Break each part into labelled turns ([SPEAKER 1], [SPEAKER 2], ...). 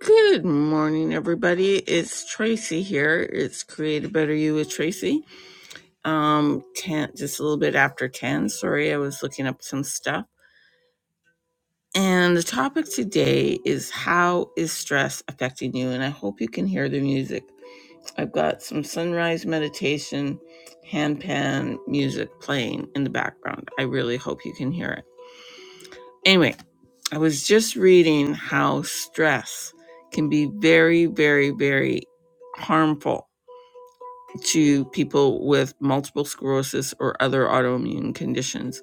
[SPEAKER 1] Good morning, everybody. It's Tracy here. It's Create a Better You with Tracy. Um, ten, just a little bit after 10. Sorry, I was looking up some stuff. And the topic today is how is stress affecting you? And I hope you can hear the music. I've got some sunrise meditation, handpan music playing in the background. I really hope you can hear it. Anyway, I was just reading how stress can be very, very, very harmful to people with multiple sclerosis or other autoimmune conditions.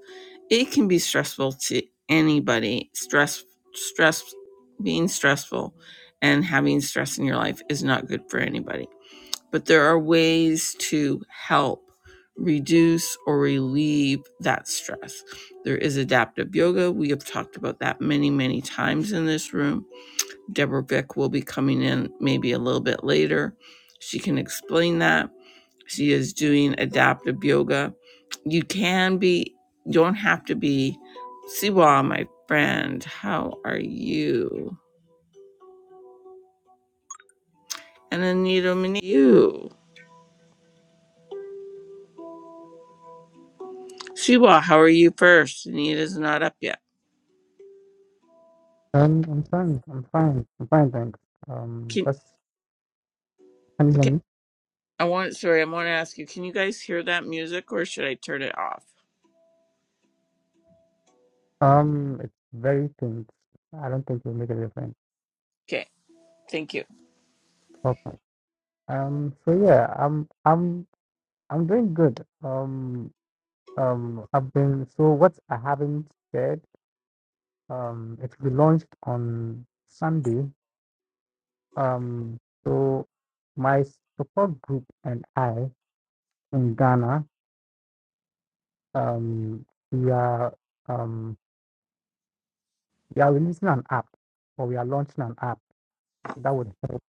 [SPEAKER 1] It can be stressful to anybody. Stress, stress, being stressful and having stress in your life is not good for anybody but there are ways to help reduce or relieve that stress. There is adaptive yoga. We have talked about that many, many times in this room. Deborah Vick will be coming in maybe a little bit later. She can explain that. She is doing adaptive yoga. You can be, you don't have to be. Siwa, my friend, how are you? And Anita, Mini- you. Siwa, how are you first? Anita's not up yet.
[SPEAKER 2] Um, I'm fine. I'm fine. I'm fine, thanks. Um,
[SPEAKER 1] Can
[SPEAKER 2] that's
[SPEAKER 1] Okay.
[SPEAKER 2] Anjali.
[SPEAKER 1] I want, sorry, I want to ask you, can you guys hear that music or should I turn it off?
[SPEAKER 2] Um, it's very things. I don't think it'll make a difference.
[SPEAKER 1] Okay. Thank you.
[SPEAKER 2] Okay. Um, so yeah, I'm I'm I'm doing good. Um, um, I've been so what I haven't said. Um, it will be launched on Sunday. Um, so my support group and I in Ghana, um, we are um we are releasing an app, or we are launching an app that would help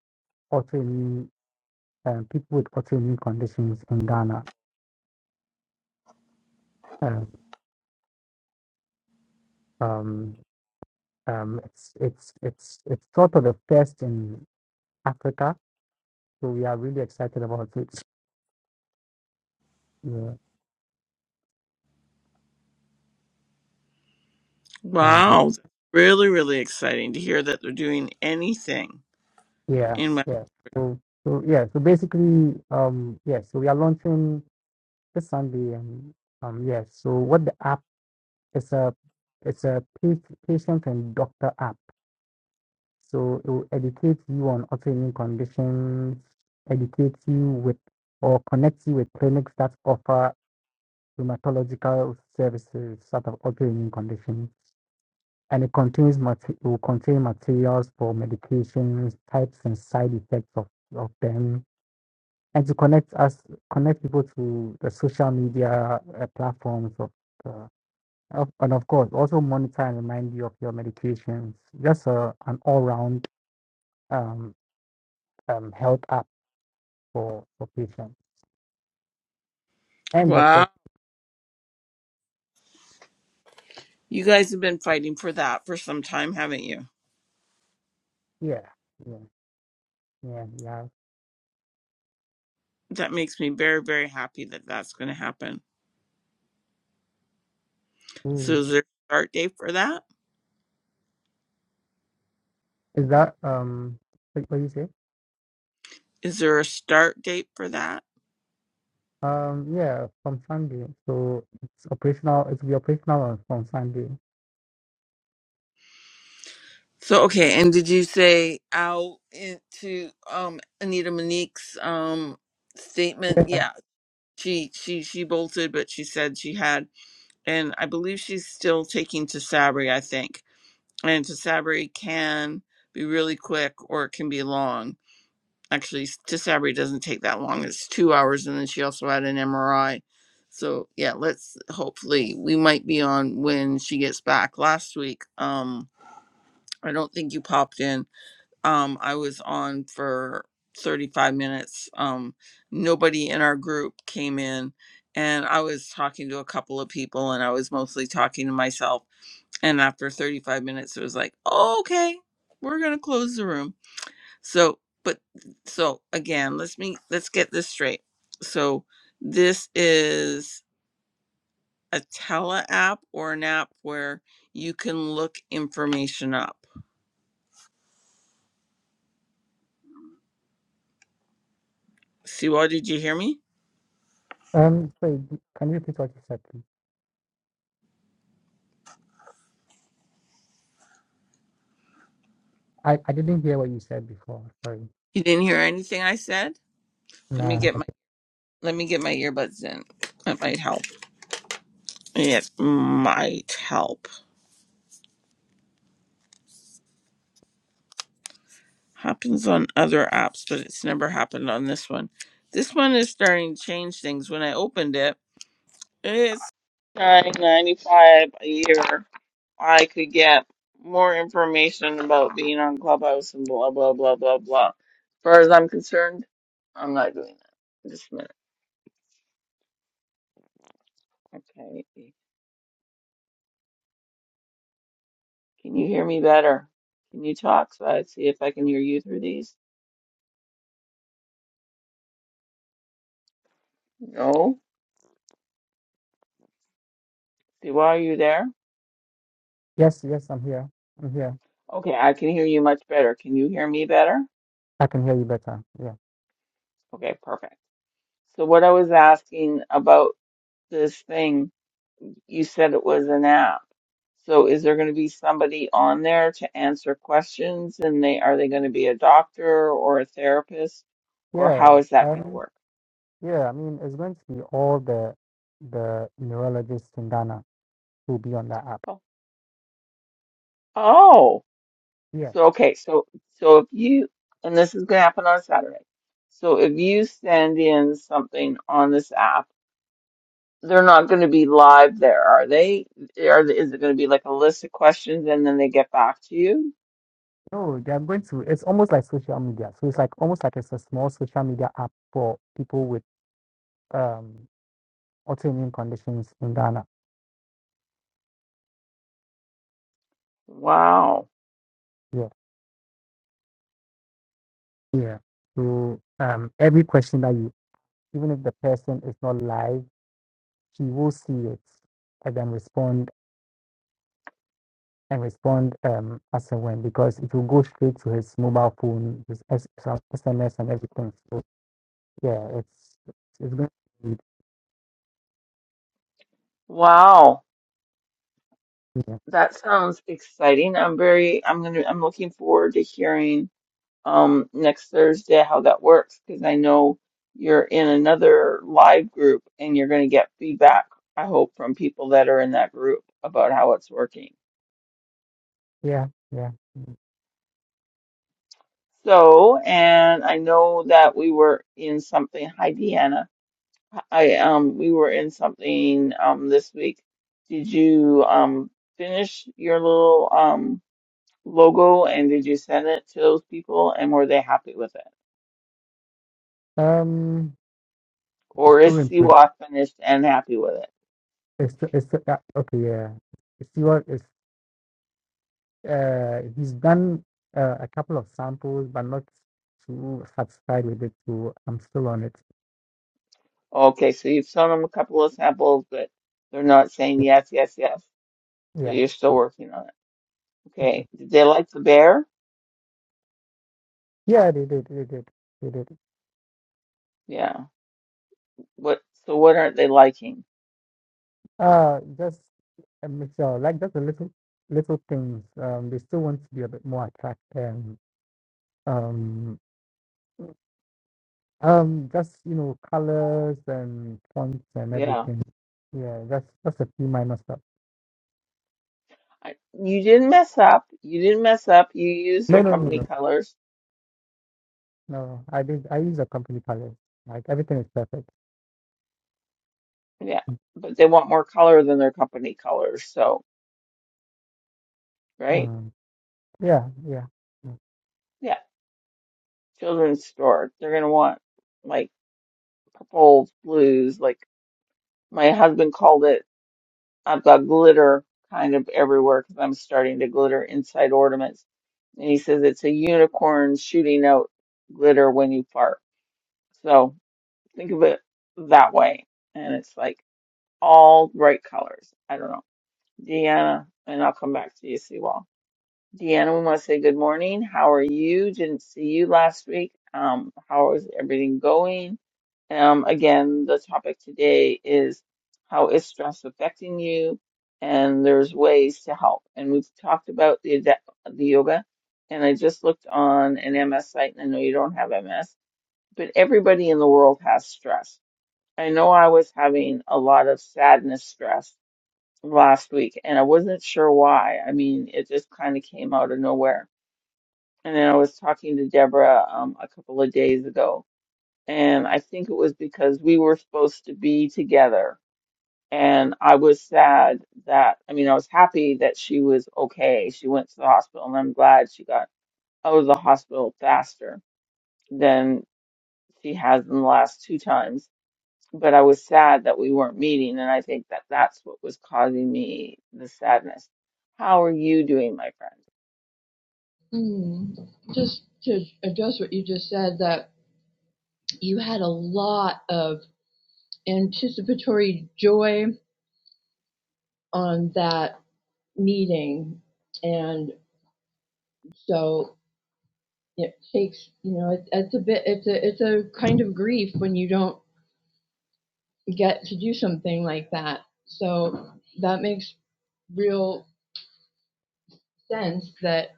[SPEAKER 2] autoimmune um, people with autoimmune conditions in Ghana. Um, um, um, it's it's it's it's sort of the first in Africa, so we are really excited about it. Yeah. Um,
[SPEAKER 1] Wow. Really, really exciting to hear that they're doing anything
[SPEAKER 2] yeah,
[SPEAKER 1] in my,
[SPEAKER 2] yeah. So so yeah. So basically, um, yeah. So we are launching this Sunday, and um, yeah. So what the app is a it's a pa- patient and doctor app. So it will educate you on autoimmune conditions, educate you with or connect you with clinics that offer rheumatological services sort of autoimmune conditions. And it contains mate- it will contain materials for medications, types and side effects of, of them. And to connect us connect people to the social media uh, platforms of uh, of- and of course also monitor and remind you of your medications. Just a, an all round um, um, health app for, for patients and
[SPEAKER 1] wow.
[SPEAKER 2] doctors.
[SPEAKER 1] You guys have been fighting for that for some time, haven't you?
[SPEAKER 2] Yeah, yeah, yeah, yeah.
[SPEAKER 1] That makes me very, very happy that that's going to happen. So
[SPEAKER 2] absolutely.
[SPEAKER 1] is there a start date for that?
[SPEAKER 2] Is that um what, what you say?
[SPEAKER 1] Is there a start date for that?
[SPEAKER 2] Um, yeah, from Sunday. So it's operational. It will be operational on from Sunday.
[SPEAKER 1] So, okay. And did you say out into, um, Anita Monique's, um, statement?
[SPEAKER 2] Yes.
[SPEAKER 1] Yeah she she she bolted but she said she had and i believe she's still taking tisabri i think and tisabri can be really quick or it can be long actually tisabri doesn't take that long it's two hours and then she also had an mri so yeah let's hopefully we might be on when she gets back last week um i don't think you popped in um, I was on for 35 minutes. Um, nobody in our group came in, and I was talking to a couple of people, and I was mostly talking to myself. And after 35 minutes, it was like, oh, okay, we're gonna close the room. So, but so again, let's me let's get this straight. So this is a tele app or an app where you can look information up. See, what did you hear me?
[SPEAKER 2] Um. Sorry. d- Can you repeat what you said, please? I I didn't hear what you said before. Sorry.
[SPEAKER 1] You didn't hear anything I said? Let me
[SPEAKER 2] Nah.
[SPEAKER 1] get my
[SPEAKER 2] okay.
[SPEAKER 1] let me get my earbuds in. That might help. It might help. Happens on other apps, but it's never happened on this one. This one is starting to change things. When I opened it, it's nine ninety five a year. I could get more information about being on Clubhouse and blah blah blah blah blah. As far as I'm concerned, I'm not doing that. Just a minute. Okay. Can you hear me better? Can you talk so I see if I can hear you through these? No? Siwa, are you there?
[SPEAKER 2] Yes. Yes. I'm here. I'm here.
[SPEAKER 1] Okay, I can hear you much better. Can you hear me better?
[SPEAKER 2] I can hear you better. Yeah.
[SPEAKER 1] Okay, perfect. So what I was asking about this thing, you said it was an app. So is there going to be somebody on there to answer questions and they are they going to be a doctor or a therapist or
[SPEAKER 2] Yeah.
[SPEAKER 1] how is that going to
[SPEAKER 2] Um.
[SPEAKER 1] work?
[SPEAKER 2] Yeah. I mean, it's going to be all the the neurologists in Ghana who will be on that app.
[SPEAKER 1] Oh, oh.
[SPEAKER 2] Yeah
[SPEAKER 1] So okay, so so if you and this is going to happen on Saturday. So if you send in something on this app They're not going to be live there, are they? Are is it going to be like a list of questions and then they get back to you?
[SPEAKER 2] No, they are going to. It's almost like social media. So it's like almost like it's a small social media app for people with um autoimmune conditions in Ghana.
[SPEAKER 1] Wow.
[SPEAKER 2] Yeah, yeah. So um, every question that you, even if the person is not live, she will see it and then respond and respond um as and when because it will go straight to his mobile phone, his S- some SMS and everything. So yeah, it's it's going to be
[SPEAKER 1] Wow.
[SPEAKER 2] yeah
[SPEAKER 1] That sounds exciting. I'm very I'm going to I'm looking forward to hearing um next Thursday how that works because I know you're in another live group and you're going to get feedback, I hope, from people that are in that group about how it's working.
[SPEAKER 2] yeah yeah.
[SPEAKER 1] So, and I know that we were in something. Hi, Deanna Hi, um, we were in something um this week. Did you um finish your little um logo and did you send it to those people and were they happy with it?
[SPEAKER 2] Um, it's
[SPEAKER 1] Or
[SPEAKER 2] still
[SPEAKER 1] is
[SPEAKER 2] improving.
[SPEAKER 1] Siwa finished and happy with it?
[SPEAKER 2] It's it's uh, okay. Yeah, if you are, uh, he's done uh, a couple of samples, but not too satisfied with it. So I'm still on it.
[SPEAKER 1] Okay, so you've shown them a couple of samples, but they're not saying yes, yes, yes. So
[SPEAKER 2] Yeah,
[SPEAKER 1] you're still working on it.
[SPEAKER 2] yeah,
[SPEAKER 1] Okay. Did they like the bear?
[SPEAKER 2] yeah. They did, they did, they did.
[SPEAKER 1] Yeah. What, so what aren't they liking?
[SPEAKER 2] Uh, just a mixture, like just a little, little things. Um, they still want to be a bit more attractive. Um, um, um, just you know, colors and fonts and
[SPEAKER 1] Yeah.
[SPEAKER 2] everything. Yeah, that's that's a few minor stuff.
[SPEAKER 1] I, you didn't mess up. You didn't mess up. You used
[SPEAKER 2] No,
[SPEAKER 1] their
[SPEAKER 2] no, no,
[SPEAKER 1] company
[SPEAKER 2] no.
[SPEAKER 1] colors
[SPEAKER 2] No, I did. I use a company palette. Like everything is perfect.
[SPEAKER 1] Yeah, but they want more color than their company colors. So, right?
[SPEAKER 2] Mm. Yeah, yeah. Mm.
[SPEAKER 1] Yeah, children's store. They're gonna want like purples, blues. Like my husband called it, I've got glitter kind of everywhere because I'm starting to glitter inside ornaments. And he says it's a unicorn shooting out glitter when you fart. So think of it that way. And it's like all bright colors. I don't know. Deanna, and I'll come back to you, Sewall. Deanna, we want to say good morning. How are you? Didn't see you last week. Um, how is everything going? Um, again, the topic today is how is stress affecting you, and there's ways to help. And we've talked about the ade- the yoga, and I just looked on an MS site, and I know you don't have MS, but everybody in the world has stress. I know I was having a lot of sadness stress last week, and I wasn't sure why. I mean, it just kind of came out of nowhere and then I was talking to Deborah um, a couple of days ago, and I think it was because we were supposed to be together. And I was sad that, I mean, I was happy that she was okay. She went to the hospital, and I'm glad she got out of the hospital faster than she has in the last two times. But I was sad that we weren't meeting, and I think that that's what was causing me the sadness. How are you doing, my friend?
[SPEAKER 3] Mm. Just to address what you just said, that you had a lot of anticipatory joy on that meeting, and so it takes, you know, it, it's a bit, it's a, it's a kind of grief when you don't get to do something like that. So that makes real sense that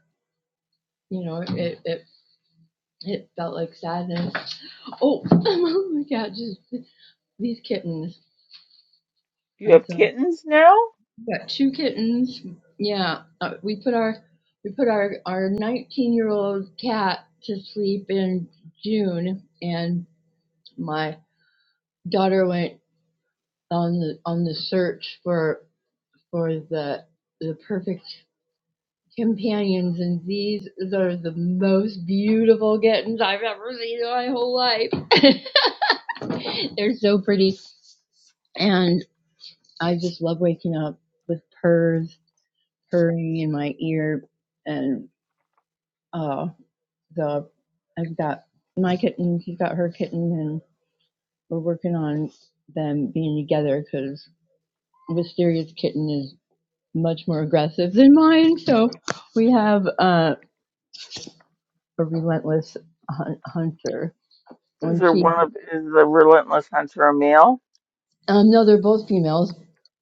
[SPEAKER 3] you know it, it, it felt like sadness. Oh, I'm on the couch. These kittens.
[SPEAKER 1] You
[SPEAKER 3] I'm
[SPEAKER 1] have
[SPEAKER 3] so
[SPEAKER 1] kittens now?
[SPEAKER 3] got two kittens. Yeah, uh, we put our we put our our 19 year old cat to sleep in June, and my daughter went on the on the search for for the the perfect companions, and these are the most beautiful kittens I've ever seen in my whole life. They're so pretty, and I just love waking up with purrs purring in my ear, and uh, the I've got my kitten, she's got her kitten, and we're working on them being together because Wisteria's kitten is much more aggressive than mine. So we have uh, a relentless hun- hunter.
[SPEAKER 1] Is
[SPEAKER 3] When
[SPEAKER 1] there
[SPEAKER 3] she,
[SPEAKER 1] one of is the relentless hunter a male?
[SPEAKER 3] um, no, they're both females,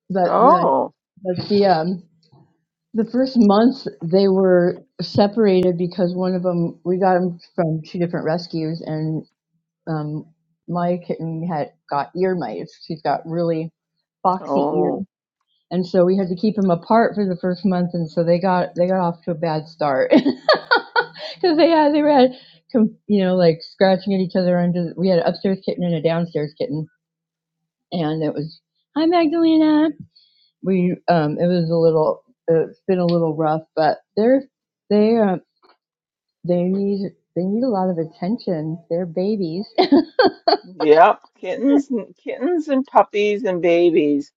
[SPEAKER 3] but the
[SPEAKER 1] Oh,
[SPEAKER 3] but the um the first month they were separated because one of them we got them from two different rescues and. um, my kitten had got ear mites. She's got really boxy ears,
[SPEAKER 1] oh,
[SPEAKER 3] and so we had to keep them apart for the first month. And so they got they got off to a bad start because they had they had com- you know like scratching at each other under. The, we had an upstairs kitten and a downstairs kitten, and it was hi Magdalena. We um it was a little it's been a little rough, but they're they uh, they need they need a lot of attention. They're babies
[SPEAKER 1] yep. Kittens, kittens, and puppies and babies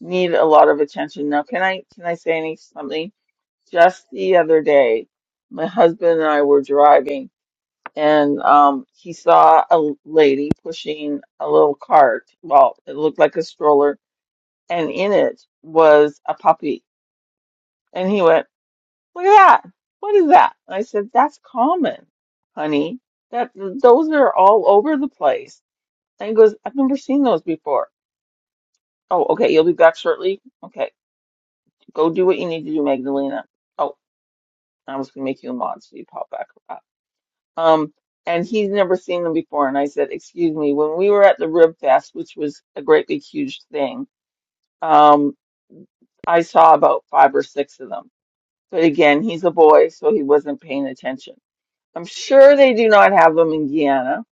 [SPEAKER 1] need a lot of attention. Now, can I can I say any, something? Just the other day, my husband and I were driving, and um, he saw a lady pushing a little cart. Well, it looked like a stroller, and in it was a puppy. And he went. Look at that. What is that? And I said, That's common, honey. That those are all over the place. And he goes, I've never seen those before. Oh, okay, you'll be back shortly. Okay, go do what you need to do, Magdalena. Oh, I was gonna make you a mod, so you pop back up. Um, and he's never seen them before. And I said, Excuse me, when we were at the Rib Fest, which was a great big huge thing, um, I saw about five or six of them. But again, he's a boy, so he wasn't paying attention. I'm sure they do not have them in Guyana.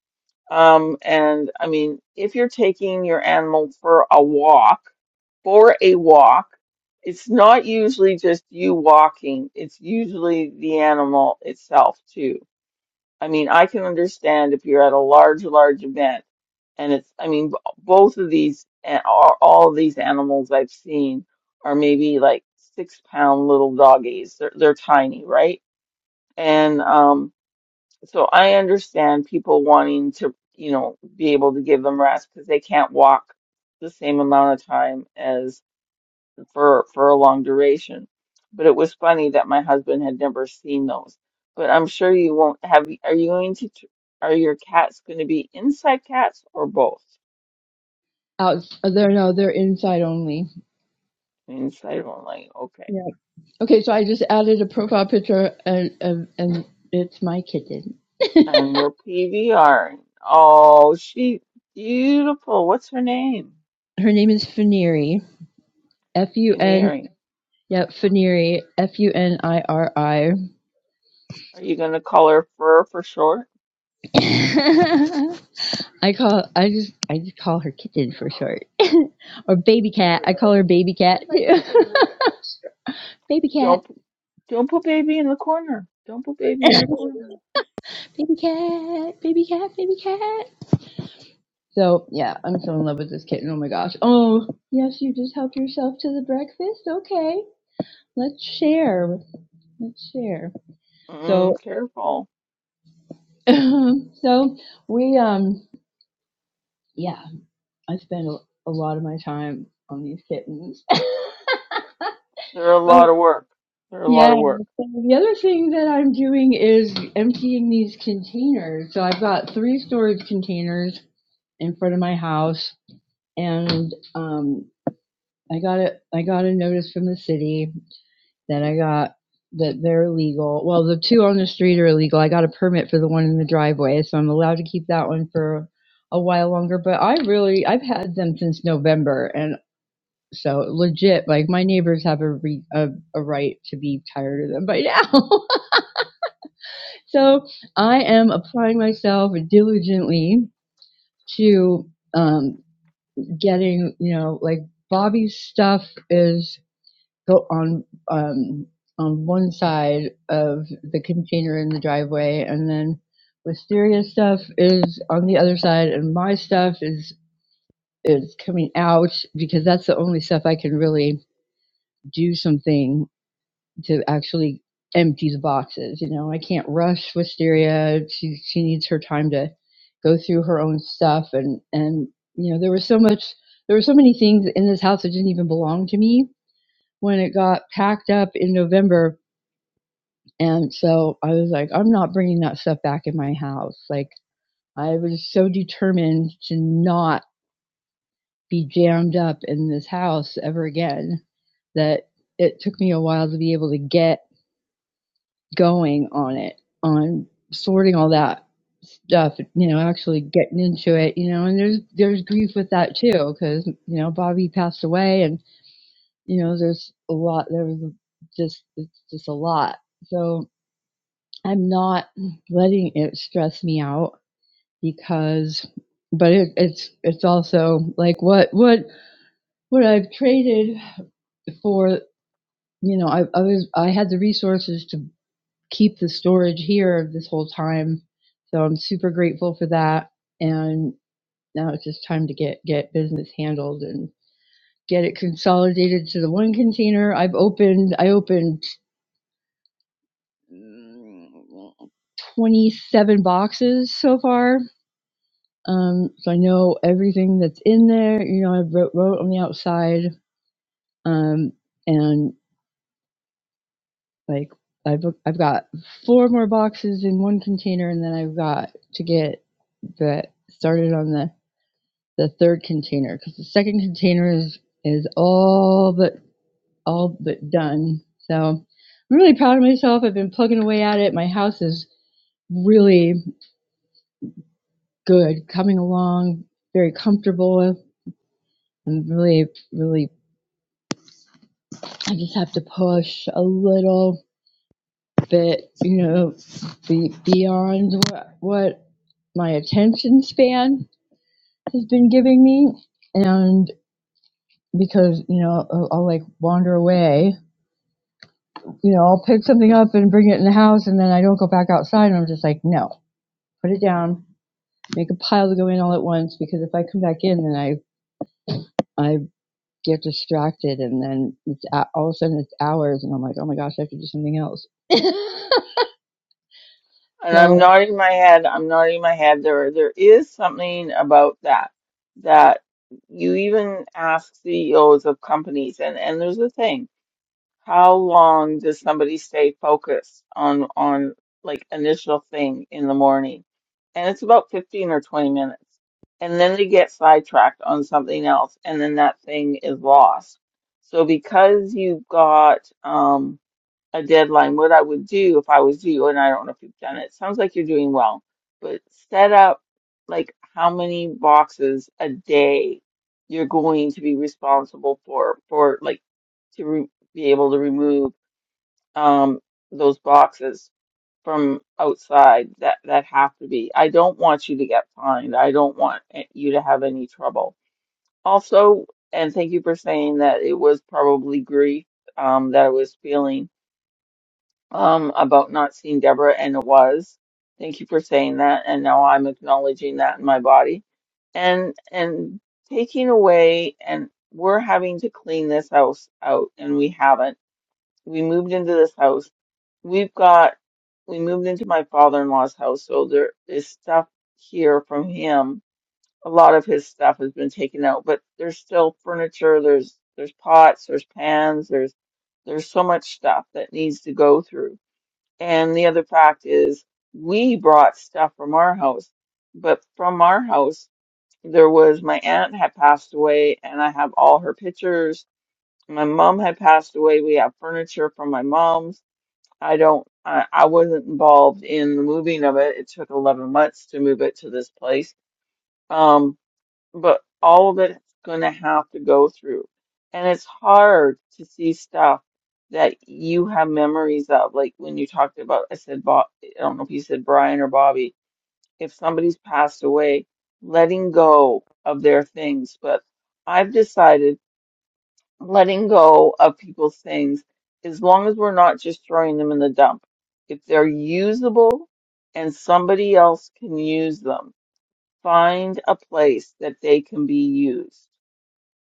[SPEAKER 1] Um, and I mean, if you're taking your animal for a walk, for a walk, it's not usually just you walking, it's usually the animal itself too. I mean, I can understand if you're at a large, large event and it's, I mean, b- both of these, a- all all of these animals I've seen are maybe like six pound little doggies. They're, they're tiny, right? And, um, so I understand people wanting to, you know, be able to give them rest because they can't walk the same amount of time as for for a long duration. But it was funny that my husband had never seen those. But I'm sure you won't have. Are you going to? tr- Are your cats going to be inside cats or both?
[SPEAKER 3] out there, no they're inside only
[SPEAKER 1] Inside only. Okay.
[SPEAKER 3] yeah okay so i just added a profile picture and and, and it's my kitten
[SPEAKER 1] And we're PVRing. Oh, she beautiful. What's her name?
[SPEAKER 3] her name is Funiri. f-u-n
[SPEAKER 1] Veneering.
[SPEAKER 3] Yep, Funiri. f-u-n-i-r-i i R I.
[SPEAKER 1] Are you going to call her Fur for short?
[SPEAKER 3] I call i just i just call her kitten for short or baby cat i call her baby cat too. baby cat
[SPEAKER 1] Don't. Don't put baby in the corner. Don't put baby in the corner.
[SPEAKER 3] baby cat baby cat baby cat So yeah, I'm so in love with this kitten. Oh my gosh. Oh yes, you just helped yourself to the breakfast. Okay, let's share. Let's share.
[SPEAKER 1] Mm,
[SPEAKER 3] So
[SPEAKER 1] careful.
[SPEAKER 3] so we um yeah, I spend a, lot of my time on these kittens.
[SPEAKER 1] They're a
[SPEAKER 3] but
[SPEAKER 1] lot of work. They're a lot
[SPEAKER 3] yeah,
[SPEAKER 1] of work.
[SPEAKER 3] so the other thing that I'm doing is emptying these containers. So I've got three storage containers in front of my house, and um, I got a I got a notice from the city Then I got that they're legal. Well, the two on the street are illegal. I got a permit for the one in the driveway, so I'm allowed to keep that one for a while longer. But I really, I've had them since November, and so legit, like my neighbors have a re, a, a right to be tired of them by now. so I am applying myself diligently to um, getting, you know, like Bobby's stuff is go on um, on one side of the container in the driveway, and then Wisteria's stuff is on the other side, and my stuff is is coming out because that's the only stuff I can really do something to actually empty the boxes. You know, I can't rush Wisteria. She she needs her time to go through her own stuff, and and you know there was so much. There were so many things in this house that didn't even belong to me when it got packed up in November And so I was like, I'm not bringing that stuff back in my house. Like, I was so determined to not be jammed up in this house ever again that it took me a while to be able to get going on it, on sorting all that stuff, you know, actually getting into it, you know, and there's, there's grief with that too, cause, you know, Bobby passed away and, you know, there's a lot, there was just, it's just a lot. So I'm not letting it stress me out because, but it, it's it's also like what what what I've traded for. You know, I, I was I had the resources to keep the storage here this whole time, so I'm super grateful for that. And now it's just time to get get business handled and get it consolidated to the one container. I've opened I opened mm, 27 boxes so far Um, so I know everything that's in there. You know, I wrote, wrote on the outside, um, and like I've I've got four more boxes in one container, and then I've got to get the started on the the third container because the second container is is all but all but done. So I'm really proud of myself. I've been plugging away at it. My house is really good, coming along, very comfortable. I'm really really I just have to push a little bit, you know, be, beyond what, what my attention span has been giving me. And because, you know, I'll, I'll like wander away, you know, I'll pick something up and bring it in the house and then I don't go back outside and I'm just like, no, put it down, make a pile to go in all at once because if I come back in then I, I get distracted and then it's, all of a sudden it's hours and I'm like, oh my gosh, I have to do something else.
[SPEAKER 1] And
[SPEAKER 3] so
[SPEAKER 1] I'm nodding my head. I'm nodding my head. There, there is something about that that you even ask CEOs of companies, and and there's a thing. How long does somebody stay focused on on like initial thing in the morning? And it's about 15 or 20 minutes. And then they get sidetracked on something else, and then that thing is lost. So because you've got um a deadline, what I would do if I was you, and I don't know if you've done it. Sounds like you're doing well, but set up like how many boxes a day you're going to be responsible for, for like to re be able to remove um those boxes from outside that that have to be. I don't want you to get fined. I don't want eh, you to have any trouble. Also, and thank you for saying that it was probably grief um that I was feeling um, about not seeing Deborah, and it was. Thank you for saying that, and now I'm acknowledging that in my body, and and taking away, and we're having to clean this house out, and we haven't. We moved into this house. We've got. We moved into my father-in-law's house, so there is stuff here from him. A lot of his stuff has been taken out, but there's still furniture. There's there's pots. There's pans. There's there's so much stuff that needs to go through and the other fact is, we brought stuff from our house, but from our house, there was my aunt had passed away, and I have all her pictures. My mom had passed away. We have furniture from my mom's. I don't, I, I wasn't involved in the moving of it. It took 11 months to move it to this place. Um, but all of it's going to have to go through. And it's hard to see stuff that you have memories of. Like when you talked about, I said, Bob, I don't know if you said Brian or Bobby, if somebody's passed away, letting go of their things. But I've decided letting go of people's things, as long as we're not just throwing them in the dump, if they're usable and somebody else can use them, find a place that they can be used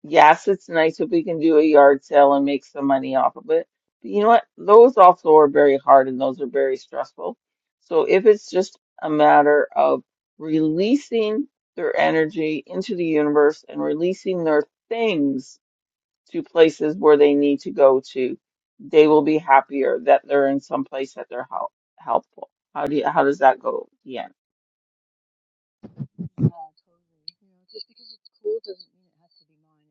[SPEAKER 1] Yes, it's nice if we can do a yard sale and make some money off of it. But you know what? Those also are very hard and those are very stressful. So if it's just a matter of releasing their energy into the universe and releasing their things to places where they need to go to, they will be happier that they're in some place that they're help helpful. How do you, how does that go, Deanne?
[SPEAKER 3] Yeah, totally. You know, just because it's cool doesn't mean it has to be mine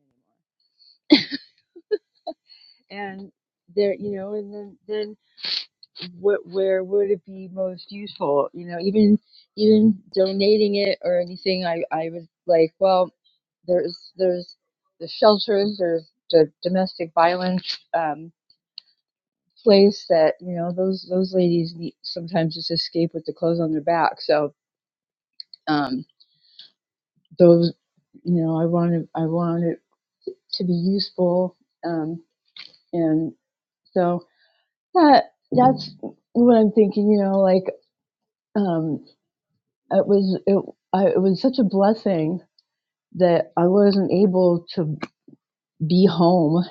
[SPEAKER 3] anymore. And there, you know, and then then what? Where would it be most useful? You know, even even donating it or anything, I I was like, well, there's there's the shelters, there's the domestic violence um, place that you know those those ladies need sometimes just escape with the clothes on their back. So. Um, those you know i wanted i wanted to be useful. Um, and so that that's what I'm thinking. You know, like um, it was it I, it was such a blessing that I wasn't able to be home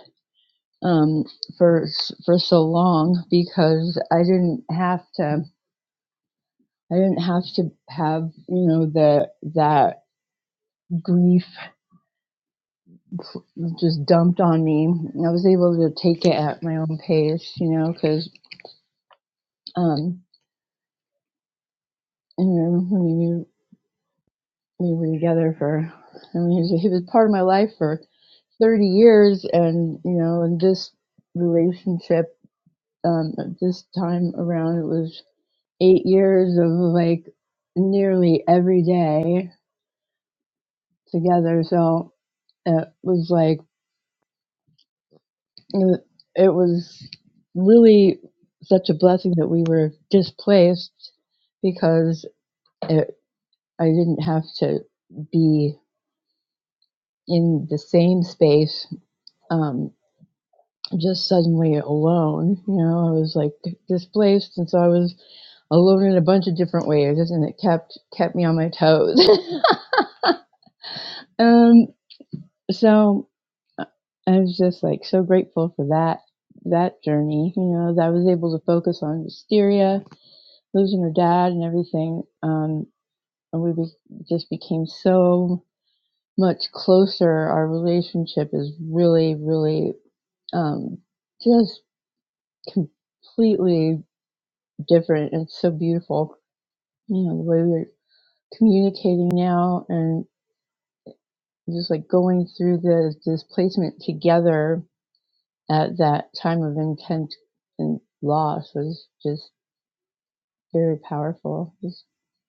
[SPEAKER 3] um, for for so long because I didn't have to. I didn't have to have you know the that grief just dumped on me. I was able to take it at my own pace, you know, because um, you know, we knew we were together for. I mean, he was, he was part of my life for 30 years, and you know, in this relationship, um, at this time around, it was eight years of like nearly every day together. So it was like it wa- it was really such a blessing that we were displaced because it, I didn't have to be in the same space um, just suddenly alone. You know, I was like displaced, and so I was alone in a bunch of different ways, and it kept kept me on my toes. um, so I I was just like so grateful for that that journey. You know, that I was able to focus on wisteria losing her dad and everything, um, and we be- just became so much closer. Our relationship is really, really um, just completely different. It's so beautiful, you know, the way we're communicating now and just like going through the displacement together at that time of intense and loss was just very powerful. It was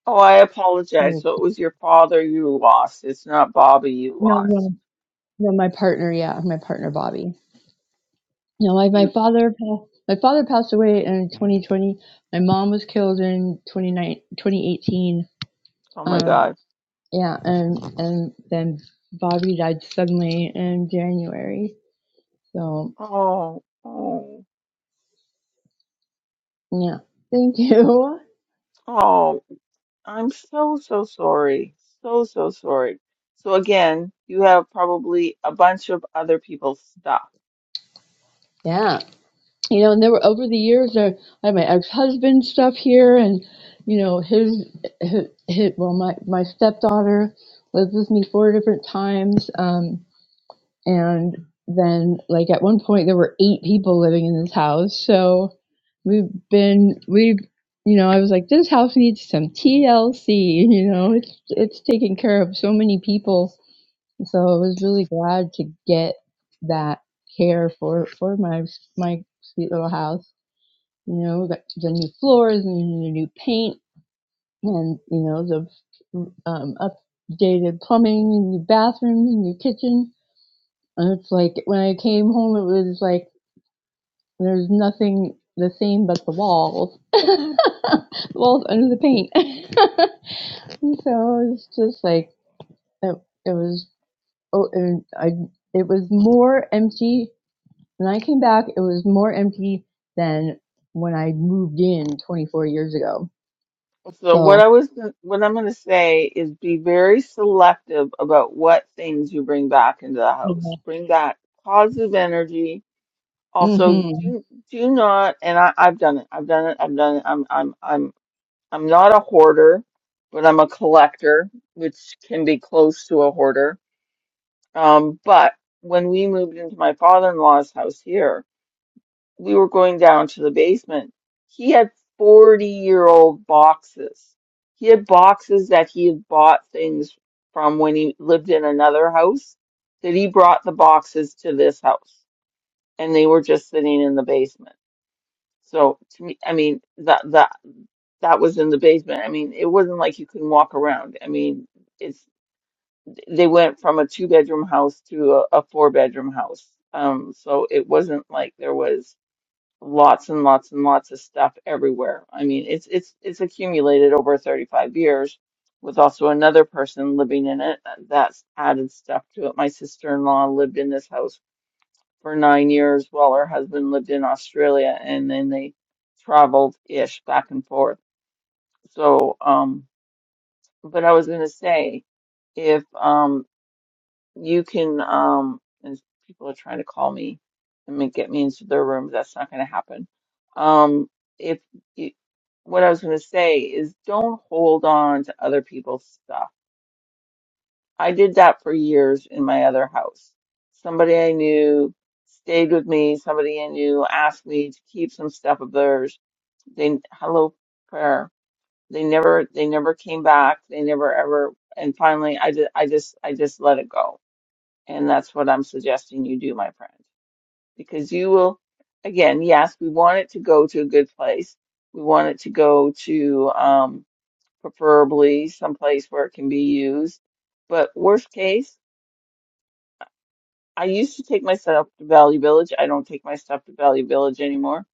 [SPEAKER 1] Oh, I apologize.
[SPEAKER 3] really
[SPEAKER 1] So it
[SPEAKER 3] cool.
[SPEAKER 1] was your father you lost. It's not Bobby you
[SPEAKER 3] No, no,
[SPEAKER 1] lost.
[SPEAKER 3] no, my partner, yeah, my partner Bobby. you know, like
[SPEAKER 1] You.
[SPEAKER 3] my father, pa- my father passed away in 2020. My mom was killed in 29 2018.
[SPEAKER 1] Oh my
[SPEAKER 3] Um,
[SPEAKER 1] God.
[SPEAKER 3] yeah, and and then Bobby died suddenly in January. So
[SPEAKER 1] Oh, oh,
[SPEAKER 3] yeah, thank you.
[SPEAKER 1] oh. I'm so, so sorry. So, so sorry. So again, you have probably a bunch of other people's stuff.
[SPEAKER 3] Yeah, you know, and there were over the years, I I had my ex husband stuff here, and you know, his, his, his well, my my stepdaughter lived with me four different times. Um, And then, like, at one point, there were eight people living in this house. So we've been, we've, you know, I was like, this house needs some TLC, you know, it's, it's taking care of so many people. So I was really glad to get that care for, for my, my sweet little house. You know, we got the new floors and the new paint and, you know, the um, updated plumbing and new bathrooms and new kitchen and it's like when I came home, it was like there's nothing the same but the walls, the walls under the paint. and so it's just like it, it was. Oh, and I it was more empty when I came back. It was more empty than when I moved in 24 years ago.
[SPEAKER 1] So what I
[SPEAKER 3] So
[SPEAKER 1] was, gon- what I'm going to say is be very selective about what things you bring back into the
[SPEAKER 3] yeah.
[SPEAKER 1] house. Bring back positive energy. Also,
[SPEAKER 3] hmm
[SPEAKER 1] do do not, and I, I've done it. I've done it. I've done it. I'm I'm I'm I'm not a hoarder, but I'm a collector, which can be close to a hoarder Um, but when we moved into my father-in-law's house here, we were going down to the basement. He had 40-year-old boxes. He had boxes that he had bought things from when he lived in another house, that he brought the boxes to this house, and they were just sitting in the basement. So to me, I mean, that that that was in the basement. I mean, it wasn't like you couldn't walk around. I mean, they went from a two bedroom house to a, a four bedroom house. Um, so it wasn't like there was lots and lots and lots of stuff everywhere. I mean, it's it's it's accumulated over 35 years with also another person living in it uh, that's added stuff to it. My sister-in-law lived in this house for nine years while her husband lived in Australia and then they traveled ish back and forth. So, um, but I was going to say, if um you can, um, as people are trying to call me and make, get me into their room. That's not going to happen. Um, if you, what I was going to say is don't hold on to other people's stuff. I did that for years in my other house. Somebody I knew stayed with me. Somebody I knew asked me to keep some stuff of theirs. They, hello, prayer. They never, they never came back. They never ever. And finally, I just, I just, I just let it go and that's what I'm suggesting you do, my friend, because you will, again, yes, we want it to go to a good place. We want it to go to um, preferably someplace where it can be used. But worst case, I used to take my stuff to Value Village. I don't take my stuff to Value Village anymore.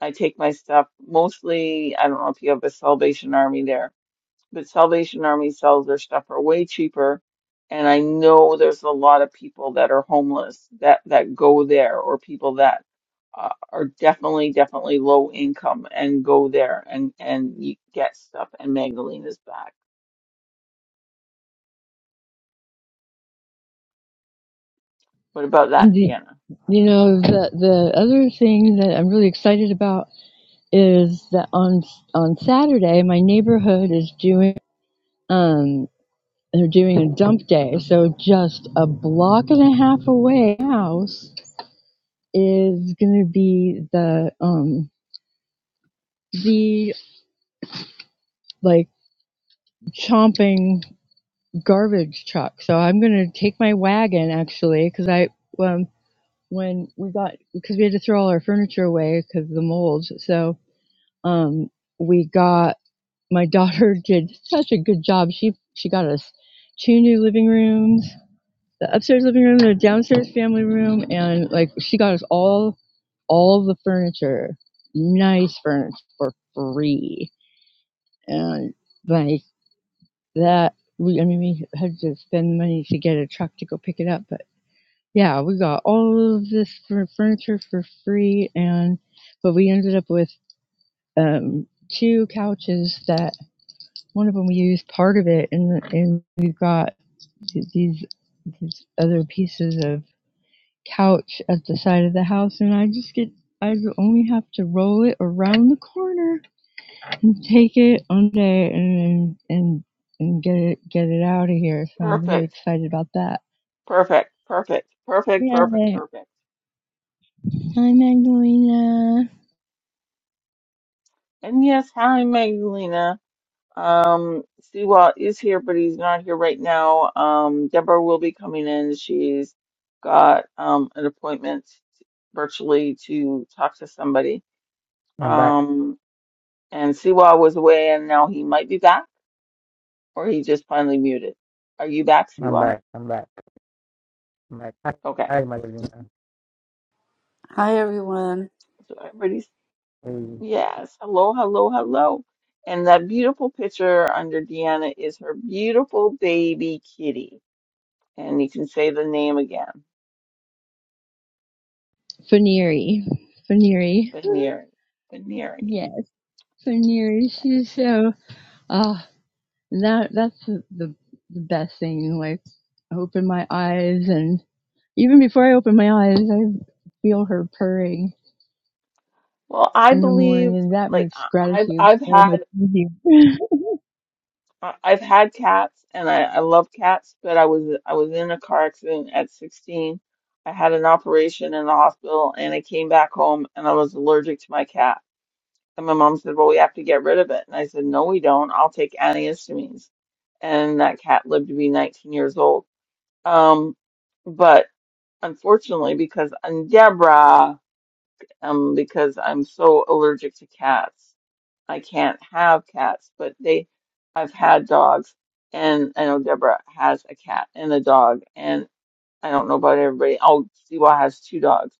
[SPEAKER 1] I take my stuff mostly, I don't know if you have a Salvation Army there but Salvation Army sells their stuff for way cheaper. And I know there's a lot of people that are homeless that that go there, or people that uh, are definitely definitely low income and go there and and you get stuff. And Magdalena's back. What about that,
[SPEAKER 3] and the,
[SPEAKER 1] Deanna?
[SPEAKER 3] you know the the other thing that I'm really excited about is that on on Saturday my neighborhood is doing um they're doing a dump day. So just a block and a half away from my house is gonna be the um the like chomping garbage truck. So I'm gonna take my wagon actually because I um when we got because we had to throw all our furniture away because of the mold. So um we got my daughter did such a good job. She she got us two new living rooms, the upstairs living room, the downstairs family room, and like she got us all all the furniture, nice furniture for free, and like that. We I mean we had to spend money to get a truck to go pick it up, but yeah, we got all of this fur- furniture for free, and but we ended up with um, two couches that one of them we used part of it and and we've got these these other pieces of couch at the side of the house and i just get i only have to roll it around the corner and take it on day and and and get it get it out of here so i'm really
[SPEAKER 1] Perfect,
[SPEAKER 3] excited about that
[SPEAKER 1] perfect, perfect, perfect, perfect,
[SPEAKER 3] Yay.
[SPEAKER 1] perfect.
[SPEAKER 3] Hi, Magdalena.
[SPEAKER 1] And yes, hi, Magdalena. Um, Siwa is here, but he's not here right now. Um, Deborah will be coming in. She's got um, an appointment virtually to talk to somebody.
[SPEAKER 2] I'm back.
[SPEAKER 1] Um, and Siwa was away, and now he might be back, or he just finally muted. Are you back,
[SPEAKER 2] I'm
[SPEAKER 1] Siwa?
[SPEAKER 2] back. I'm back. I'm back. Hi,
[SPEAKER 1] Okay.
[SPEAKER 2] hi, Madalena.
[SPEAKER 4] Hi, everyone.
[SPEAKER 1] So everybody's
[SPEAKER 2] Hey.
[SPEAKER 1] yes. Hello, hello, hello. And that beautiful picture under Deanna is her beautiful baby kitty. And you can say the name again.
[SPEAKER 3] Faneri. Faneri.
[SPEAKER 1] Baneri. Baneri.
[SPEAKER 3] Yes, Faneri. She's so, oh, And that that's the, the the best thing. Like I open my eyes, and even before I open my eyes, I feel her purring
[SPEAKER 1] Well, I
[SPEAKER 3] in the
[SPEAKER 1] believe
[SPEAKER 3] morning, and that
[SPEAKER 1] like
[SPEAKER 3] makes
[SPEAKER 1] I- I've
[SPEAKER 3] gratitude
[SPEAKER 1] I've
[SPEAKER 3] so
[SPEAKER 1] had
[SPEAKER 3] much easier.
[SPEAKER 1] I- I've had cats and I, I love cats, but I was I was in a car accident at 16. I had an operation in the hospital and I came back home and I was allergic to my cat. And my mom said, "Well, we have to get rid of it." And I said, "No, we don't. I'll take antihistamines." And that cat lived to be 19 years old. Um, but unfortunately, because i um, because I'm so allergic to cats. I can't have cats, but they, I've had dogs, and I know Deborah has a cat and a dog, and I don't know about everybody. Oh, Siwa has two dogs.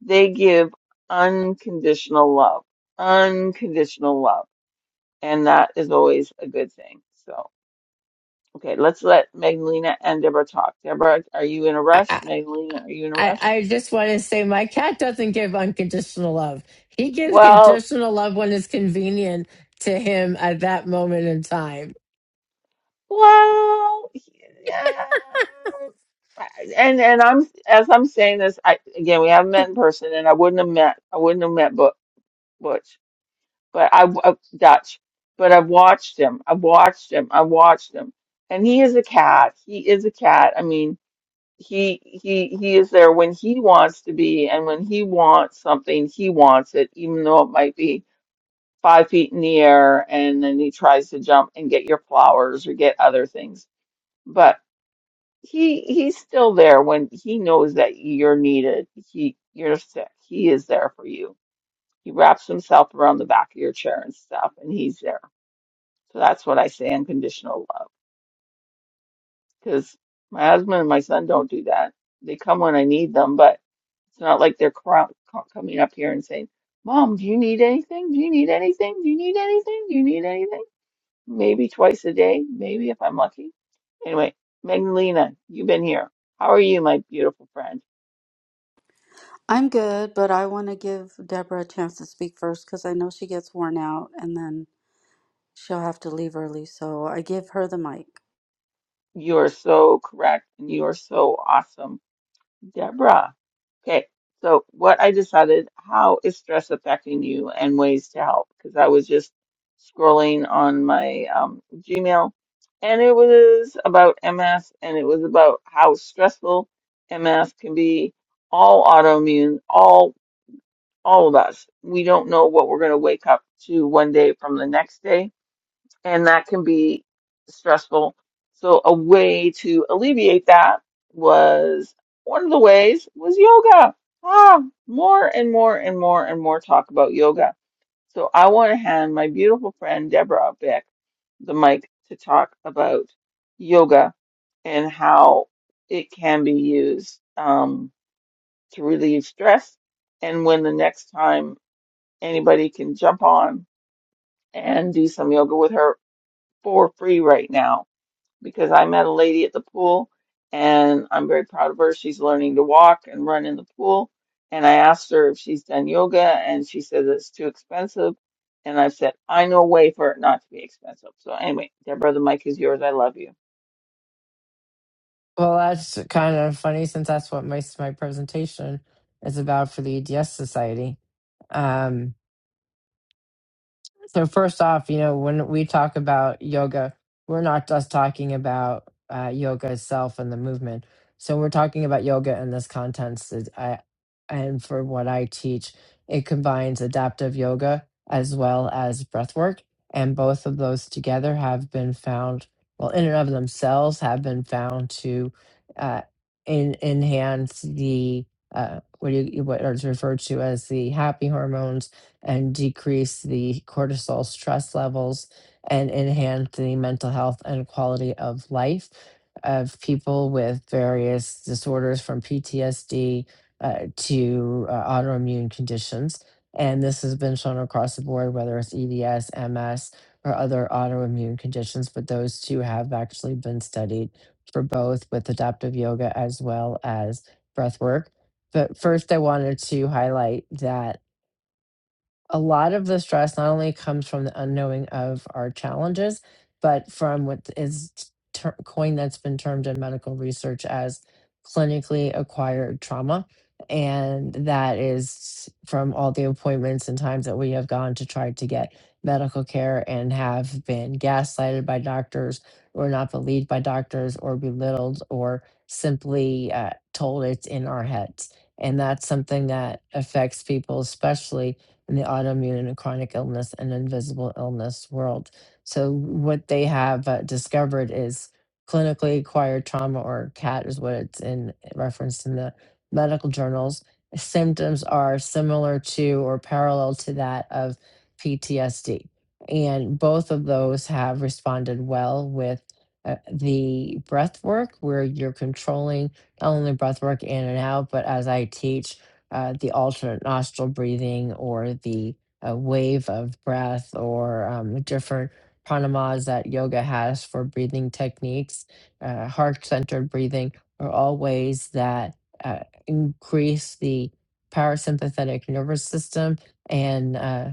[SPEAKER 1] They give unconditional love, unconditional love, and that is always a good thing. So, okay, let's let Magdalena and Deborah talk. Deborah, are you in a
[SPEAKER 5] I,
[SPEAKER 1] rush? Magdalena, are you in a
[SPEAKER 5] I
[SPEAKER 1] rush?
[SPEAKER 5] I just want to say my cat doesn't give unconditional love. He gives
[SPEAKER 1] Well,
[SPEAKER 5] conditional love when it's convenient to him at that moment in time.
[SPEAKER 1] Well, yeah. And and I'm as I'm saying this, I again we haven't met in person, and I wouldn't have met I wouldn't have met but Butch, but I uh, Dutch, but I've watched him. I've watched him. I've watched him, and he is a cat. He is a cat. I mean, he he he is there when he wants to be, and when he wants something, he wants it, even though it might be five feet in the air, and then he tries to jump and get your flowers or get other things. He he's still there when he knows that you're needed. He you're sick. He is there for you. He wraps himself around the back of your chair and stuff, and he's there. So that's what I say unconditional love. Because my husband and my son don't do that. They come when I need them, but it's not like they're cro- co- coming up here and saying, "Mom, do you need anything? Do you need anything? Do you need anything? Do you need anything?" Maybe twice a day, maybe if I'm lucky. Anyway, Magdalena, you've been here. How are you, my beautiful friend?
[SPEAKER 4] I'm good, but I want to give Deborah a chance to speak first because I know she gets worn out and then she'll have to leave early. So I give her the mic.
[SPEAKER 1] You're so correct and you are so awesome, Deborah. Okay, so what I decided, how is stress affecting you and ways to help? Because I was just scrolling on my um, Gmail and it was about MS and it was about how stressful MS can be. All autoimmune, all all of us. We don't know what we're going to wake up to one day from the next day and that can be stressful. So a way to alleviate that was one of the ways was yoga. Ah, more and more and more and more talk about yoga. So I want to hand my beautiful friend Deborah Beck the mic to talk about yoga and how it can be used um, to relieve stress and when the next time anybody can jump on and do some yoga with her for free right now because I met a lady at the pool and I'm very proud of her. She's learning to walk and run in the pool. And I asked her if she's done yoga and she says it's too expensive. And I said, I know a way for it not to be expensive. So anyway, Deborah, the mic is yours. I love you.
[SPEAKER 5] Well, that's kind of funny since that's what my my presentation is about for the EDS Society. Um, So first off, you know, when we talk about yoga, we're not just talking about uh, yoga itself and the movement. So we're talking about yoga in this context. is- I, and for what I teach, it combines adaptive yoga as well as breath work. And both of those together have been found, well, in and of themselves have been found to uh, in, enhance the, uh, what, do you, what is referred to as the happy hormones and decrease the cortisol stress levels and enhance the mental health and quality of life of people with various disorders from PTSD uh, to uh, autoimmune conditions. And this has been shown across the board, whether it's EDS, MS, or other autoimmune conditions, but those two have actually been studied for both with adaptive yoga as well as breath work. But first, I wanted to highlight that a lot of the stress not only comes from the unknowing of our challenges, but from what is ter- coined that's been termed in medical research as clinically acquired trauma. And that is from all the appointments and times that we have gone to try to get medical care and have been gaslighted by doctors or not believed by doctors or belittled or simply uh, told it's in our heads. And that's something that affects people, especially in the autoimmune and chronic illness and invisible illness world. So what they have uh, discovered is clinically acquired trauma or CAT is what it's in referenced in the medical journals. Symptoms are similar to or parallel to that of PTSD. And both of those have responded well with uh, the breath work, where you're controlling not only breath work in and out, but as I teach, uh, the alternate nostril breathing or the uh, wave of breath or um, different pranamas that yoga has for breathing techniques, uh, heart centered breathing are all ways that uh, increase the parasympathetic nervous system and uh,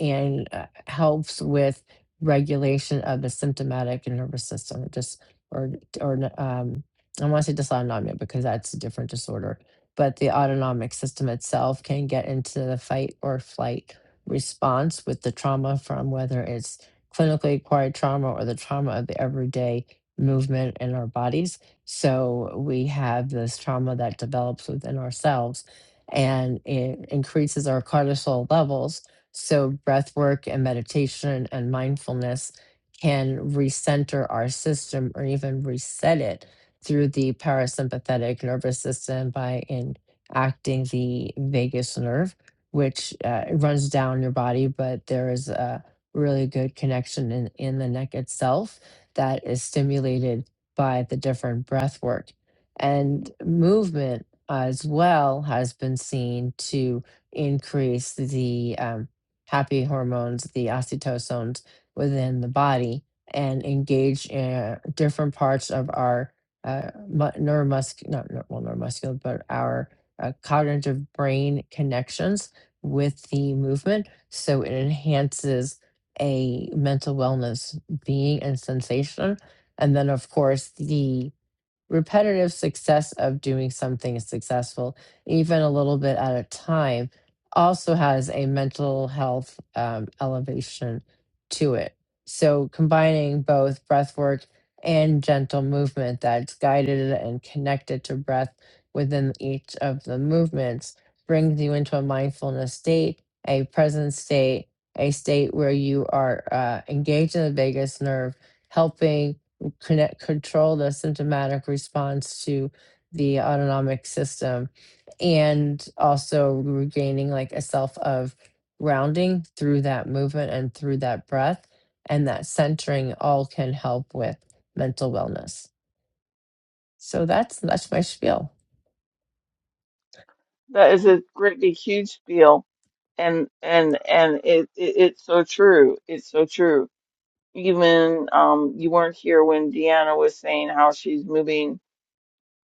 [SPEAKER 5] and uh, helps with regulation of the symptomatic nervous system, just or or um, I want to say dysautonomia because that's a different disorder. But the autonomic system itself can get into the fight or flight response with the trauma from whether it's clinically acquired trauma or the trauma of the everyday movement in our bodies. So we have this trauma that develops within ourselves and it increases our cortisol levels so, breath work and meditation and mindfulness can recenter our system or even reset it through the parasympathetic nervous system by enacting the vagus nerve, which uh, runs down your body, but there is a really good connection in, in the neck itself that is stimulated by the different breath work. And movement as well has been seen to increase the um, happy hormones, the oxytocins within the body and engage uh, different parts of our uh, mu- neuromuscular, not neu- well, neuromuscular, but our uh, cognitive brain connections with the movement. So it enhances a mental wellness being and sensation. And then, of course, the repetitive success of doing something successful, even a little bit at a time, also has a mental health um, elevation to it. So, combining both breath work and gentle movement that's guided and connected to breath within each of the movements brings you into a mindfulness state, a present state, a state where you are uh, engaged in the vagus nerve, helping connect, control the symptomatic response to the autonomic system and also regaining like a self of rounding through that movement and through that breath and that centering all can help with mental wellness. So that's that's my spiel.
[SPEAKER 1] That is a great big huge spiel. And, and, and it, it, it's so true. It's so true. Even, um, you weren't here when Deanna was saying how she's moving.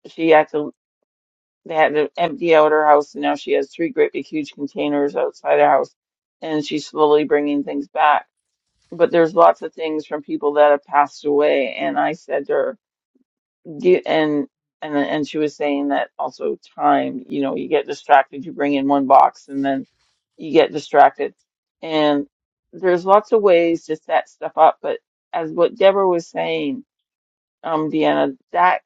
[SPEAKER 1] She acted They had to empty out her house, and now she has three great big huge containers outside her house, and she's slowly bringing things back. But there's lots of things from people that have passed away, and I said to her, "Do- and and and she was saying that also time, you know, you get distracted, you bring in one box, and then you get distracted, and there's lots of ways to set stuff up. But as what Deborah was saying, um, Deanna, that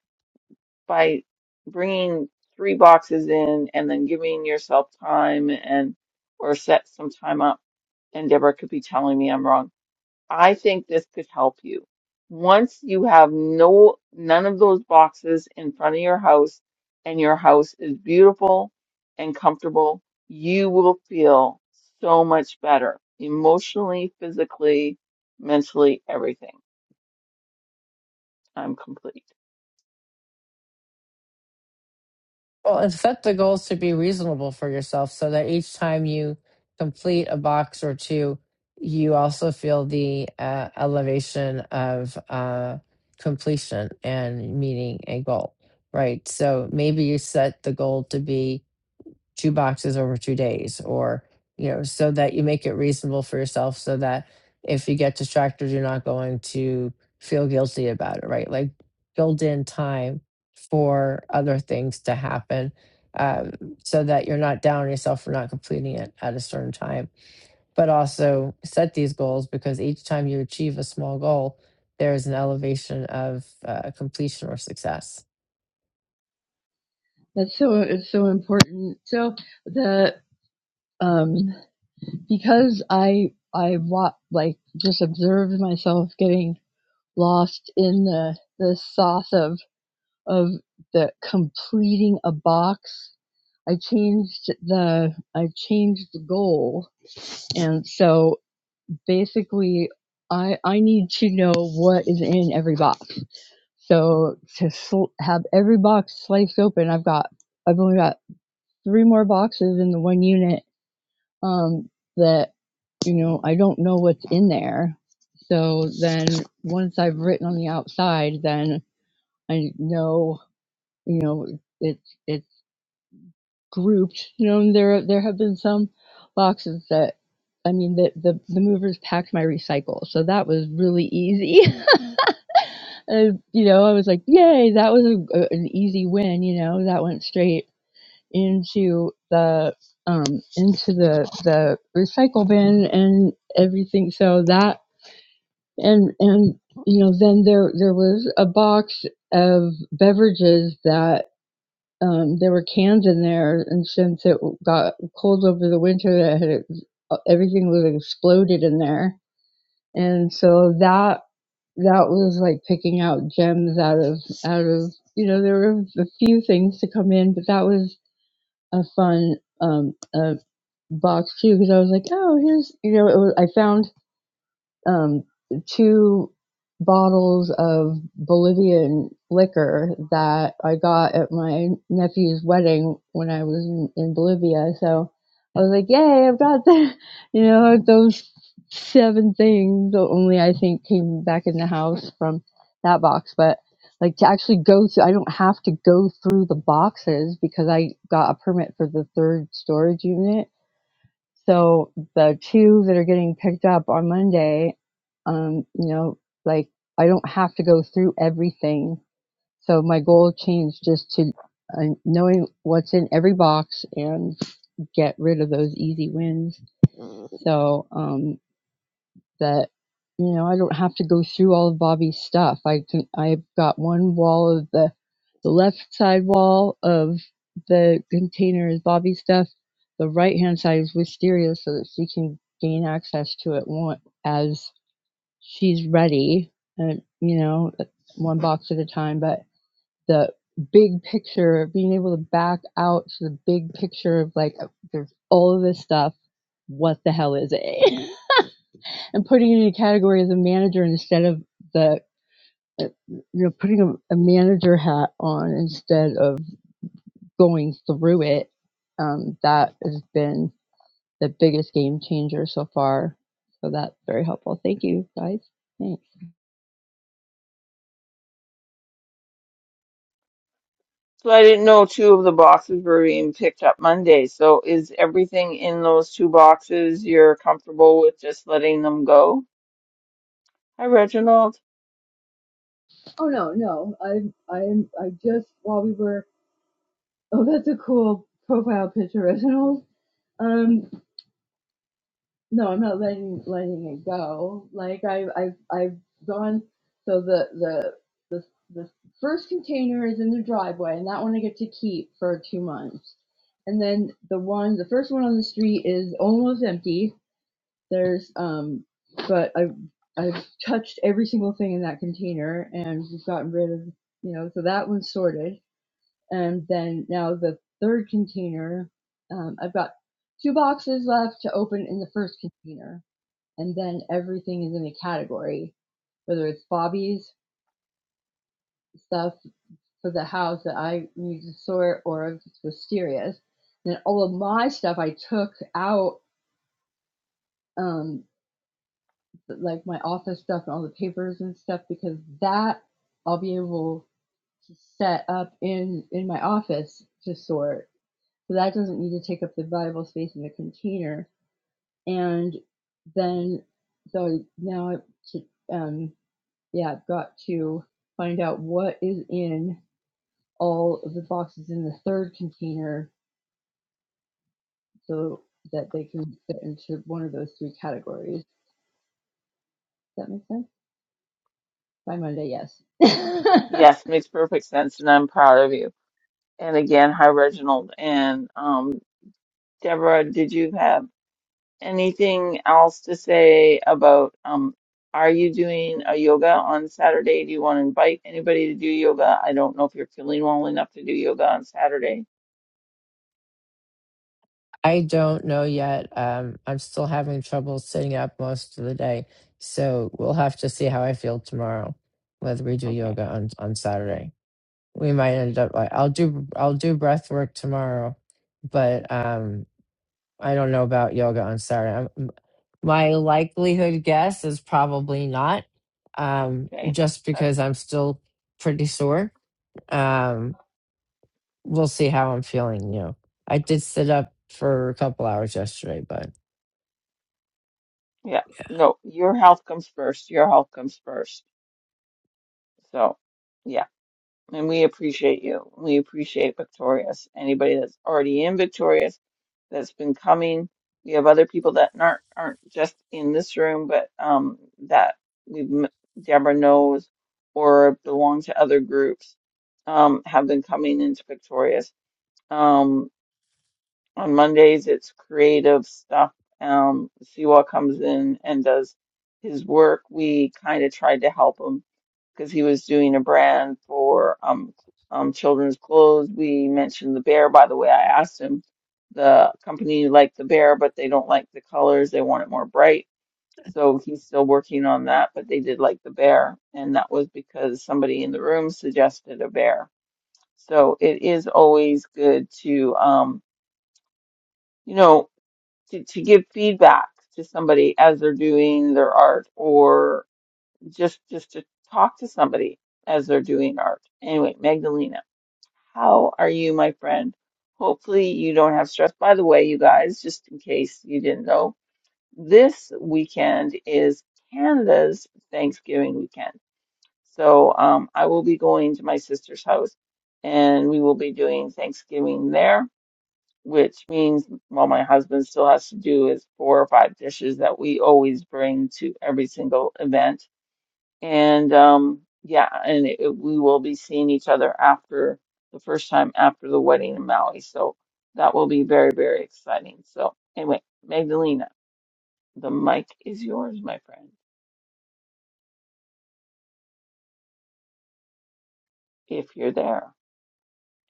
[SPEAKER 1] by bringing three boxes in and then giving yourself time and or set some time up and Deborah could be telling me I'm wrong. I think this could help you. Once you have no none of those boxes in front of your house and your house is beautiful and comfortable, you will feel so much better emotionally, physically, mentally, everything. I'm complete.
[SPEAKER 5] Well, and set the goals to be reasonable for yourself so that each time you complete a box or two, you also feel the uh, elevation of uh, completion and meeting a goal, right? So maybe you set the goal to be two boxes over two days or you know so that you make it reasonable for yourself so that if you get distracted you're not going to feel guilty about it right like build in time for other things to happen um, so that you're not down on yourself for not completing it at a certain time but also set these goals because each time you achieve a small goal there is an elevation of uh, completion or success
[SPEAKER 3] that's so it's so important. So the um because I I wa- like just observed myself getting lost in the the sauce of. of the completing a box. I changed the I changed the goal, and so basically, I I need to know what is in every box. So to sl- have every box sliced open, I've got I've only got three more boxes in the one unit um, that you know I don't know what's in there. So then once I've written on the outside, then I know you know it's it's grouped. You know, and there there have been some boxes that I mean the the, the movers packed my recycle, so that was really easy. Uh, you know, I was like, yay, that was a, a- an easy win. You know, that went straight into the um into the the recycle bin and everything. So that and and you know then there there was a box of beverages that um, there were cans in there, and since it got cold over the winter, that had, everything was exploded in there, and so that that was like picking out gems out of out of you know there were a few things to come in, but that was a fun um, uh, box too because I was like, oh, here's you know it was, I found um, two bottles of Bolivian liquor that I got at my nephew's wedding when I was in, in Bolivia. So I was like, yay, I've got the, you know, those seven things. only I think came back in the house from that box. But like to actually go through, I don't have to go through the boxes because I got a permit for the third storage unit so the two that are getting picked up on Monday, um, you know, like I don't have to go through everything. So my goal changed just to uh, knowing what's in every box and get rid of those easy wins. So, um, that you know I don't have to go through all of Bobby's stuff. I can I've got one wall of the the left side wall of the container is Bobby's stuff. The right hand side is Wisteria, so that she can gain access to it one, as she's ready, and you know one box at a time. But the big picture being able to back out to the big picture of like there's all of this stuff. What the hell is it? and putting it in a category as a manager instead of the uh, you know putting a, a manager hat on instead of going through it um, that has been the biggest game changer so far so that's very helpful thank you guys thanks
[SPEAKER 1] So I didn't know two of the boxes were being picked up Monday. So is everything in those two boxes you're comfortable with just letting them go? Hi, Reginald.
[SPEAKER 3] Oh no, no. i I'm I just while we were oh that's a cool profile picture, Reginald. Um no, I'm not letting letting it go. Like I've I've I've gone. So the the the the first container is in the driveway, and that one I get to keep for two months. And then the one, the first one on the street is almost empty. There's um, but I have I've touched every single thing in that container, and we've gotten rid of you know. So that one's sorted. And then now the third container, um, I've got two boxes left to open in the first container and then everything is in a category, whether it's Bobby's stuff for the house that I need to sort or if it's Wisteria's. Then all of my stuff I took out, um, like my office stuff and all the papers and stuff, because that I'll be able to set up in in my office to sort. So that doesn't need to take up the valuable space in the container. And then so now I should, um, yeah, I've got to find out what is in all of the boxes in the third container so that they can fit into one of those three categories. Does that make sense? By Monday, yes.
[SPEAKER 1] Yes, makes perfect sense, and I'm proud of you. And again, hi, Reginald. And um, Deborah, did you have anything else to say about um, are you doing a yoga on Saturday? Do you want to invite anybody to do yoga? I don't know if you're feeling well enough to do yoga on Saturday.
[SPEAKER 5] I don't know yet. Um, I'm still having trouble sitting up most of the day. So we'll have to see how I feel tomorrow, whether we do
[SPEAKER 1] Okay,
[SPEAKER 5] yoga on, on Saturday. We might end up like I'll do I'll do breath work tomorrow, but um I don't know about yoga on Saturday. I'm, my likelihood guess is probably not. Um, just
[SPEAKER 1] okay.
[SPEAKER 5] because I'm still pretty sore. Um, we'll see how I'm feeling, you know. I did sit up for a couple hours yesterday, but
[SPEAKER 1] Yeah. No, your health comes first. Your health comes first. So, yeah. And we appreciate you. We appreciate Victorious. Anybody that's already in Victorious that's been coming. We have other people that aren't aren't just in this room, but um that we've m- Deborah knows or belong to other groups um have been coming into Victorious. Um, on Mondays, it's creative stuff. Um, Siwa comes in and does his work. We kind of tried to help him because he was doing a brand for um, um, children's clothes. We mentioned the bear. By the way, I asked him the company liked the bear, but they don't like the colors. They want it more bright. So he's still working on that, but they did like the bear, and that was because somebody in the room suggested a bear. So it is always good to um, you know to, to give feedback to somebody as they're doing their art or just just to talk to somebody as they're doing art. Anyway, Magdalena, how are you, my friend? Hopefully you don't have stress. By the way, you guys, just in case you didn't know, this weekend is Canada's Thanksgiving weekend. So um, I will be going to my sister's house and we will be doing Thanksgiving there which means well, my husband still has to do is four or five dishes that we always bring to every single event. And um, yeah, and it, it- we will be seeing each other after the first time after the wedding in Maui. So that will be very, very exciting. So anyway, Magdalena, the mic is yours, my friend, if you're there.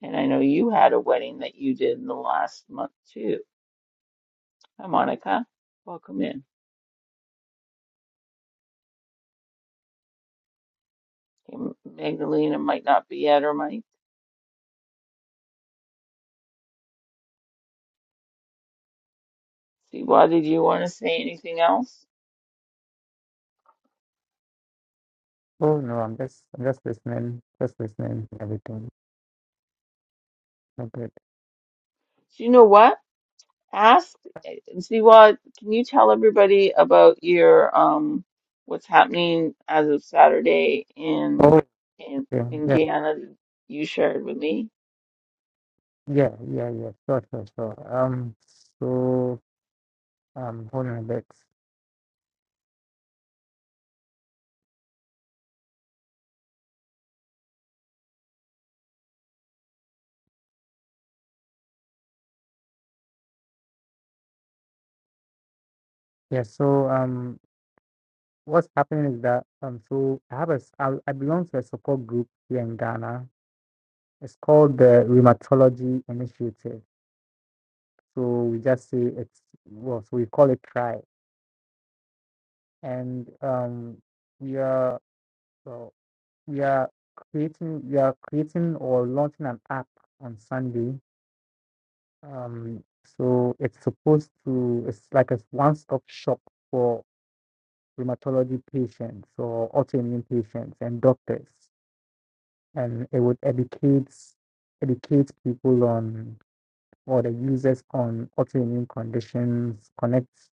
[SPEAKER 1] And I know you had a wedding that you did in the last month too. Hi, Monica. Welcome in. Okay, Magdalena might not be at her mic. Siwa, did you want to say anything else?
[SPEAKER 2] Oh no, I'm just, I'm just listening, just listening. to Everything. So good.
[SPEAKER 1] Do You know what? Ask eh, Siwa, can you tell everybody about your um what's happening as of Saturday in
[SPEAKER 2] Oh,
[SPEAKER 1] in
[SPEAKER 2] okay.
[SPEAKER 1] in
[SPEAKER 2] Yeah,
[SPEAKER 1] Guyana that you shared with me?
[SPEAKER 2] yeah, yeah, yeah. Sure, sure, sure. Um, so um, hold on a bit. Yeah. So um, what's happening is that um, so I have a, s- I, I belong to a support group here in Ghana It's called the Rheumatology Initiative. So we just say it's well, so we call it TRI, and um, we are well, we are creating we are creating or launching an app on Sunday. Um, so it's supposed to it's like a one-stop shop for rheumatology patients or autoimmune patients and doctors, and it would educate educate people on or the users on autoimmune conditions, connects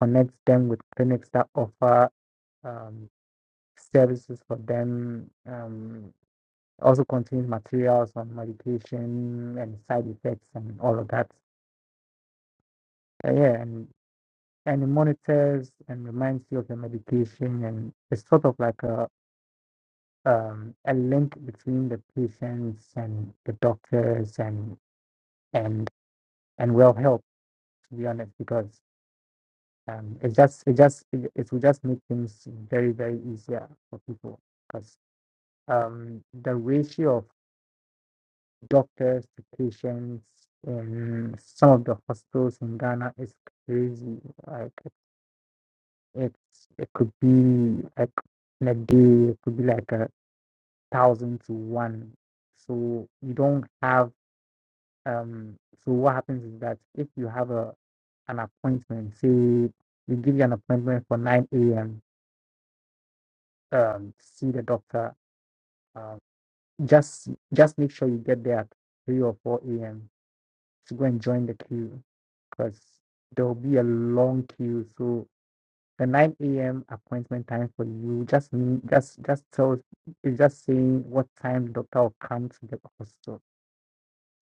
[SPEAKER 2] connects them with clinics that offer um, services for them. Um, also contains materials on medication and side effects and all of that. Uh, yeah, and and it monitors and reminds you of the medication, and it's sort of like a um, a link between the patients and the doctors and and and well help to be honest because Um, it's just it just it, it will just make things very very easier for people because um, the ratio of doctors to patients in some of the hospitals in Ghana is crazy. Like it, it's it could be like in a day it could be like a thousand to one. So you don't have um. So what happens is that if you have a an appointment, say we give you an appointment for nine a.m um, see the doctor. Um, just just make sure you get there at three or four a.m. to go and join the queue because there will be a long queue. So the nine a.m. appointment time for you just mean- just just tell. it's just saying what time the doctor will come to the hospital.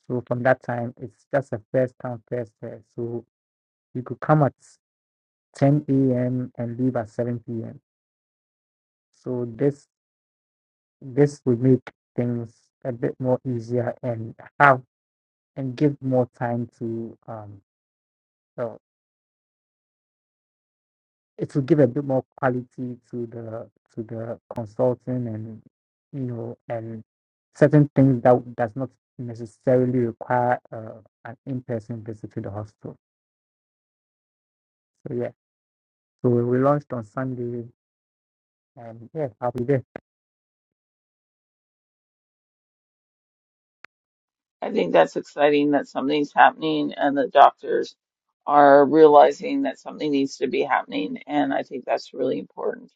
[SPEAKER 2] So from that time, it's just a first come first serve. So you could come at ten a.m. and leave at seven p.m. So this This will make things a bit more easier and have and give more time to um so it will give a bit more quality to the to the consulting and you know and certain things that does not necessarily require uh, an in-person visit to the hospital. So yeah. So we launched on Sunday and yeah, I'll be there.
[SPEAKER 1] I think that's exciting that something's happening and the doctors are realizing that something needs to be happening, and I think that's really important.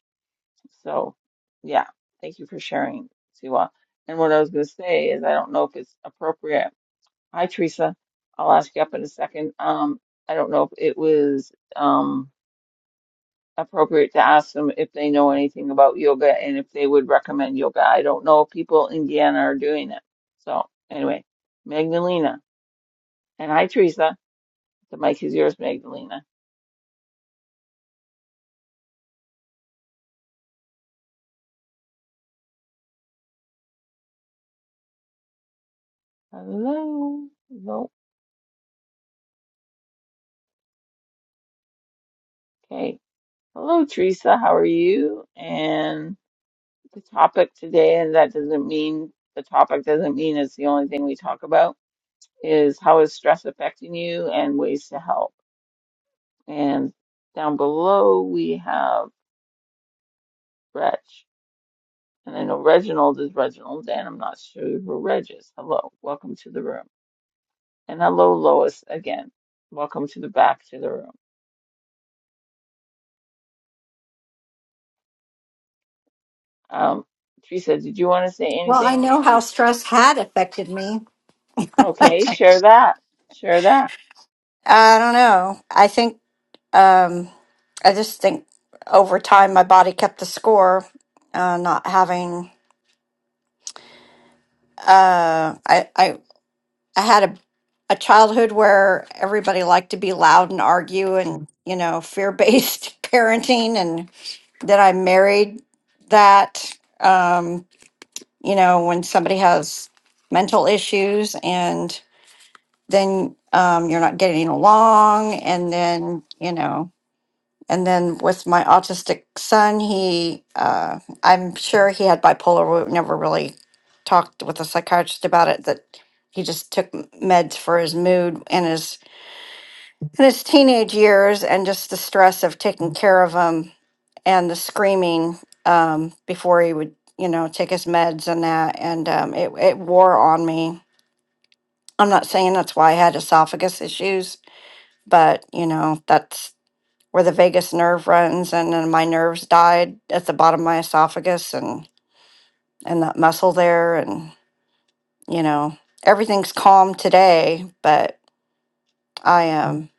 [SPEAKER 1] So, yeah, thank you for sharing, Siwa. And what I was going to say is, I don't know if it's appropriate Hi, Teresa. I'll ask you up in a second. Um, I don't know if it was um, appropriate to ask them if they know anything about yoga and if they would recommend yoga. I don't know if people in Indiana are doing it. So anyway, Magdalena. And hi, Teresa. The mic is yours, Magdalena. Hello. Hello. Okay. Hello, Teresa. How are you? And the topic today, and that doesn't mean the topic doesn't mean it's the only thing we talk about is how is stress affecting you and ways to help. And down below we have Reg. And I know Reginald is Reginald, and I'm not sure who Reg is. Hello, welcome to the room. And hello, Lois, again. Welcome to the back to the room. Um, Teresa, did you want to say
[SPEAKER 6] Well, I
[SPEAKER 1] anything?
[SPEAKER 6] know how stress had affected me.
[SPEAKER 1] Okay, share that. Share that.
[SPEAKER 6] I don't know. I think, um, I just think over time my body kept the score, uh, not having, uh, I, I, I had a, a childhood where everybody liked to be loud and argue and, you know, fear based parenting. And then I married that, um, you know, when somebody has mental issues and. then um, you're not getting along and then you know and then with my autistic son he uh, i'm sure he had bipolar we never really talked with a psychiatrist about it that he just took m- meds for his mood in his in his teenage years and just the stress of taking care of him and the screaming um, before he would you know take his meds and that and um, it, it wore on me i'm not saying that's why i had esophagus issues but you know that's where the vagus nerve runs and then my nerves died at the bottom of my esophagus and and that muscle there and you know everything's calm today but i am um,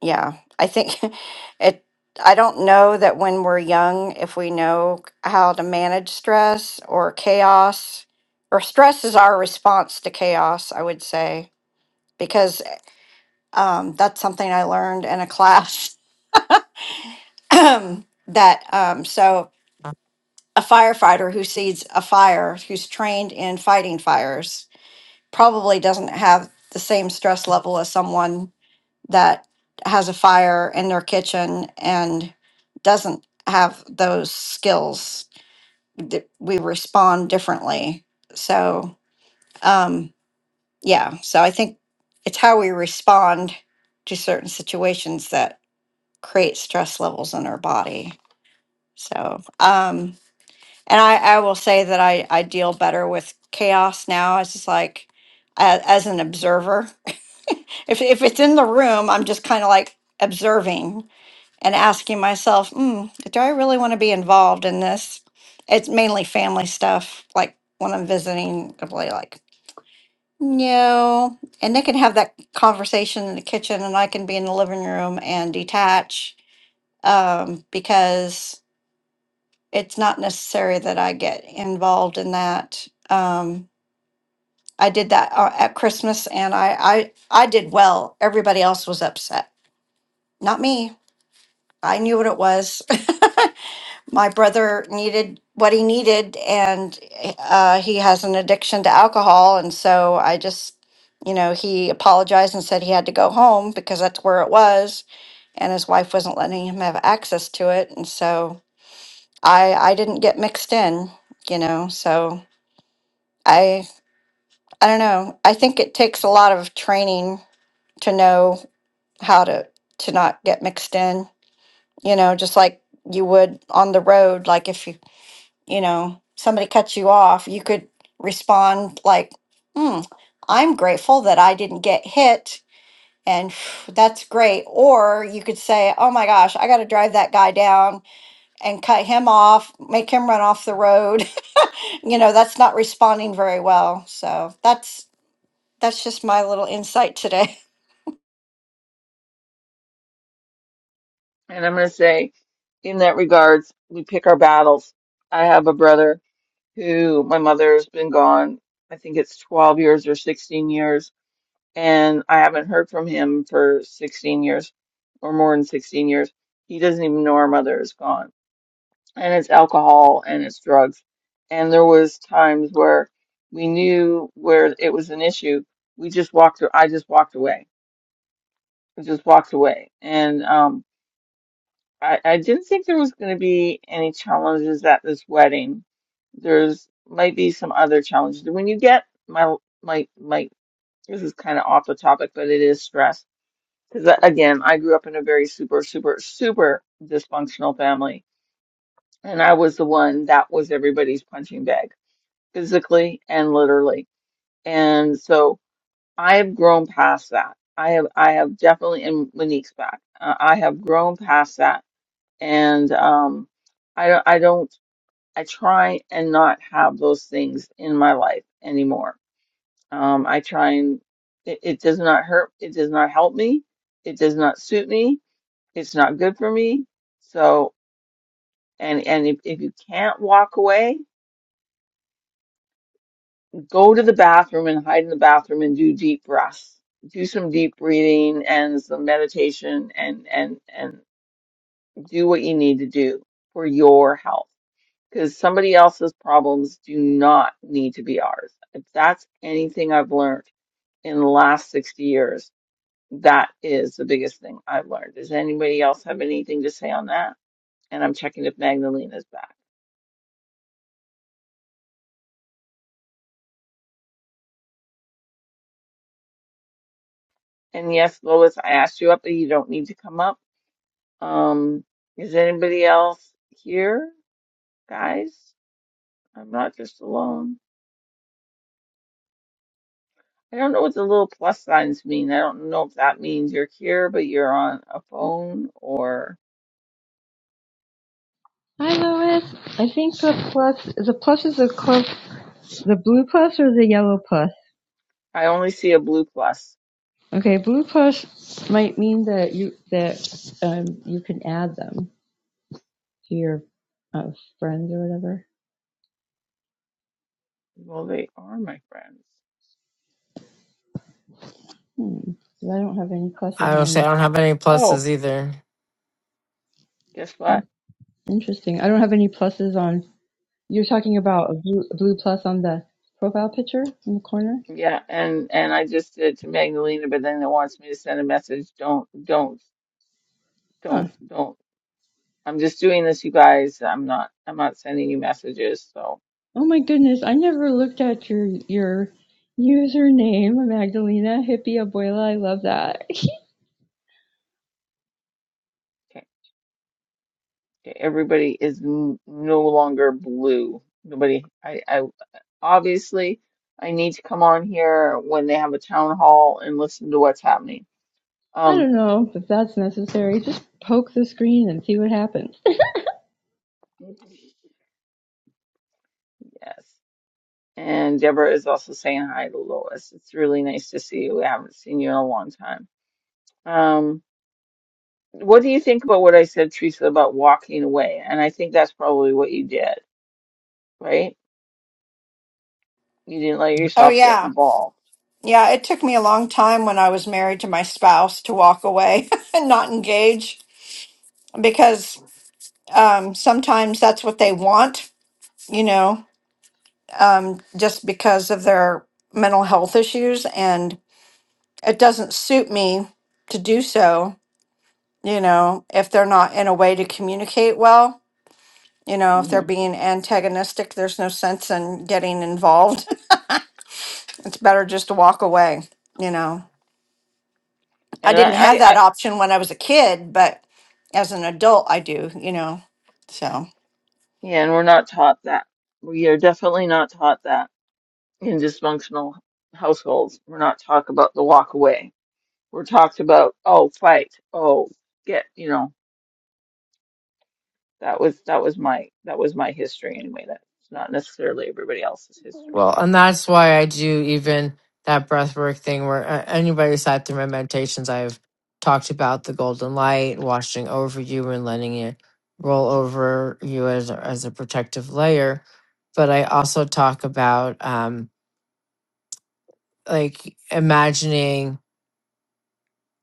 [SPEAKER 6] yeah i think it i don't know that when we're young if we know how to manage stress or chaos or stress is our response to chaos i would say because um, that's something i learned in a class that um, so a firefighter who sees a fire, who's trained in fighting fires, probably doesn't have the same stress level as someone that has a fire in their kitchen and doesn't have those skills. Th- We respond differently. So, um, yeah, so I think it's how we respond to certain situations that create stress levels in our body. So, um, and I, I will say that I, I deal better with chaos now. It's just like a- as an observer. if if it's in the room, I'm just kind of like observing and asking myself, mm, do I really want to be involved in this? It's mainly family stuff. Like when I'm visiting, I'm really like, no. And they can have that conversation in the kitchen, and I can be in the living room and detach um, because it's not necessary that I get involved in that. Um, I did that uh, at Christmas and I, I, I did well. Everybody else was upset. Not me. I knew what it was. My brother needed what he needed and uh, he has an addiction to alcohol. And so I just, you know, he apologized and said he had to go home because that's where it was. And his wife wasn't letting him have access to it. And so I, I didn't get mixed in, you know, so I I don't know. I think it takes a lot of training to know how to to not get mixed in, you know, just like you would on the road like if you, you know, somebody cuts you off, you could respond like, "Hmm, I'm grateful that I didn't get hit." And phew, that's great. Or you could say, oh my gosh, I got to drive that guy down and cut him off, make him run off the road. you know, that's not responding very well. So that's That's just my little insight today.
[SPEAKER 1] And I'm going to say, in that regards, we pick our battles. I have a brother who my mother's been gone, I think it's 12 years or 16 years, and I haven't heard from him for 16 years or more than 16 years. He doesn't even know our mother is gone. And it's alcohol and it's drugs. And there was times where we knew where it was an issue. We just walked, I just walked away. I just walked away. And, um, I, I didn't think there was going to be any challenges at this wedding. There's might be some other challenges. When you get my my my, this is kind of off the topic, but it is stress because again, I grew up in a very super super super dysfunctional family, and I was the one that was everybody's punching bag physically and literally. And so I have grown past that. I have I have definitely, and Monique's back. Uh, I have grown past that and um I don't I don't I try and not have those things in my life anymore. Um I try and it, it does not hurt it does not help me. It does not suit me. It's not good for me. So and and if, if you can't walk away, go to the bathroom and hide in the bathroom and do deep breaths. Do some deep breathing and some meditation and and and do what you need to do for your health because somebody else's problems do not need to be ours. If that's anything I've learned in the last 60 years, that is the biggest thing I've learned. Does anybody else have anything to say on that? And I'm checking if Magdalena's back. And yes, Lois, I asked you up, but you don't need to come up. Um, is anybody else here, guys? I'm not just alone. I don't know what the little plus signs mean. I don't know if that means you're here, but you're on a phone or.
[SPEAKER 3] Hi, Lois. I think the plus, the plus is the close, the blue plus or the yellow plus.
[SPEAKER 1] I only see a blue plus.
[SPEAKER 3] Okay, blue plus might mean that you that um, you can add them to your uh, friends or whatever.
[SPEAKER 1] Well, they are my friends.
[SPEAKER 3] Hmm. Because I don't have any
[SPEAKER 5] I
[SPEAKER 3] pluses
[SPEAKER 5] don't say
[SPEAKER 3] on
[SPEAKER 5] I don't have any
[SPEAKER 1] Oh,
[SPEAKER 5] pluses either.
[SPEAKER 1] guess what?
[SPEAKER 3] Interesting. I don't have any pluses on. You're talking
[SPEAKER 1] Okay.
[SPEAKER 3] about a blue, a blue plus on the profile picture in the corner?
[SPEAKER 1] Yeah, and and I just did it to Magdalena, but then it wants me to send a message. Don't, don't,
[SPEAKER 3] Huh.
[SPEAKER 1] don't, don't. I'm just doing this, you guys. I'm not, I'm not sending you messages. So,
[SPEAKER 3] Oh my goodness. I never looked at your your username, Magdalena Hippie Abuela. I love that.
[SPEAKER 1] okay, okay. Everybody is n no longer blue. Nobody. I, I obviously I need to come on here when they have a town hall and listen to what's happening.
[SPEAKER 3] I
[SPEAKER 1] Um,
[SPEAKER 3] don't know if that's necessary. Just poke the screen and see what happens.
[SPEAKER 1] yes. And Deborah is also saying hi to Lois. It's really nice to see you. I haven't seen you in a long time. Um, what do you think about what I said, Teresa, about walking away? And I think that's probably what you did, right? You didn't let
[SPEAKER 6] Oh,
[SPEAKER 1] yourself get
[SPEAKER 6] yeah.
[SPEAKER 1] involved.
[SPEAKER 6] Yeah. It took me a long time when I was married to my spouse to walk away and not engage because um, sometimes that's what they want, you know, um, just because of their mental health issues. And it doesn't suit me to do so, you know, if they're not in a way to communicate well. You know, if they're
[SPEAKER 1] hmm
[SPEAKER 6] being antagonistic, there's no sense in getting involved. It's better just to walk away, you know. I
[SPEAKER 1] And
[SPEAKER 6] didn't
[SPEAKER 1] I,
[SPEAKER 6] have
[SPEAKER 1] I,
[SPEAKER 6] that
[SPEAKER 1] I,
[SPEAKER 6] option when I was a kid, but as an adult, I do, you know. So.
[SPEAKER 1] yeah, and we're not taught that. We are definitely not taught that in dysfunctional households. We're not taught about the walk away. We're talked about, oh, fight, oh, get, you know. That was that was my that was my history anyway. That's not necessarily everybody else's history.
[SPEAKER 5] Well, and that's why I do even that breathwork thing where uh, anybody who's sat through my meditations, I've talked about the golden light washing over you and letting it roll over you as a, as a protective layer. But I also talk about um, like imagining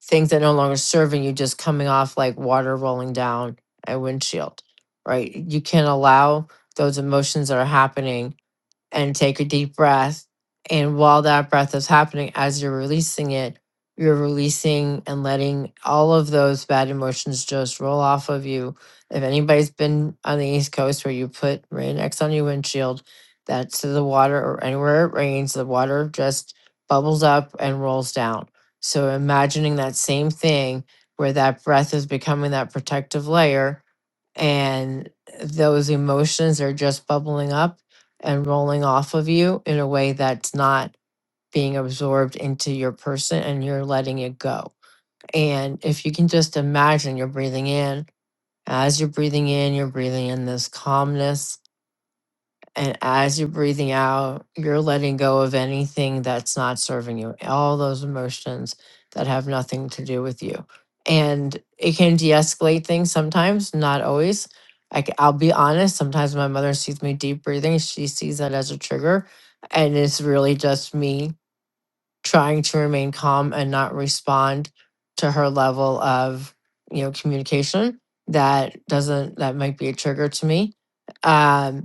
[SPEAKER 5] things that no longer serving you just coming off like water rolling down a windshield, right? You can allow those emotions that are happening and take a deep breath. And while that breath is happening, as you're releasing it, you're releasing and letting all of those bad emotions just roll off of you. If anybody's been on the East Coast where you put Rain-X on your windshield, that's to the water or anywhere it rains, the water just bubbles up and rolls down. So imagining that same thing where that breath is becoming that protective layer and those emotions are just bubbling up and rolling off of you in a way that's not being absorbed into your person and you're letting it go. And if you can just imagine you're breathing in, as you're breathing in, you're breathing in this calmness and as you're breathing out, you're letting go of anything that's not serving you, all those emotions that have nothing to do with you. And it can de escalate things sometimes, not always. I, will be honest, sometimes my mother sees me deep breathing. She sees that as a trigger. And it's really just me trying to remain calm and not respond to her level of you know communication that doesn't that might be a trigger to me Um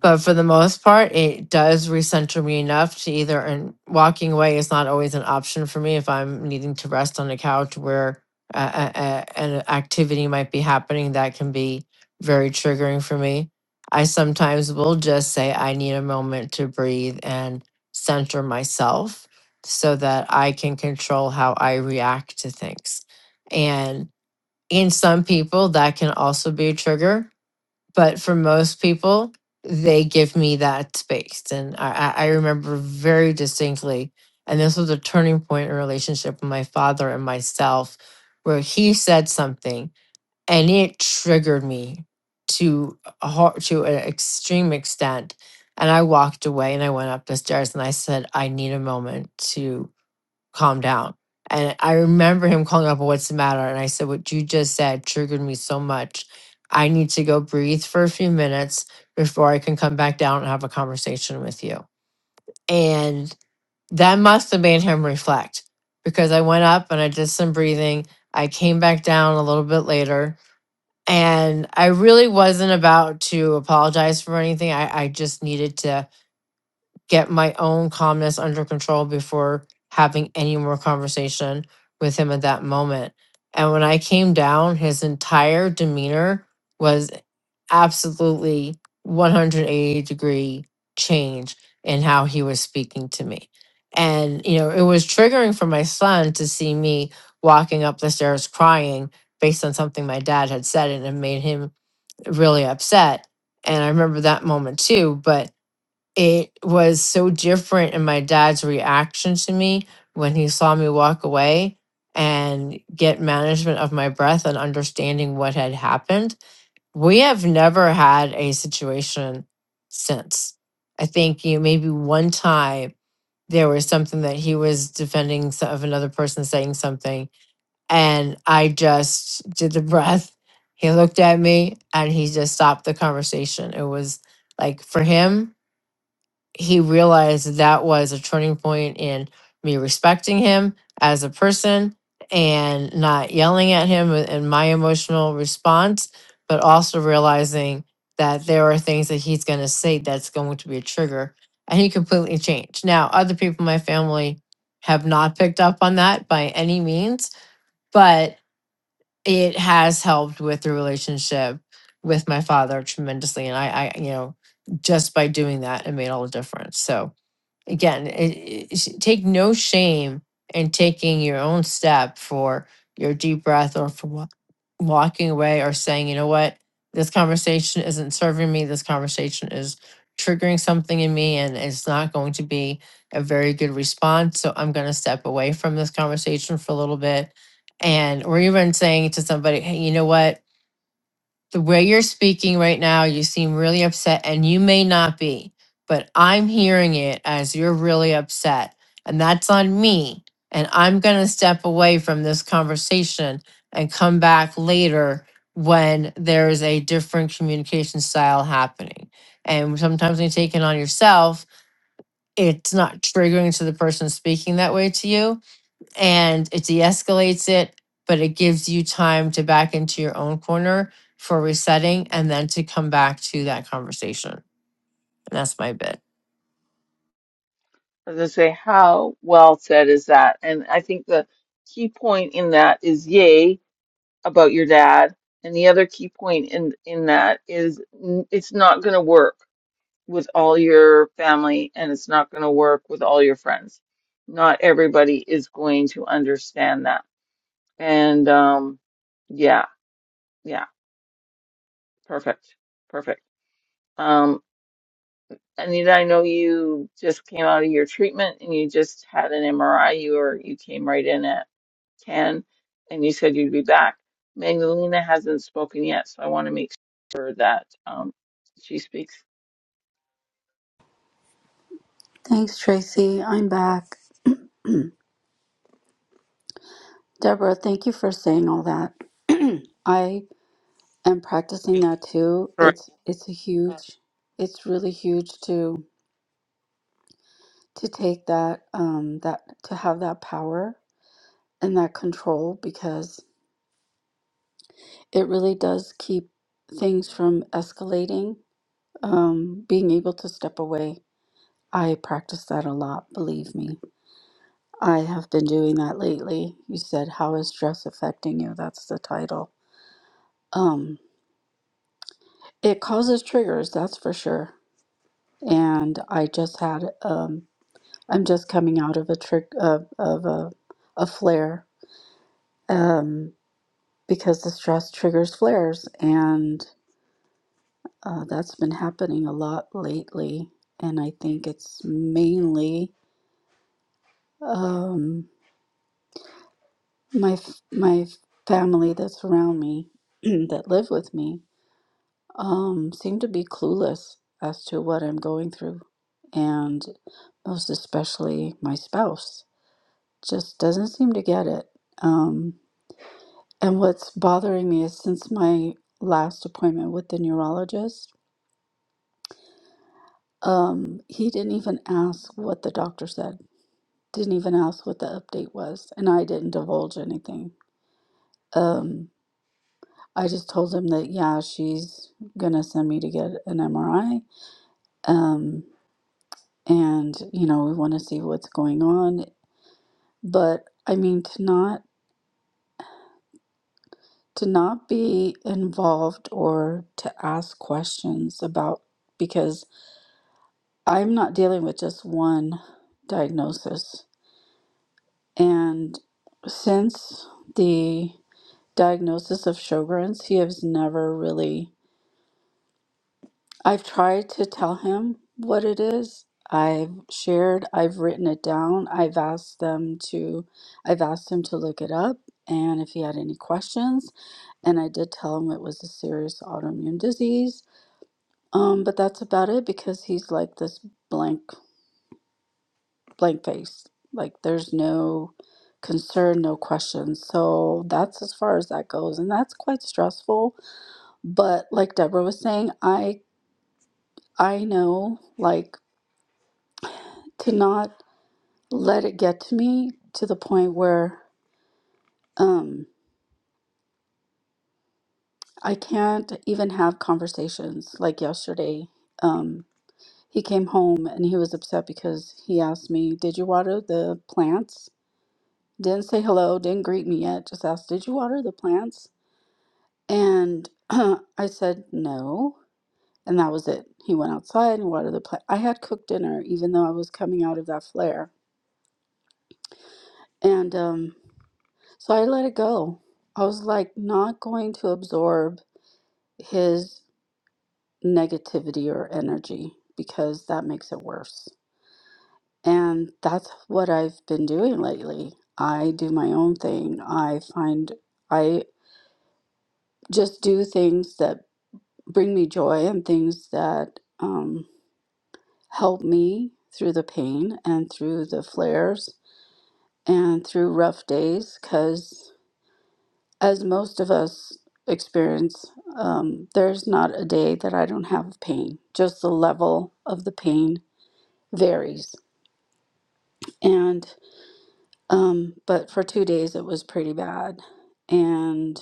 [SPEAKER 5] but for the most part, it does recenter me enough to either and walking away is not always an option for me if I'm needing to rest on a couch where uh, uh, uh, an activity might be happening that can be very triggering for me. I sometimes will just say I need a moment to breathe and center myself so that I can control how I react to things. And in some people, that can also be a trigger but for most people they give me that space and i, I I remember very distinctly and this was a turning point in a relationship with my father and myself where he said something and it triggered me to a, ho- to an extreme extent and i walked away and i went up the stairs and i said i need a moment to." calm down. And I remember him calling up, what's the matter? And I said, what you just said triggered me so much. I need to go breathe for a few minutes before I can come back down and have a conversation with you. And that must have made him reflect because I went up and I did some breathing. I came back down a little bit later. And I really wasn't about to apologize for anything. I, I just needed to get my own calmness under control before having any more conversation with him at that moment. And when I came down, his entire demeanor was absolutely 180 degree change in how he was speaking to me. And, you know, it was triggering for my son to see me walking up the stairs crying based on something my dad had said, and it made him really upset. And I remember that moment too. But it was so different in my dad's reaction to me when he saw me walk away and get management of my breath and understanding what had happened. We have never had a situation since. I think you know, maybe one time there was something that he was defending so- of another person saying something, and I just did the breath. He looked at me and he just stopped the conversation. It was like for him, he realized that was a turning point in me respecting him as a person and not yelling at him and my emotional response, but also realizing that there are things that he's going to say that's going to be a trigger. And he completely changed. Now, other people in my family have not picked up on that by any means, but it has helped with the relationship with my father tremendously. And I, I you know, just by doing that, it made all the difference. So, again, it, it's- take no shame in taking your own step for your deep breath or for wa- walking away or saying, you know what, this conversation isn't serving me. This conversation is triggering something in me and it's not going to be a very good response. So I'm going to step away from this conversation for a little bit. And, or even saying to somebody, hey, you know what? the way you're speaking right now, you seem really upset, and you may not be, but I'm hearing it as you're really upset. And that's on me. And I'm going to step away from this conversation and come back later when there is a different communication style happening. And sometimes when you take it on yourself, it's not triggering to the person speaking that way to you and it de-escalates it but it gives you time to back into your own corner for resetting and then to come back to that conversation and that's my bit
[SPEAKER 1] I was gonna say, how well said is that? And I think the key point in that is yay about your dad, and the other key point in in that is n- it's not gonna work with all your family, and it's not gonna work with all your friends. Not everybody is going to understand that. And um, yeah, yeah, perfect, perfect. Um, Anita, I know you just came out of your treatment and you just had an MRI. You were you came right in at 10 and you said you'd be back. Magdalena hasn't spoken yet, so I want to make sure that um, she speaks.
[SPEAKER 4] Thanks, Tracy. I'm back. Deborah, thank you for saying all that. I am practicing that too.
[SPEAKER 1] Correct.
[SPEAKER 4] It's it's a huge, it's really huge to to take that um that to have that power and that control because it really does keep things from escalating um, being able to step away. I practice that a lot, believe me. I have been doing that lately. You said, How is stress affecting you? That's the title. Um, it causes triggers, that's for sure. And I just had, um, I'm just coming out of a trick of, of a, a flare um, because the stress triggers flares. And uh, that's been happening a lot lately. And I think it's mainly. um. my f- my family that's around me that live with me um, seem to be clueless as to what I'm going through, and most especially my spouse just doesn't seem to get it. Um, and what's bothering me is since my last appointment with the neurologist, um, he didn't even ask what the doctor said, didn't even ask what the update was, and I didn't divulge anything. Um. I just told him that, yeah, she's gonna send me to get an MRI. Um, and you know, we want to see what's going on. But I mean, to not to not be involved or to ask questions about because I'm not dealing with just one diagnosis. And since the diagnosis of Sjogren's, he has never really I've tried to tell him what it is. I've shared, I've written it down. I've asked them to I've asked him to look it up and if he had any questions. And I did tell him it was a serious autoimmune disease. Um, but that's about it because he's like this blank blank face. Like there's no concern, no questions. So that's as far as that goes. And that's quite stressful. But like Deborah was saying, I I know like to not let it get to me to the point where um I can't even have conversations like yesterday. Um he came home and he was upset because he asked me, "Did you water the plants?" Didn't say hello, didn't greet me yet, just asked, "Did you water the plants?" And I said, "No." And that was it. He went outside and watered the plant. I had cooked dinner even though I was coming out of that flare. And um so I let it go. I was like not going to absorb his negativity or energy because that makes it worse. And that's what I've been doing lately. I do my own thing. I find I just do things that bring me joy and things that um, help me through the pain and through the flares and through rough days. Because as most of us experience, um, there's not a day that I don't have pain, just the level of the pain varies. And um, but for two days it was pretty bad. And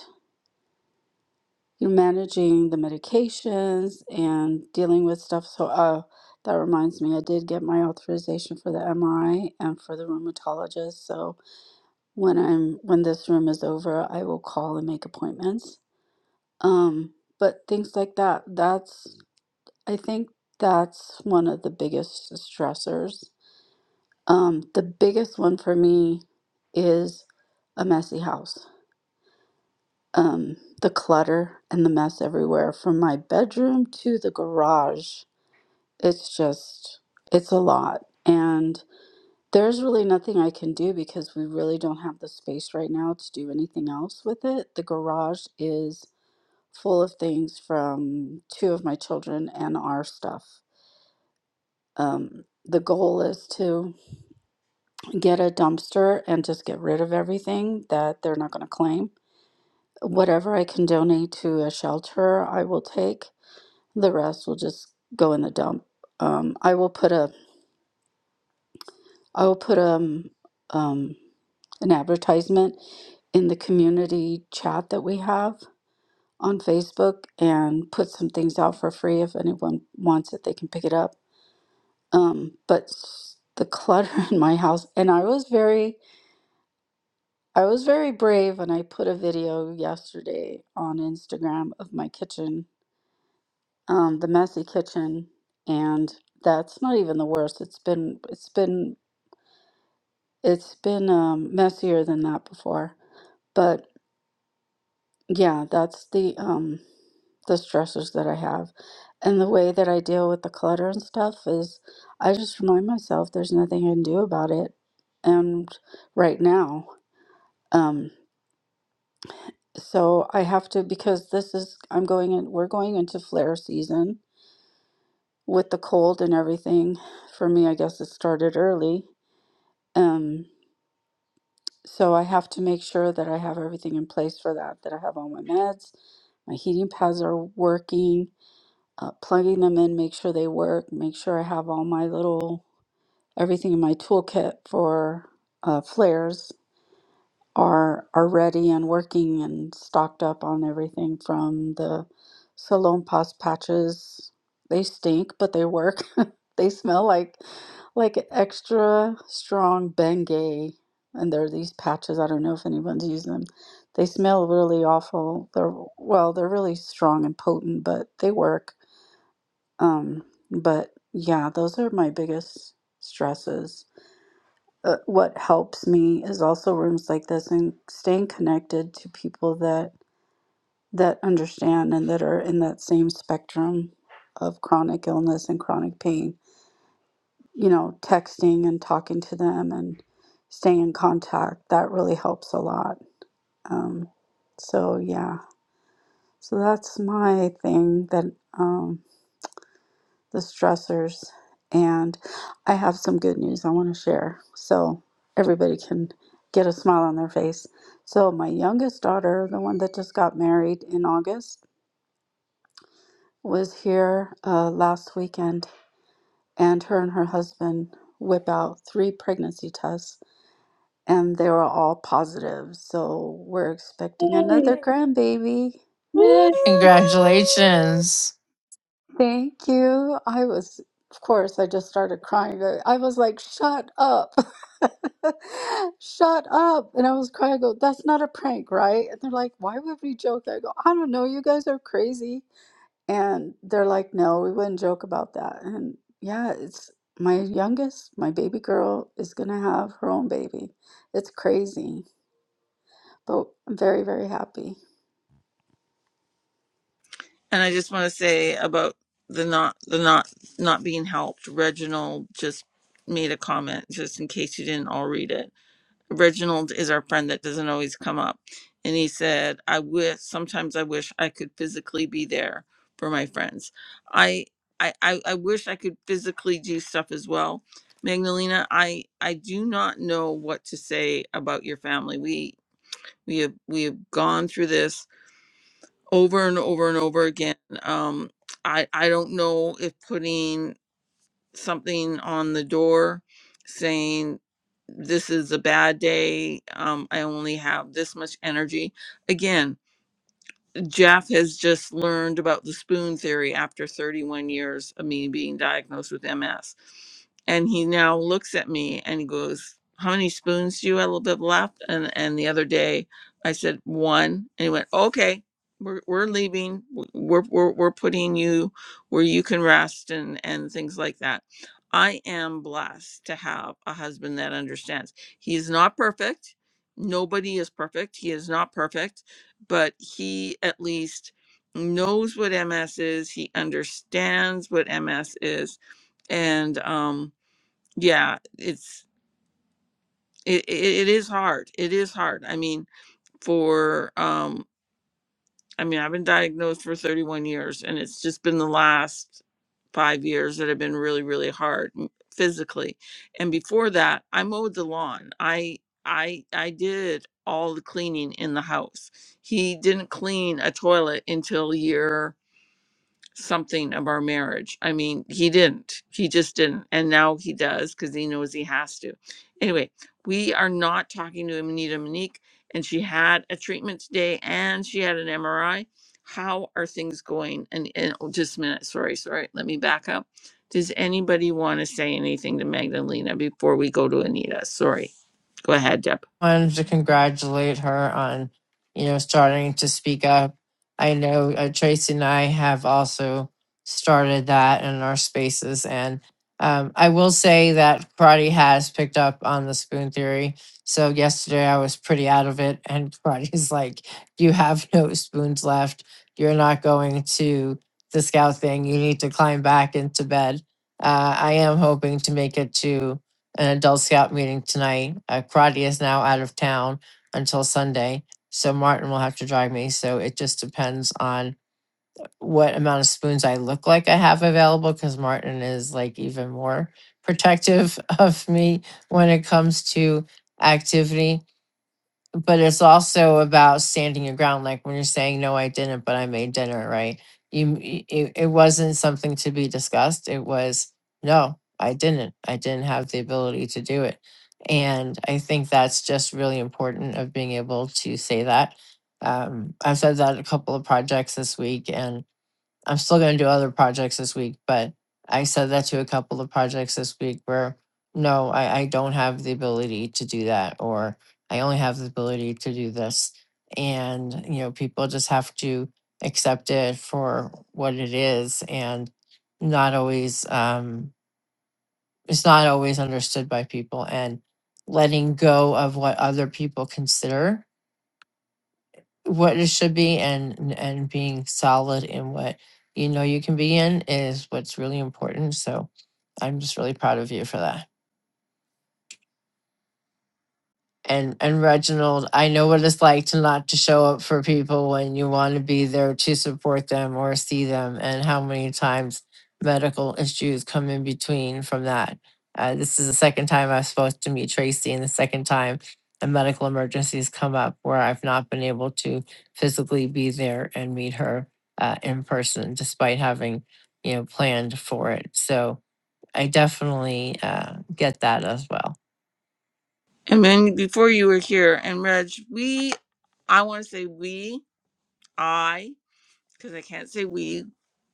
[SPEAKER 4] you're managing the medications and dealing with stuff. So uh, that reminds me, I did get my authorization for the MRI and for the rheumatologist. So when I'm when this room is over, I will call and make appointments. Um, but things like that. That's I think that's one of the biggest stressors Um, the biggest one for me is a messy house. Um, the clutter and the mess everywhere from my bedroom to the garage. It's just, it's a lot. And there's really nothing I can do because we really don't have the space right now to do anything else with it. The garage is full of things from two of my children and our stuff. Um, the goal is to get a dumpster and just get rid of everything that they're not going to claim. Whatever I can donate to a shelter, I will take. The rest will just go in the dump. Um, I will put a I will put um, um, an advertisement in the community chat that we have on Facebook and put some things out for free. If anyone wants it, they can pick it up. Um, but s- the clutter in my house, and I was very I was very brave and I put a video yesterday on Instagram of my kitchen, um, the messy kitchen, and that's not even the worst. It's been it's been it's been um, messier than that before. But yeah, that's the um, the stressors that I have, and the way that I deal with the clutter and stuff is I just remind myself there's nothing I can do about it, and right now. Um, So I have to because this is I'm going in we're going into flare season with the cold and everything. For me, I guess it started early. Um, so I have to make sure that I have everything in place for that, that I have all my meds, my heating pads are working, uh, plugging them in, make sure they work, make sure I have all my little everything in my toolkit for uh, flares are are ready and working and stocked up on everything from the Salon Pas patches. They stink, but they work. they smell like like extra strong Bengay. And there are these patches. I don't know if anyone's used them. They smell really awful. They're well, they're really strong and potent, but they work. Um, but yeah, those are my biggest stresses uh, what helps me is also rooms like this and staying connected to people that that understand and that are in that same spectrum of chronic illness and chronic pain you know texting and talking to them and staying in contact that really helps a lot um, so yeah so that's my thing that um. the stressors. And I have some good news I want to share so everybody can get a smile on their face. So, my youngest daughter, the one that just got married in August, was here uh, last weekend, and her and her husband whip out three pregnancy tests, and they were all positive. So, we're expecting
[SPEAKER 3] Yay.
[SPEAKER 4] another grandbaby.
[SPEAKER 3] Yay.
[SPEAKER 5] congratulations
[SPEAKER 4] Thank you. I was, of course, I just started crying. I I was like, shut up. Shut up. And I was crying. I go, that's not a prank, right? And they're like, why would we joke that? I go, I don't know. You guys are crazy. And they're like, no, we wouldn't joke about that. And yeah, it's my youngest, my baby girl is going to have her own baby. It's crazy, but I'm very, very happy.
[SPEAKER 1] And I just want to say about the not the not not being helped. Reginald just made a comment just in case you didn't all read it Reginald is our friend that doesn't always come up. And he said, I wish sometimes I wish I could physically be there for my friends. I I, I, I wish I could physically do stuff as well. Magdalena, I, I do not know what to say about your family. We we have we have gone through this over and over and over again. Um, I I don't know if putting something on the door saying this is a bad day um i only have this much energy again Jeff has just learned about the spoon theory after 31 years of me being diagnosed with MS. And he now looks at me and he goes, How many spoons do you have a little bit left? And and the other day I said, One. And he went, Okay, we're, we're leaving. W- We're, we're, we're putting you where you can rest and, and things like that. I am blessed to have a husband that understands. He is not perfect. Nobody is perfect. He is not perfect but he at least knows what MS is. He understands what MS is, and um, yeah, it's it, it, it is hard. It is hard. I mean, for um, I mean, I've been diagnosed for 31 years, and it's just been the last five years that have been really, really hard m- physically. And before that, I mowed the lawn. I I I did all the cleaning in the house. He didn't clean a toilet until year something of our marriage. I mean, he didn't. He just didn't. And now he does because he knows he has to. Anyway, we are not talking to Anita Monique, and she had a treatment today and she had an MRI. How are things going? And, and oh, just a minute. Sorry, sorry. Let me back up. Does anybody want to say anything to Magdalena before we go to Anita? Sorry. Go ahead, Deb.
[SPEAKER 5] wanted to congratulate her on, you know, starting to speak up. I know uh, Tracy and I have also started that in our spaces. And um, I will say that karate has picked up on the spoon theory. So yesterday I was pretty out of it. And karate's like, you have no spoons left. You're not going to the scout thing. You need to climb back into bed. Uh, I am hoping to make it to an adult scout meeting tonight. Uh, karate is now out of town until Sunday. So Martin will have to drive me. So it just depends on what amount of spoons I look like I have available because Martin is like even more protective of me when it comes to activity but it's also about standing your ground like when you're saying no i didn't but i made dinner right you m- y- it, it wasn't something to be discussed it was no i didn't i didn't have the ability to do it and i think that's just really important of being able to say that um, i've said that a couple of projects this week and I'm still going to do other projects this week, but I said that to a couple of projects this week where no, I, I don't have the ability to do that, or I only have the ability to do this. And, you know, people just have to accept it for what it is and not always, um, it's not always understood by people and letting go of what other people consider what it should be and and being solid in what you know you can be in is what's really important. So I'm just really proud of you for that. and and Reginald, I know what it's like to not to show up for people when you want to be there to support them or see them, and how many times medical issues come in between from that. Uh, this is the second time I've supposed to meet Tracy, and the second time a medical emergency has come up where I've not been able to physically be there and meet her uh, in person, despite having you know planned for it. So I definitely uh, get that as well.
[SPEAKER 1] And then before you were here, and Reg, we, I want to say we, I because I can't say we.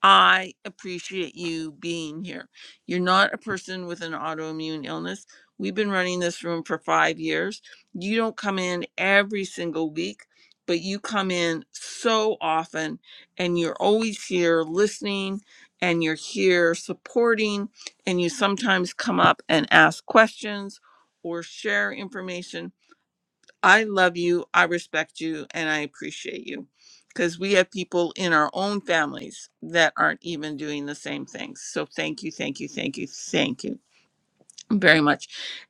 [SPEAKER 1] I appreciate you being here. You're not a person with an autoimmune illness. We've been running this room for five years. You don't come in every single week, but you come in so often and you're always here listening and you're here supporting. And you sometimes come up and ask questions or share information I love you, I respect you, and I appreciate you. Because we have people in our own families that aren't even doing the same things. So thank you, thank you, thank you, thank you very much.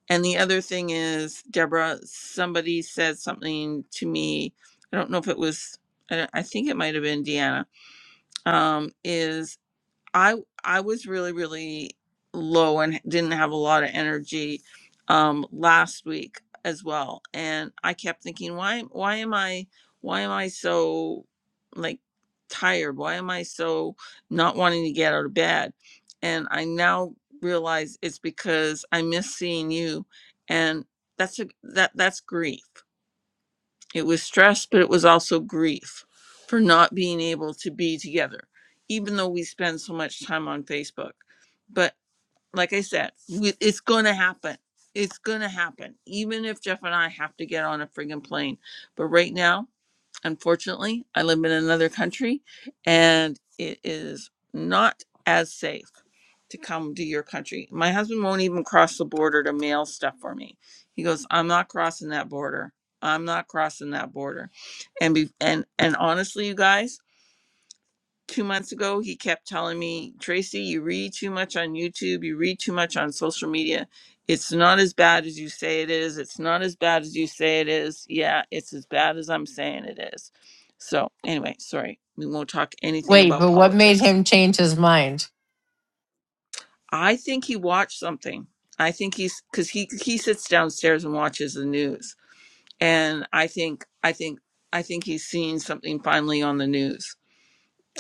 [SPEAKER 1] And the other thing is, Deborah, somebody said something to me. I don't know if it was, I I think it might have been Deanna, um, is I I was really really low and didn't have a lot of energy um last week as well and I kept thinking why why am I why am I so like tired why am I so not wanting to get out of bed and I now realize it's because I miss seeing you and that's a that that's grief it was stress, but it was also grief for not being able to be together, even though we spend so much time on Facebook. But like I said, we, it's going to happen. It's going to happen, even if Jeff and I have to get on a friggin' plane. But right now, unfortunately, I live in another country and it is not as safe to come to your country. My husband won't even cross the border to mail stuff for me. He goes, "I'm not crossing that border. I'm not crossing that border." And be, and and honestly, you guys, 2 months ago he kept telling me, "Tracy, you read too much on YouTube, you read too much on social media. It's not as bad as you say it is. It's not as bad as you say it is. Yeah, it's as bad as I'm saying it is." So, anyway, sorry. We won't talk anything
[SPEAKER 5] Wait,
[SPEAKER 1] about
[SPEAKER 5] but what made
[SPEAKER 1] politics
[SPEAKER 5] him change his mind?
[SPEAKER 1] I think he watched something. I think he's because he he sits downstairs and watches the news, and I think I think I think he's seen something finally on the news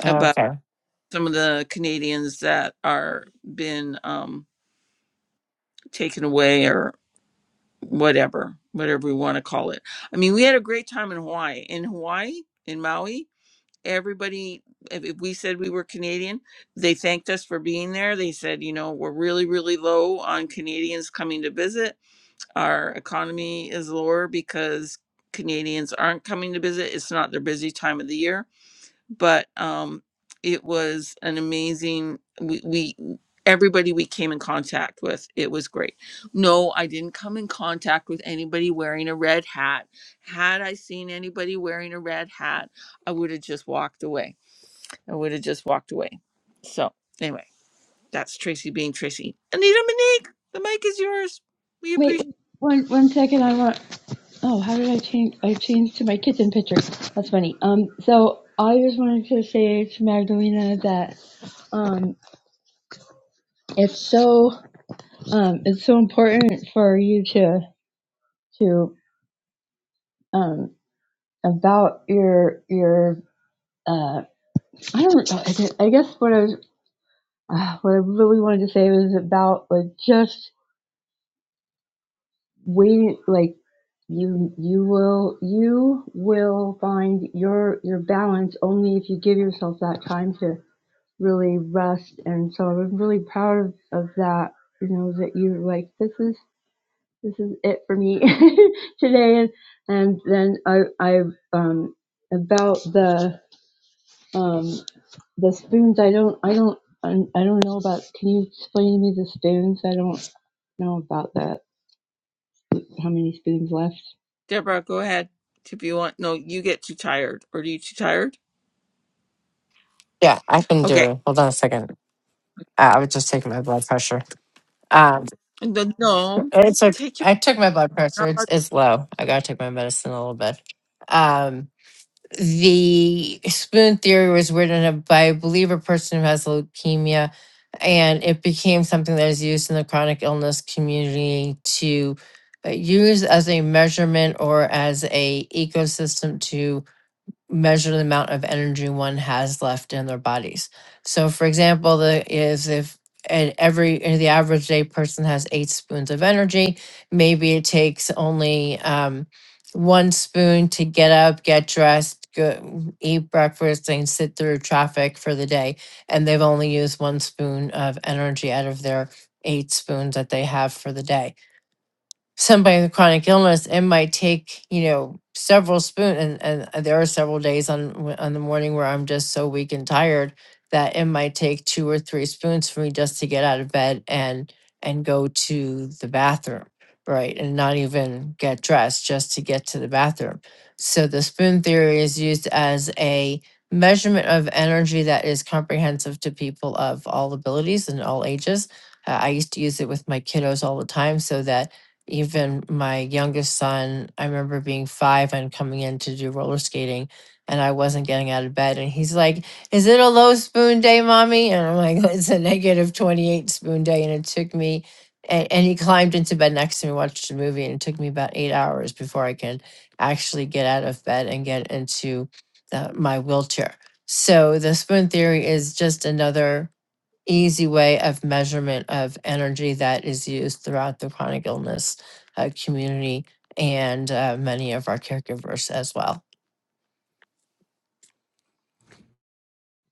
[SPEAKER 5] Oh,
[SPEAKER 1] about
[SPEAKER 5] Okay.
[SPEAKER 1] some of the Canadians that are been um, taken away or whatever, whatever we want to call it. I mean, we had a great time in Hawaii. In Hawaii, in Maui, everybody, if, if we said we were Canadian, they thanked us for being there. They said, you know, we're really really low on Canadians coming to visit our economy is lower because Canadians aren't coming to visit. It's not their busy time of the year, but um, it was an amazing. We, we everybody we came in contact with, it was great. No, I didn't come in contact with anybody wearing a red hat. Had I seen anybody wearing a red hat, I would have just walked away. I would have just walked away. So anyway, that's Tracy being Tracy. Anita Monique, the mic is yours. We
[SPEAKER 3] Wait,
[SPEAKER 1] appreciate.
[SPEAKER 3] wait, one one second. I want. Oh, how did I change? I changed to my kitchen picture. That's funny. Um, so I just wanted to say to Magdalena that. um. it's so um it's so important for you to to um about your your uh i don't know i guess I guess what i was uh, what i really wanted to say was about like just waiting like you you will you will find your your balance only if you give yourself that time to really rest and so i'm really proud of, of that you know that you're like this is this is it for me today. And, and then I, I, um, about the, um, the spoons, I don't, I don't, I I don't know about, can you explain to me the spoons? I don't know about that. How many spoons left?
[SPEAKER 1] Deborah, go ahead if you want. No, you get too tired. Or are you too tired?
[SPEAKER 5] Yeah, I can do
[SPEAKER 1] Okay.
[SPEAKER 5] it. Hold on a second. Uh, I was just taking my blood pressure. Um,
[SPEAKER 1] No, no,
[SPEAKER 5] it's a,
[SPEAKER 1] take your.
[SPEAKER 5] I took my blood pressure.
[SPEAKER 1] uh,
[SPEAKER 5] It's it's low. I gotta take my medicine a little bit. Um, the spoon theory was written up by, I believe, a person who has leukemia, and it became something that is used in the chronic illness community to uh, use as a measurement or as a ecosystem to measure the amount of energy one has left in their bodies. So, for example, the is if and every uh, the average day person has eight spoons of energy, maybe it takes only um, one spoon to get up, get dressed, go eat breakfast, and sit through traffic for the day, and they've only used one spoon of energy out of their eight spoons that they have for the day somebody with chronic illness, it might take, you know, several spoon and, and there are several days on w- on the morning where I'm just so weak and tired that it might take two or three spoons for me just to get out of bed and and go to the bathroom, right? And not even get dressed just to get to the bathroom. So the spoon theory is used as a measurement of energy that is comprehensive to people of all abilities and all ages. Uh, I used to use it with my kiddos all the time so that even my youngest son, I remember being five and coming in to do roller skating, and I wasn't getting out of bed. And he's like, Is it a low spoon day, mommy? And I'm like, It's a negative 28 spoon day. And it took me, and, and he climbed into bed next to me, watched a movie, and it took me about eight hours before I could actually get out of bed and get into the, my wheelchair. So the spoon theory is just another easy way of measurement of energy that is used throughout the chronic illness uh, community and uh, many of our caregivers as well.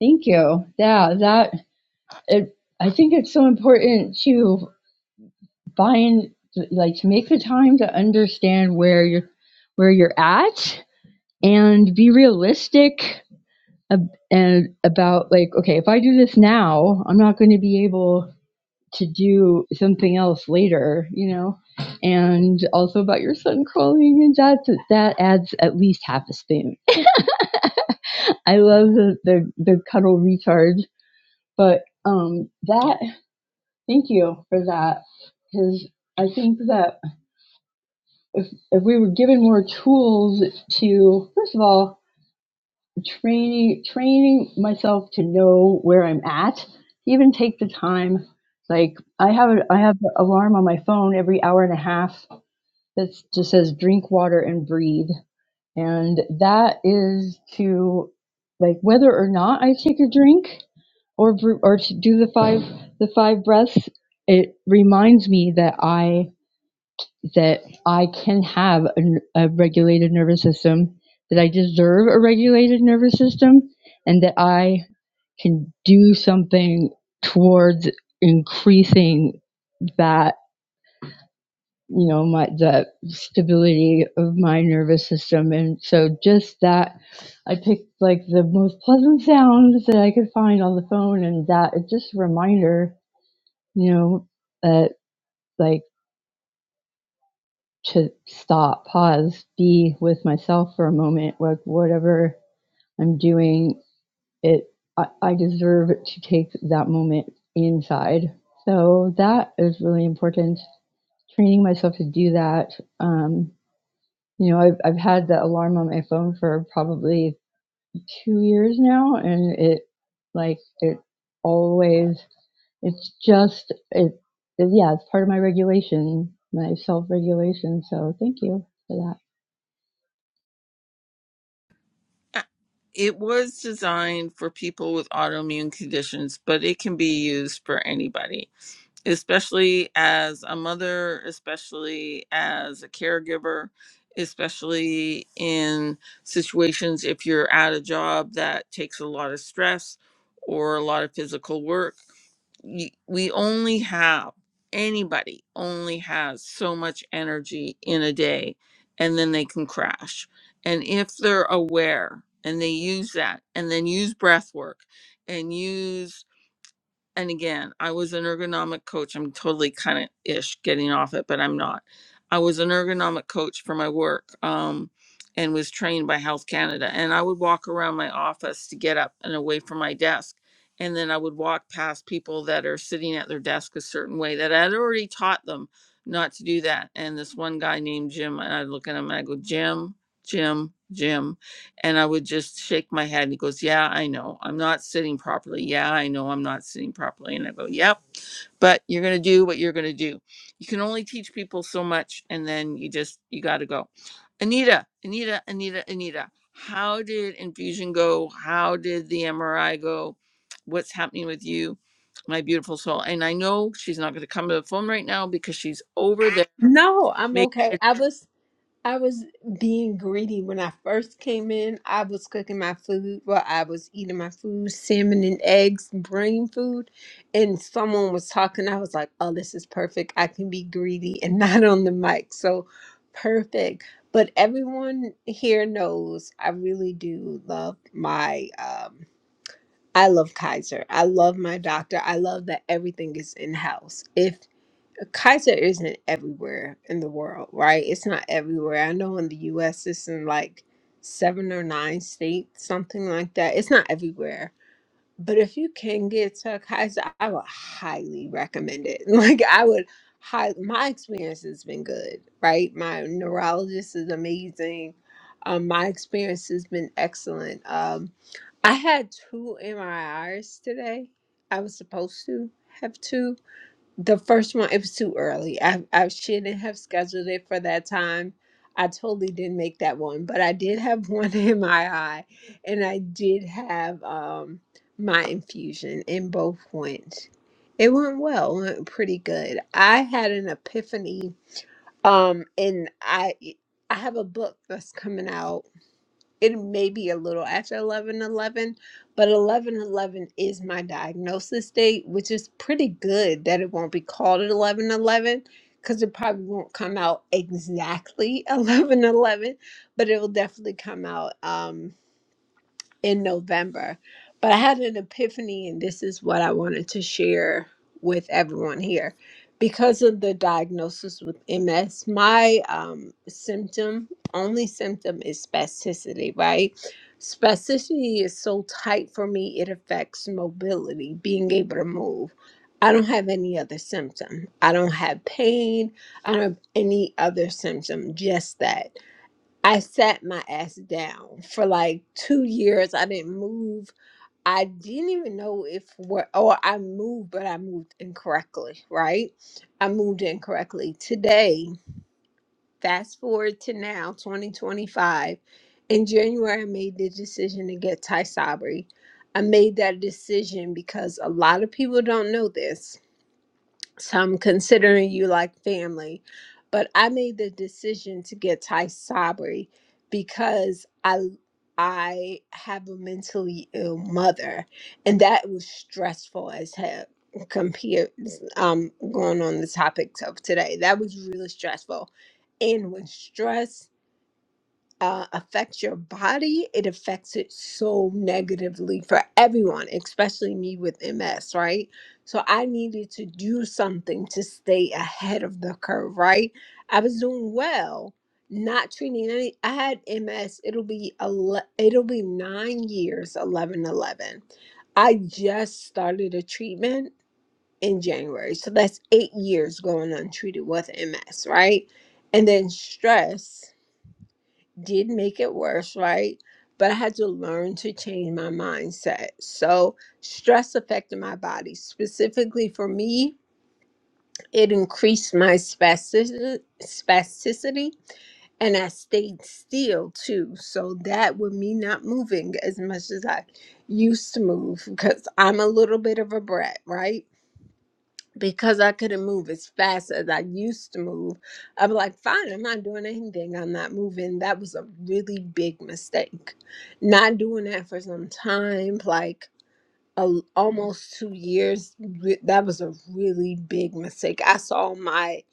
[SPEAKER 3] Thank you. Yeah, that, it, I think it's so important to find, like, to make the time to understand where you're, where you're at and be realistic and about like okay if i do this now i'm not going to be able to do something else later you know and also about your son crawling and that that adds at least half a spoon i love the the, the cuddle recharge but um that thank you for that because i think that if if we were given more tools to first of all training training myself to know where I'm at, even take the time. Like I have a, I have an alarm on my phone every hour and a half that just says drink water and breathe, and that is to like whether or not I take a drink or bre- or to do the five the five breaths. It reminds me that I that I can have a a regulated nervous system, that I deserve a regulated nervous system, and that I can do something towards increasing that, you know, my, the stability of my nervous system. And so just that, I picked like the most pleasant sounds that I could find on the phone, and that it's just a reminder, you know, that. like, to stop, pause, be with myself for a moment. Like whatever I'm doing, it I, I deserve to take that moment inside. So that is really important. Training myself to do that. Um, you know, I've I've had the alarm on my phone for probably two years now, and it like it always. It's just it. it Yeah, it's part of my regulation, my self regulation. So thank you for that.
[SPEAKER 1] It was designed for people with autoimmune conditions, but it can be used for anybody, especially as a mother, especially as a caregiver, especially in situations if you're at a job that takes a lot of stress or a lot of physical work. you, we only have anybody only has so much energy in a day and then they can crash and if they're aware and they use that and then use breath work and use and again, I was an ergonomic coach. I'm totally kind of ish getting off it, but I'm not. I was an ergonomic coach for my work um, and was trained by Health Canada. And I would walk around my office to get up and away from my desk. And then I would walk past people that are sitting at their desk a certain way that I had already taught them not to do that. And this one guy named Jim, and I'd look at him and I go, Jim, Jim, Jim. And I would just shake my head. And he goes, Yeah, I know. I'm not sitting properly. Yeah, I know I'm not sitting properly. And I go, Yep, but you're going to do what you're going to do. You can only teach people so much. And then you just, you got to go. Anita, Anita, Anita, Anita, how did infusion go? How did the MRI go? What's happening with you, my beautiful soul? And I know she's not going to come to the phone right now because she's over there.
[SPEAKER 7] No, I'm
[SPEAKER 1] making.
[SPEAKER 7] okay.
[SPEAKER 1] a
[SPEAKER 7] I was I was being greedy when I first came in. I was cooking my food Well, I was eating my food, salmon and eggs, brain food, and someone was talking. I was like, "Oh, this is perfect. I can be greedy and not on the mic." So, perfect. But everyone here knows I really do love my um I love Kaiser. I love my doctor. I love that everything is in house. If Kaiser isn't everywhere in the world, right? It's not everywhere. I know in the US it's in like seven or nine states, something like that. It's not everywhere. But if you can get to a Kaiser, I would highly recommend it. Like I would high my experience has been good, right? My neurologist is amazing. Um, my experience has been excellent. Um, I had two MRIs today. I was supposed to have two. The first one, it was too early. I, I shouldn't have scheduled it for that time. I totally didn't make that one, but I did have one MRI and I did have um, my infusion, and both went. It went well, went pretty good. I had an epiphany, um, and I I have a book that's coming out it may be a little after 11 11, but 11 11 is my diagnosis date which is pretty good that it won't be called at 11 11 because it probably won't come out exactly 11 11, but it will definitely come out Um, in November. But I had an epiphany, and this is what I wanted to share with everyone here. Because of the diagnosis with MS, my um, symptom, only symptom is spasticity, right? Spasticity is so tight for me, it affects mobility, being able to move. I don't have any other symptom. I don't have pain. I don't have any other symptom, just that. I sat my ass down for like two years. I didn't move. I didn't even know if what or I moved, but I moved incorrectly, right? I moved incorrectly. Today, fast forward to now, 2025. In January, I made the decision to get Ty Sabri. I made that decision because a lot of people don't know this. So I'm considering you like family. But I made the decision to get Thai Sabri because I I have a mentally ill mother, and that was stressful as hell. Compared, um, going on the topic of today, that was really stressful. And when stress uh, affects your body, it affects it so negatively for everyone, especially me with MS, right? So I needed to do something to stay ahead of the curve, right? I was doing well, not treating any. I had MS. It'll be ele- it'll be nine years, 11, 11. I just started a treatment in January, so that's eight years going untreated with MS, right? And then stress did make it worse, right? But I had to learn to change my mindset. So, stress affected my body. Specifically for me, it increased my spastic- spasticity and I stayed still too. So, that with me not moving as much as I used to move, because I'm a little bit of a brat, right? because I couldn't move as fast as I used to move, I'm like, fine, I'm not doing anything. I'm not moving. That was a really big mistake. Not doing that for some time, like a, almost two years, re- that was a really big mistake. I saw my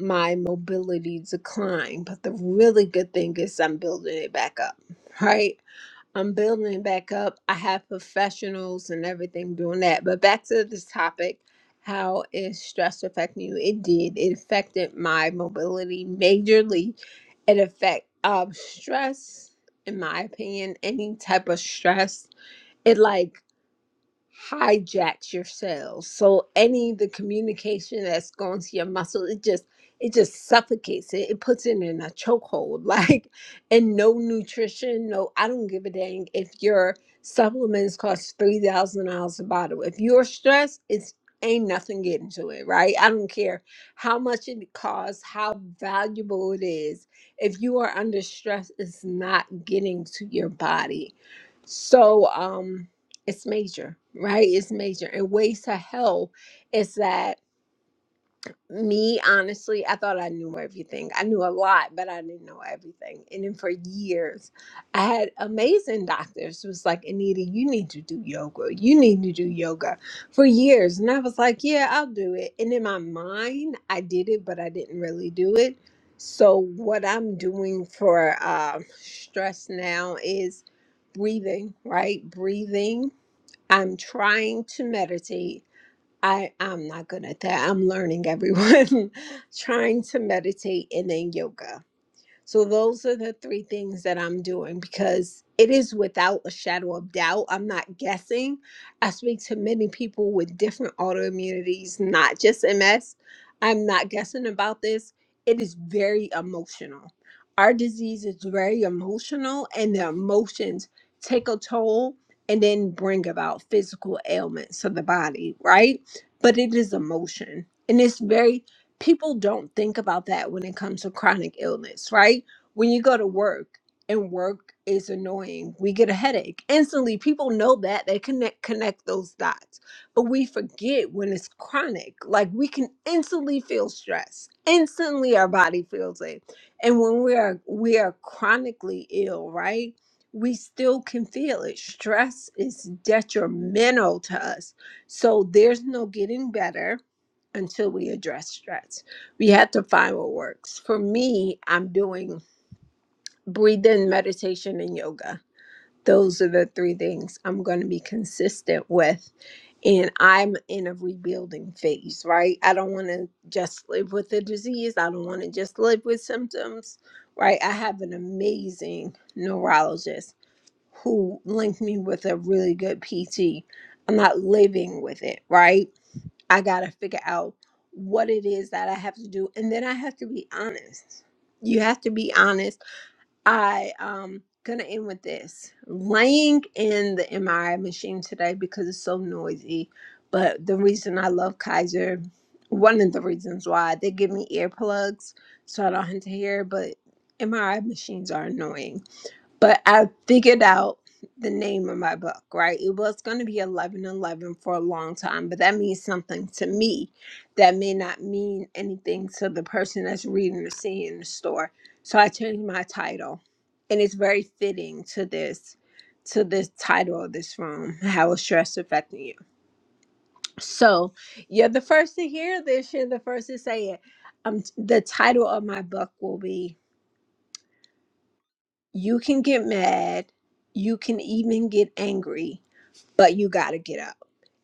[SPEAKER 7] my mobility decline, but the really good thing is I'm building it back up, right? I'm building it back up. I have professionals and everything doing that. But back to this topic, how is stress affecting you? It did. It affected my mobility majorly. It affect um stress, in my opinion, any type of stress. It like hijacks your cells. So any of the communication that's going to your muscle, it just it just suffocates it. It puts it in a chokehold. Like and no nutrition, no I don't give a dang if your supplements cost three thousand dollars a bottle. If you're stressed, it's ain't nothing getting to it, right? I don't care how much it costs, how valuable it is. If you are under stress, it's not getting to your body. So um it's major, right? It's major. And ways to hell is that me, honestly, I thought I knew everything. I knew a lot, but I didn't know everything. And then for years, I had amazing doctors who was like, Anita, you need to do yoga. You need to do yoga for years. And I was like, yeah, I'll do it. And in my mind, I did it, but I didn't really do it. So what I'm doing for um, stress now is breathing, right? Breathing I'm trying to meditate. I, I'm not good at that. I'm learning everyone. trying to meditate and then yoga. So those are the three things that I'm doing because it is without a shadow of doubt. I'm not guessing. I speak to many people with different autoimmunities, not just MS. I'm not guessing about this. It is very emotional. Our disease is very emotional, and the emotions take a toll and then bring about physical ailments of the body, right? But it is emotion. And it's very people don't think about that when it comes to chronic illness, right? When you go to work and work is annoying, we get a headache. Instantly, people know that they connect connect those dots. But we forget when it's chronic. Like we can instantly feel stress. Instantly our body feels it. And when we are we are chronically ill, right? We still can feel it. Stress is detrimental to us. So there's no getting better until we address stress. We have to find what works. For me, I'm doing breathing, meditation, and yoga. Those are the three things I'm going to be consistent with. And I'm in a rebuilding phase, right? I don't want to just live with the disease. I don't want to just live with symptoms, right? I have an amazing neurologist who linked me with a really good PT. I'm not living with it, right? I got to figure out what it is that I have to do and then I have to be honest. You have to be honest. I um gonna end with this. Laying in the MRI machine today because it's so noisy, but the reason I love Kaiser, one of the reasons why they give me earplugs so I don't have to hear, but MRI machines are annoying but I figured out the name of my book, right? It was going to be 1111 for a long time, but that means something to me that may not mean anything to the person that's reading or seeing in the store. So I changed my title, and it's very fitting to this to this title of this room, how is stress affecting you? So you're the first to hear this, you're the first to say it. Um, the title of my book will be You can get mad, you can even get angry, but you got to get up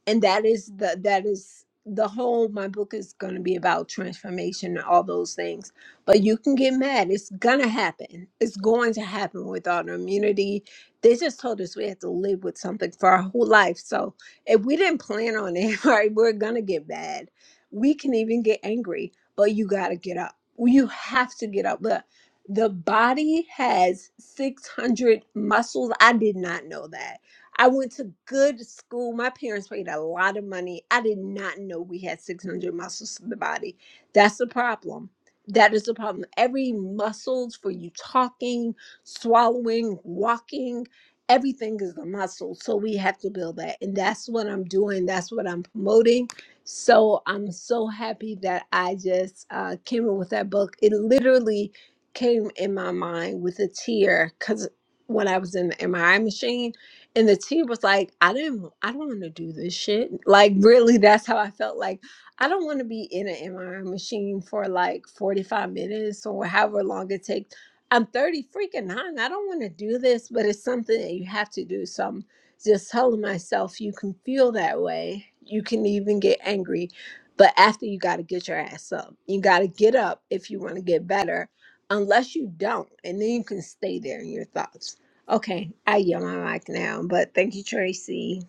[SPEAKER 7] and that is the that is the whole my book is going to be about transformation and all those things but you can get mad it's going to happen it's going to happen with autoimmunity they just told us we have to live with something for our whole life so if we didn't plan on it right we're going to get mad we can even get angry but you got to get up you have to get up Look, the body has 600 muscles i did not know that I went to good school. My parents paid a lot of money. I did not know we had 600 muscles in the body. That's the problem. That is the problem. Every muscles for you talking, swallowing, walking, everything is a muscle. So we have to build that. And that's what I'm doing. That's what I'm promoting. So I'm so happy that I just uh, came up with that book. It literally came in my mind with a tear because when I was in the MRI machine, and the T was like, I didn't, I don't want to do this shit. Like, really, that's how I felt. Like, I don't want to be in an MRI machine for like 45 minutes or however long it takes. I'm 30 freaking nine. I don't want to do this, but it's something that you have to do. So I'm just telling myself, you can feel that way. You can even get angry. But after you got to get your ass up, you got to get up if you want to get better, unless you don't. And then you can stay there in your thoughts. Okay, I yell my mic now, but thank you, Tracy.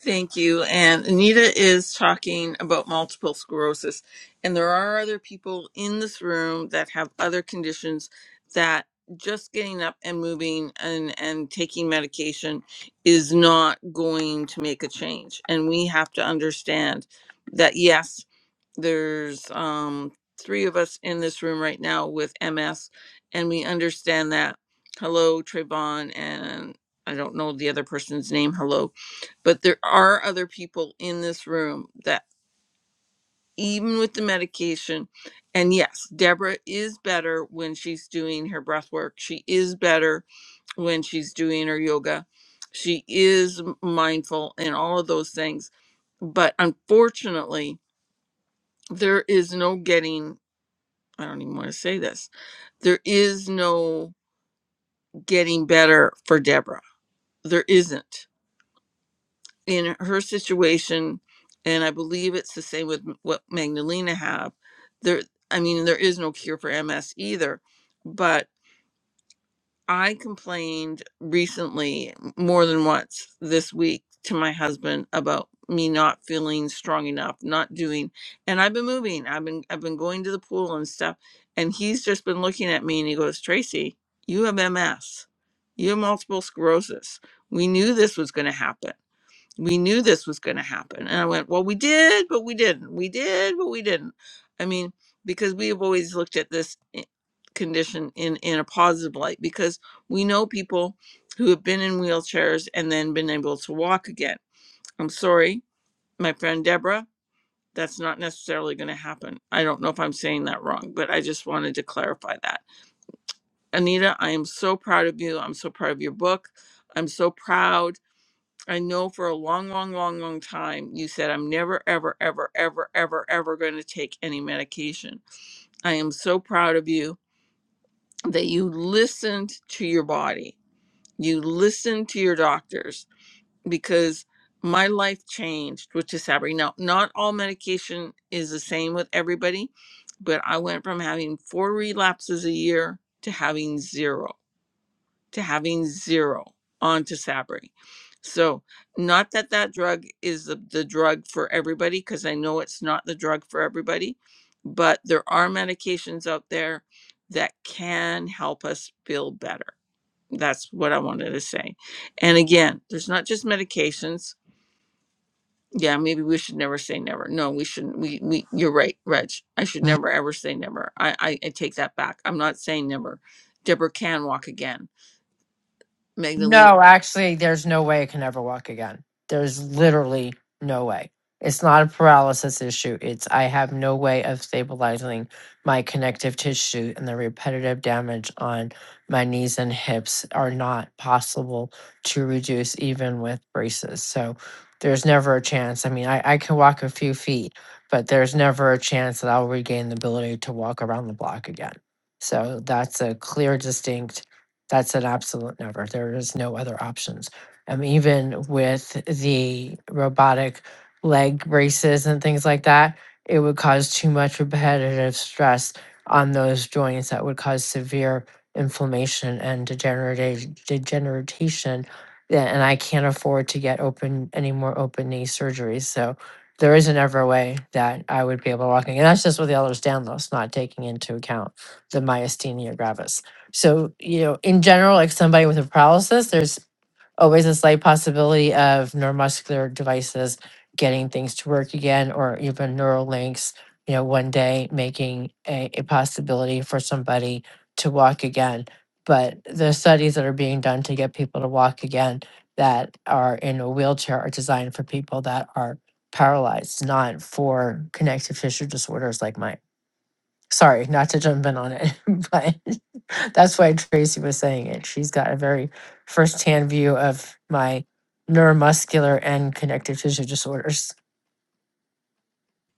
[SPEAKER 1] Thank you. And Anita is talking about multiple sclerosis. And there are other people in this room that have other conditions that just getting up and moving and, and taking medication is not going to make a change. And we have to understand that, yes, there's um, three of us in this room right now with MS, and we understand that. Hello, Trayvon, and I don't know the other person's name. Hello but there are other people in this room that even with the medication and yes deborah is better when she's doing her breath work she is better when she's doing her yoga she is mindful and all of those things but unfortunately there is no getting i don't even want to say this there is no getting better for deborah there isn't in her situation and i believe it's the same with m- what magdalena have there i mean there is no cure for ms either but i complained recently m- more than once this week to my husband about me not feeling strong enough not doing and i've been moving i've been i've been going to the pool and stuff and he's just been looking at me and he goes tracy you have ms you have multiple sclerosis we knew this was going to happen we knew this was going to happen. And I went, well, we did, but we didn't. We did, but we didn't. I mean, because we have always looked at this i- condition in, in a positive light because we know people who have been in wheelchairs and then been able to walk again. I'm sorry, my friend Deborah, that's not necessarily going to happen. I don't know if I'm saying that wrong, but I just wanted to clarify that. Anita, I am so proud of you. I'm so proud of your book. I'm so proud. I know for a long, long, long, long time, you said, I'm never, ever, ever, ever, ever, ever going to take any medication. I am so proud of you that you listened to your body, you listened to your doctors, because my life changed with Tisabri. Now, not all medication is the same with everybody, but I went from having four relapses a year to having zero to having zero onto Sabri. So, not that that drug is the, the drug for everybody, because I know it's not the drug for everybody, but there are medications out there that can help us feel better. That's what I wanted to say. And again, there's not just medications. Yeah, maybe we should never say never. No, we shouldn't. We, we you're right, Reg. I should never ever say never. I, I, I take that back. I'm not saying never. Deborah can walk again. Magdalena
[SPEAKER 5] No, actually, there's no way it can ever walk again. There's literally no way. It's not a paralysis issue. It's I have no way of stabilizing my connective tissue, and the repetitive damage on my knees and hips are not possible to reduce even with braces. So there's never a chance. I mean, I, I can walk a few feet, but there's never a chance that I'll regain the ability to walk around the block again. So that's a clear, distinct that's an absolute never. There is no other options. Um, even with the robotic leg braces and things like that, it would cause too much repetitive stress on those joints that would cause severe inflammation and degeneration. degeneration. Yeah, And I can't afford to get open any more open knee surgeries. So there isn't ever a way that I would be able to walk. And that's just with the ehlers Danlos, not taking into account the myasthenia gravis. So, you know, in general, like somebody with a paralysis, there's always a slight possibility of neuromuscular devices getting things to work again, or even neural links, you know, one day making a, a possibility for somebody to walk again. But the studies that are being done to get people to walk again that are in a wheelchair are designed for people that are paralyzed, not for connective tissue disorders like mine. Sorry, not to jump in on it, but that's why Tracy was saying it. She's got a very firsthand view of my neuromuscular and connective tissue disorders.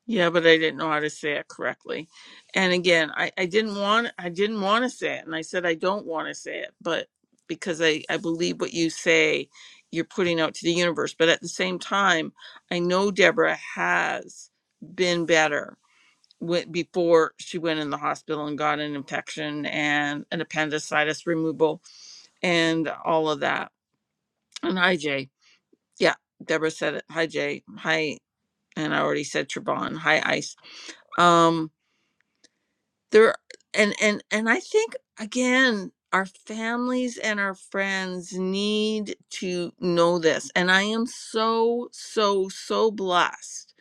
[SPEAKER 1] Yeah, but I didn't know how to say it correctly. And again, I, I didn't want I didn't want to say it. And I said I don't want to say it, but because I, I believe what you say you're putting out to the universe. But at the same time, I know Deborah has been better went before she went in the hospital and got an infection and an appendicitis removal and all of that. And hi Jay. Yeah, Deborah said it. Hi Jay. Hi and I already said Trebon. Hi Ice. Um there and and and i think again our families and our friends need to know this and i am so so so blessed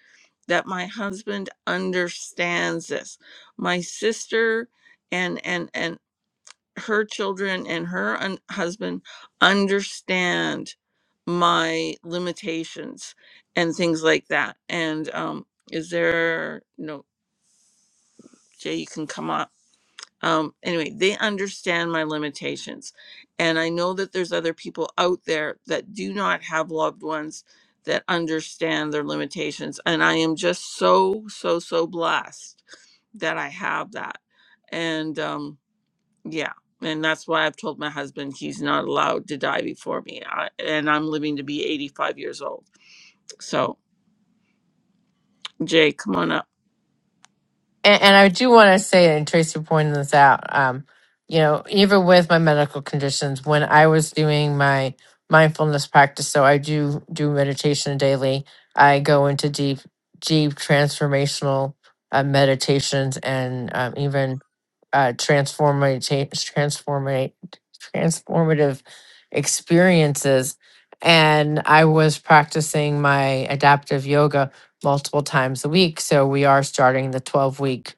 [SPEAKER 1] that my husband understands this my sister and and and her children and her un- husband understand my limitations and things like that and um is there no jay you can come up um anyway they understand my limitations and i know that there's other people out there that do not have loved ones that understand their limitations and i am just so so so blessed that i have that and um yeah and that's why i've told my husband he's not allowed to die before me I, and i'm living to be 85 years old so jay come on up
[SPEAKER 5] And, and I do want to say, and Tracy pointed this out, um, you know, even with my medical conditions, when I was doing my mindfulness practice, so I do do meditation daily. I go into deep, deep transformational uh, meditations and um, even uh, transformative, transformate, transformative experiences. And I was practicing my adaptive yoga multiple times a week. So we are starting the 12 week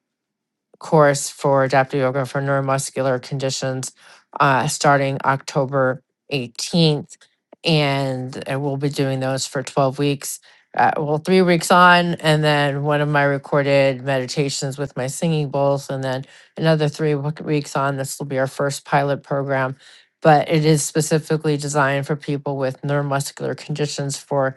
[SPEAKER 5] course for adaptive yoga for neuromuscular conditions uh, starting October 18th. And uh, we'll be doing those for 12 weeks. Uh, well, three weeks on, and then one of my recorded meditations with my singing bowls, and then another three wo- weeks on. This will be our first pilot program, but it is specifically designed for people with neuromuscular conditions for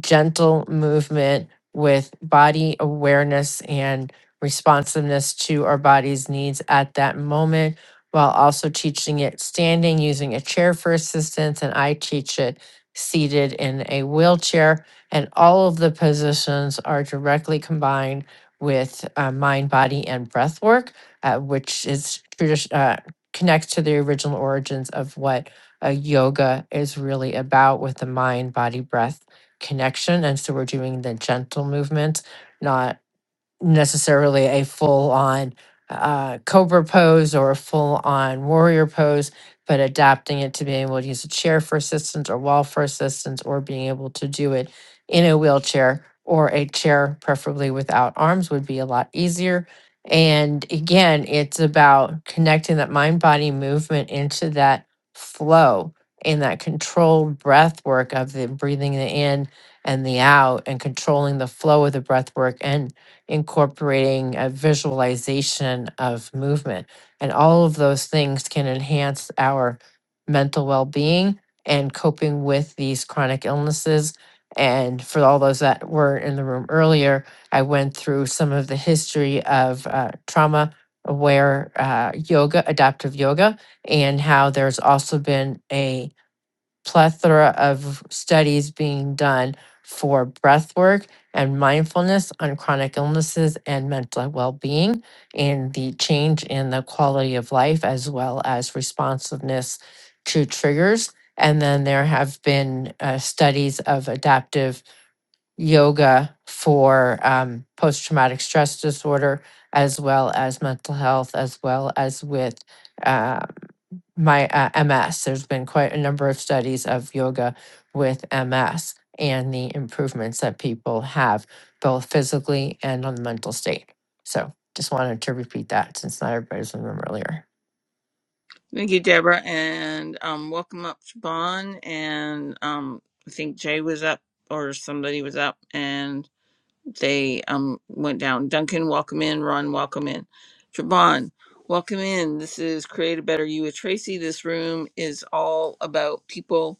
[SPEAKER 5] gentle movement with body awareness and responsiveness to our body's needs at that moment while also teaching it standing using a chair for assistance and i teach it seated in a wheelchair and all of the positions are directly combined with uh, mind body and breath work uh, which is tradi- uh, connects to the original origins of what uh, yoga is really about with the mind body breath connection and so we're doing the gentle movement not necessarily a full on uh, cobra pose or a full on warrior pose, but adapting it to being able to use a chair for assistance or wall for assistance or being able to do it in a wheelchair or a chair, preferably without arms, would be a lot easier. And again, it's about connecting that mind body movement into that flow and that controlled breath work of the breathing the in and the out and controlling the flow of the breath work and incorporating a visualization of movement. And all of those things can enhance our mental well being and coping with these chronic illnesses. And for all those that were in the room earlier, I went through some of the history of uh, trauma aware uh, yoga, adaptive yoga, and how there's also been a plethora of studies being done for breath work and mindfulness on chronic illnesses and mental well-being and the change in the quality of life as well as responsiveness to triggers and then there have been uh, studies of adaptive yoga for um, post-traumatic stress disorder as well as mental health as well as with uh, my uh, MS. There's been quite a number of studies of yoga with MS and the improvements that people have, both physically and on the mental state. So just wanted to repeat that since not everybody was in the room earlier.
[SPEAKER 1] Thank you, Deborah, and um, welcome up, Siobhan. And um, I think Jay was up or somebody was up, and they um went down. Duncan, welcome in. Ron, welcome in. Siobhan, welcome in. This is Create a Better You with Tracy. This room is all about people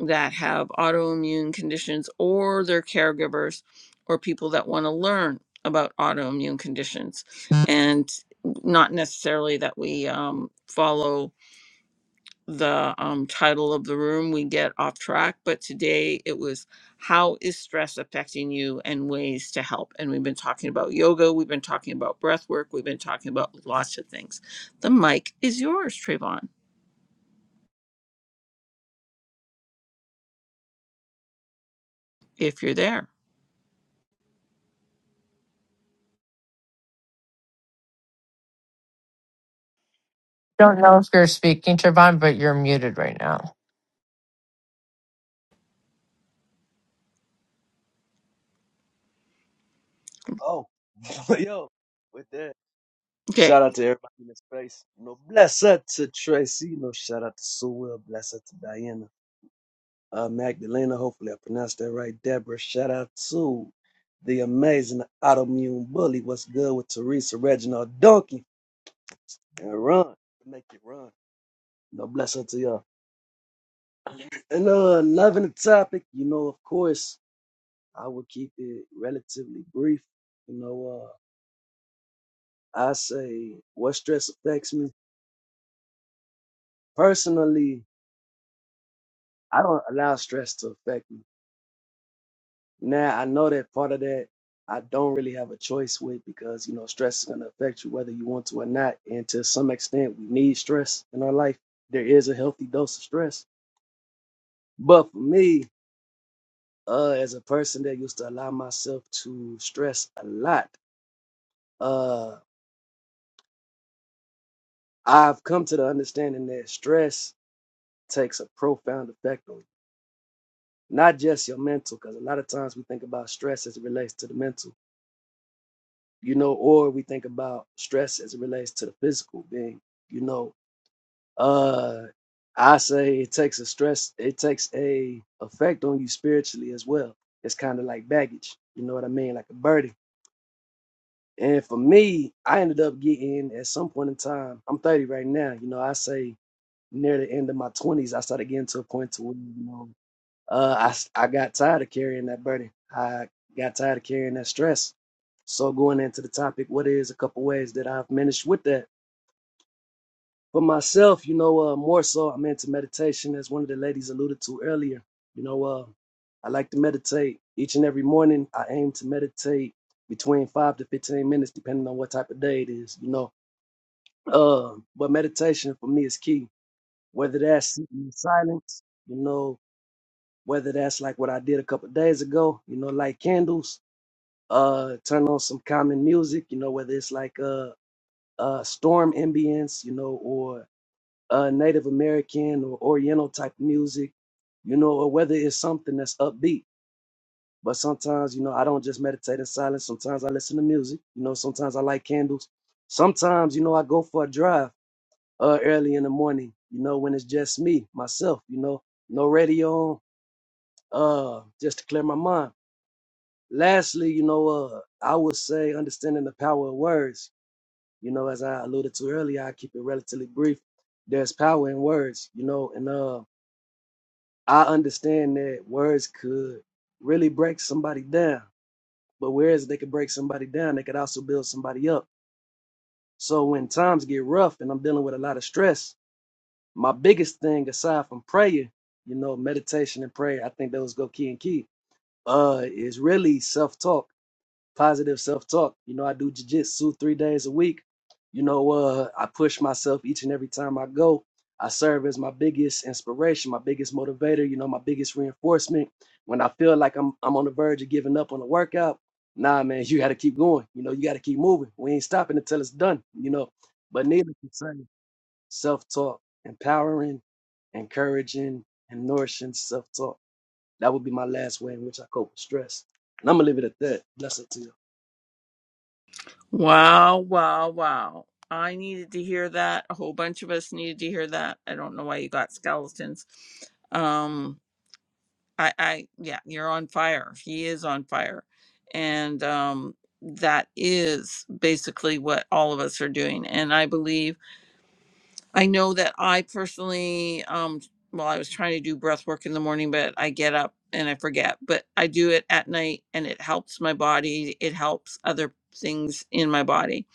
[SPEAKER 1] that have autoimmune conditions or their caregivers or people that want to learn about autoimmune conditions and not necessarily that we um, follow the um, title of the room, we get off track. But today it was How is Stress Affecting You and Ways to Help? And we've been talking about yoga, we've been talking about breath work, we've been talking about lots of things. The mic is yours, Trayvon, if you're there.
[SPEAKER 5] Don't know if you're speaking, Trevon, but you're muted right now.
[SPEAKER 8] Oh, yo, with that.
[SPEAKER 1] Okay.
[SPEAKER 8] Shout out to everybody in the space. You know, bless up to Tracy. You know, shout out to Sewell. Bless up to Diana. Uh, Magdalena, hopefully I pronounced that right. Deborah, shout out to the amazing autoimmune bully. What's good with Teresa, Reginald, Donkey, and Run. Make it run. You know, bless up to y'all. And uh, loving the topic, you know, of course, I will keep it relatively brief. You know, uh, I say what stress affects me personally, I don't allow stress to affect me. Now I know that part of that I don't really have a choice with because you know stress is gonna affect you whether you want to or not. And to some extent, we need stress in our life. There is a healthy dose of stress. But for me, uh, as a person that used to allow myself to stress a lot, uh, I've come to the understanding that stress takes a profound effect on you. Not just your mental, because a lot of times we think about stress as it relates to the mental you know, or we think about stress as it relates to the physical being, you know. Uh I say it takes a stress, it takes a effect on you spiritually as well. It's kind of like baggage, you know what I mean, like a burden. And for me, I ended up getting at some point in time, I'm 30 right now, you know, I say near the end of my 20s, I started getting to a point to where, you know, uh, I I got tired of carrying that burden. I got tired of carrying that stress. So going into the topic, what is a couple ways that I've managed with that for myself? You know, uh, more so I'm into meditation, as one of the ladies alluded to earlier. You know, uh, I like to meditate each and every morning. I aim to meditate between five to fifteen minutes, depending on what type of day it is. You know, uh, but meditation for me is key. Whether that's sitting in silence, you know, whether that's like what I did a couple of days ago, you know, light candles, uh, turn on some common music, you know, whether it's like uh, uh, storm ambience, you know, or uh, Native American or Oriental type music, you know, or whether it's something that's upbeat. But sometimes, you know, I don't just meditate in silence. Sometimes I listen to music. You know, sometimes I light candles. Sometimes, you know, I go for a drive uh, early in the morning. You know, when it's just me, myself. You know, no radio on, uh, just to clear my mind lastly, you know, uh, I would say understanding the power of words. You know, as I alluded to earlier, I keep it relatively brief. There's power in words, you know, and uh, I understand that words could really break somebody down. But whereas they could break somebody down, they could also build somebody up. So when times get rough and I'm dealing with a lot of stress, my biggest thing aside from prayer, you know, meditation and prayer, I think those go key and key, uh, is really self-talk positive self-talk. You know, I do jujitsu three days a week. You know, uh, I push myself each and every time I go. I serve as my biggest inspiration, my biggest motivator. You know, my biggest reinforcement. When I feel like I'm I'm on the verge of giving up on a workout, nah, man, you got to keep going. You know, you got to keep moving. We ain't stopping until it's done. You know, but needless to say, self-talk, empowering, encouraging, and nourishing self-talk. That would be my last way in which I cope with stress. And I'm gonna leave it at that. Bless it to you.
[SPEAKER 1] Wow, wow, wow. I needed to hear that. A whole bunch of us needed to hear that. I don't know why you got skeletons. Um, I, I, yeah, you're on fire. He is on fire. And um, that is basically what all of us are doing. And I believe, I know that I personally, um, well, I was trying to do breath work in the morning, but I get up and I forget. But I do it at night and it helps my body. It helps other things in my body.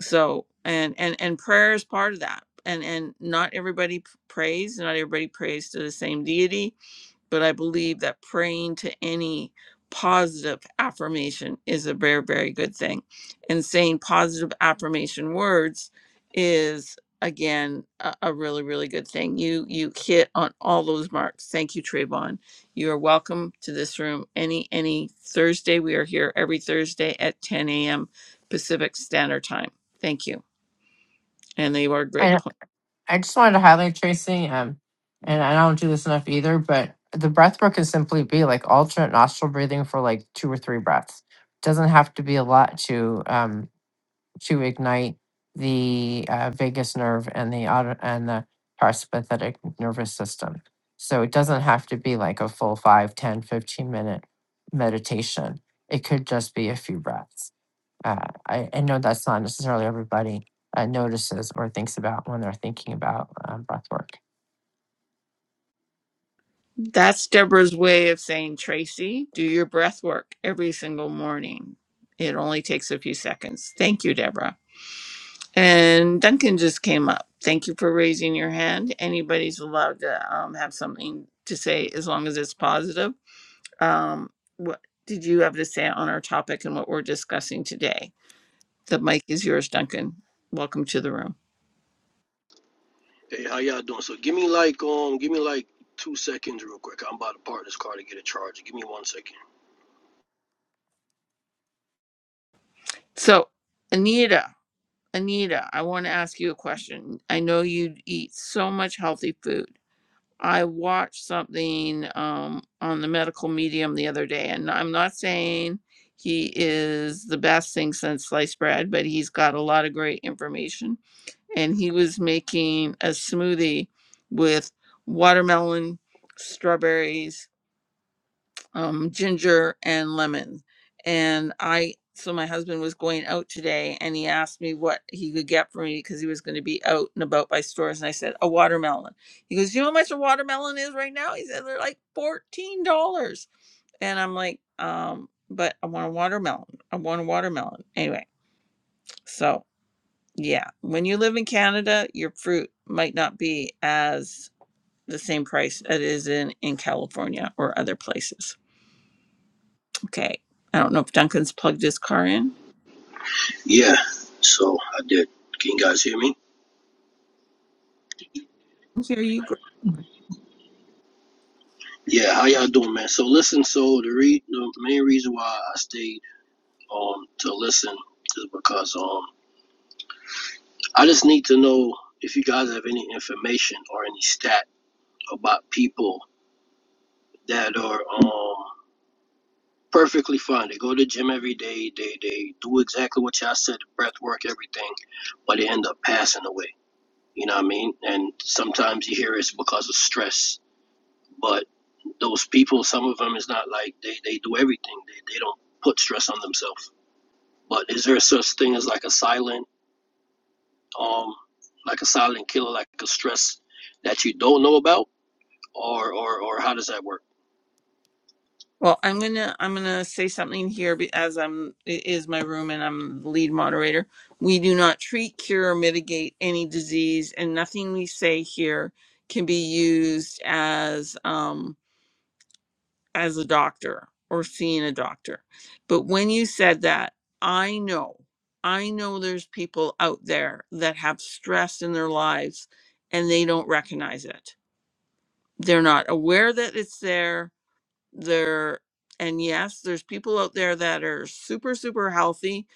[SPEAKER 1] So, and, and, and prayer is part of that. And, and not everybody p- prays, not everybody prays to the same deity but I believe that praying to any positive affirmation is a very, very good thing. And saying positive affirmation words is again a, a really, really good thing. You you hit on all those marks. Thank you, Trayvon. You are welcome to this room any any Thursday. We are here every Thursday at 10 a.m. Pacific Standard Time. Thank you. And they are
[SPEAKER 5] I
[SPEAKER 1] grateful.
[SPEAKER 5] I just wanted to highlight Tracy, um, and I don't do this enough either, but the breath work can simply be like alternate nostril breathing for like two or three breaths. Doesn't have to be a lot to um, to ignite the uh, vagus nerve and the auto- and the parasympathetic nervous system. So it doesn't have to be like a full 5, 10, 15 minute meditation. It could just be a few breaths. Uh, I, I know that's not necessarily everybody uh, notices or thinks about when they're thinking about um, breath work.
[SPEAKER 1] That's Deborah's way of saying, Tracy, do your breath work every single morning. It only takes a few seconds. Thank you, Deborah. And Duncan just came up. Thank you for raising your hand. Anybody's allowed to um, have something to say as long as it's positive. Um, what did you have to say on our topic and what we're discussing today? The mic is yours, Duncan. Welcome to the room.
[SPEAKER 9] Hey, how y'all doing? So give me like um give me like two seconds real quick. I'm about to park this car to get a charger. Give me one second.
[SPEAKER 1] So, Anita, Anita, I want to ask you a question. I know you eat so much healthy food I watched something um, on the medical medium the other day, and I'm not saying he is the best thing since sliced bread, but he's got a lot of great information. And he was making a smoothie with watermelon, strawberries, um, ginger and lemon. And I, so my husband was going out today and he asked me what he could get for me because he was going to be out and about by stores. And I said, a watermelon. He goes, you know how much a watermelon is right now? He said, they're like $14. And I'm like, um, but I want a watermelon. I want a watermelon. Anyway, so yeah, when you live in Canada, your fruit might not be as the same price it is in, in California or other places. Okay. I don't know if Duncan's plugged his car in.
[SPEAKER 9] Yeah. So I did. Can you guys hear me?
[SPEAKER 1] Hear you. Gra-
[SPEAKER 9] Yeah, how y'all doing, man? So listen, so the re the main reason why I stayed um to listen is because um I just need to know if you guys have any information or any stat about people that are um perfectly fine. They go to the gym every day, they they do exactly what y'all said, breath work, everything, but they end up passing away You know what I mean? And sometimes you hear it's because of stress. But those people, some of them is not like they, they do everything. They, they don't put stress on themselves. But is there such thing as like a silent um like a silent killer, like a stress that you don't know about? Or or, or how does that work?
[SPEAKER 1] Well, I'm gonna I'm gonna say something here be- as I'm it is my room and I'm the lead moderator. We do not treat, cure, or mitigate any disease, and nothing we say here can be used as um as a doctor or seeing a doctor. But when you said that, I know, I know there's people out there that have stress in their lives and they don't recognize it they're not aware that it's there they're and yes there's people out there that are super super healthy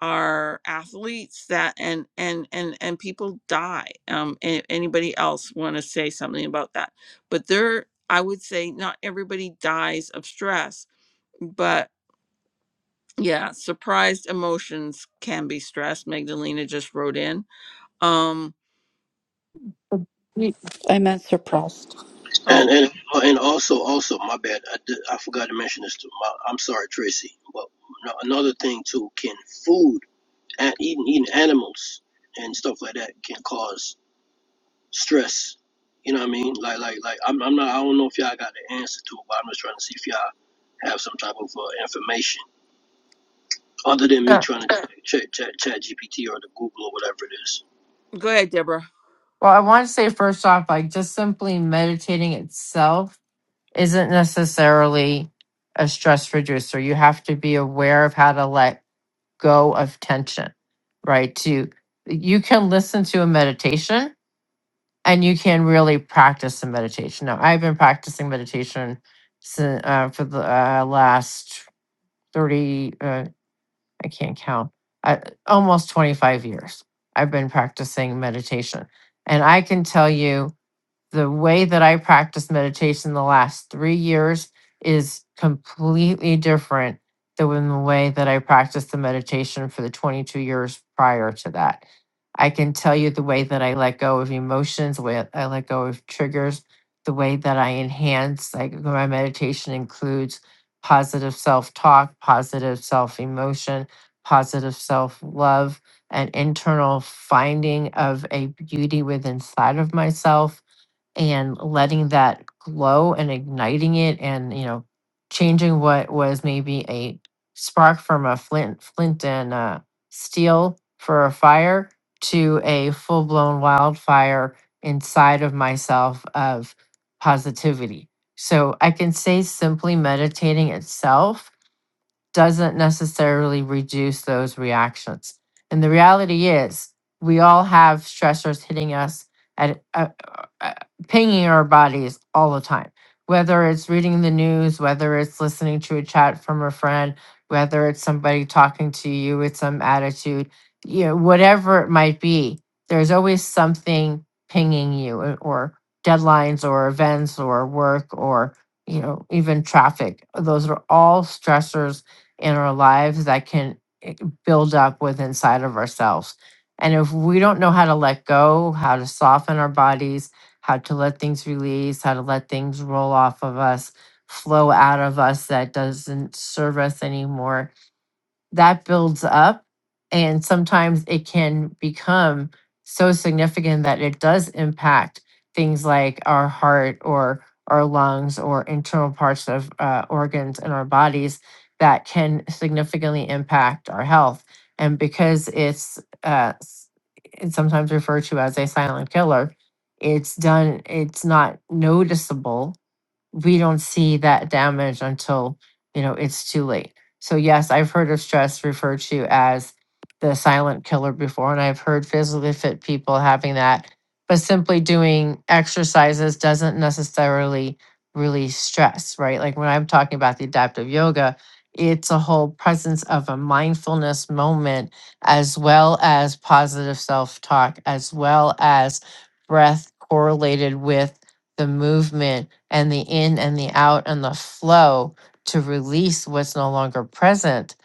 [SPEAKER 1] are athletes that and and and and people die um a- anybody else want to say something about that but there i would say not everybody dies of stress but yeah surprised emotions can be stress magdalena just wrote in um
[SPEAKER 4] I meant surprised.
[SPEAKER 9] And
[SPEAKER 1] oh
[SPEAKER 9] and and also also my bad, I, did, I forgot to mention this too. My, I'm sorry, Tracy. But no- another thing too, can food and eating eating animals and stuff like that can cause stress. You know what I mean? Like, like, like. I'm, I'm not. I don't know if y'all got the answer to it, but I'm just trying to see if y'all have some type of uh, information other than me
[SPEAKER 5] Uh,
[SPEAKER 9] trying to check chat, chat, GPT or the Google or whatever it is.
[SPEAKER 1] go ahead deborah
[SPEAKER 5] Well, I want to say first off, like just simply meditating itself isn't necessarily a stress reducer. You have to be aware of how to let go of tension, right? To you can listen to a meditation and you can really practice a meditation. Now, I've been practicing meditation since, uh, for the uh, last 30, uh, I can't count, uh, almost 25 years. I've been practicing meditation. And I can tell you, the way that I practice meditation the last three years is completely different than the way that I practiced the meditation for the 22 years prior to that. I can tell you the way that I let go of emotions, the way I let go of triggers, the way that I enhance, like my meditation includes positive self talk, positive self emotion, positive self love, an internal finding of a beauty within inside of myself and letting that glow and igniting it and you know changing what was maybe a spark from a flint flint and uh, steel for a fire to a full-blown wildfire inside of myself of positivity so i can say simply meditating itself doesn't necessarily reduce those reactions. And the reality is, we all have stressors hitting us at uh, uh, uh, pinging our bodies all the time. Whether it's reading the news, whether it's listening to a chat from a friend, whether it's somebody talking to you with some attitude, you know, whatever it might be, there's always something pinging you, uh, or deadlines, or events, or work, or you know, even traffic. Those are all stressors in our lives that can eh, build up with inside of ourselves. And if we don't know how to let go, how to soften our bodies, how to let things release, how to let things roll off of us, flow out of us that doesn't serve us anymore, that builds up and sometimes it can become so significant that it does impact things like our heart or our lungs or internal parts of uh, organs in our bodies that can significantly impact our health and because it's uh, s- it's sometimes referred to as a silent killer it's done it's not noticeable we don't see that damage until you know it's too late so yes i've heard of stress referred to as the silent killer before and i've heard physically fit people having that but simply doing exercises doesn't necessarily release stress right like when i'm talking about the adaptive yoga it's a whole presence of a mindfulness moment as well as positive self-talk as well as breath correlated with the movement and the in and the out and the flow to release what's no longer present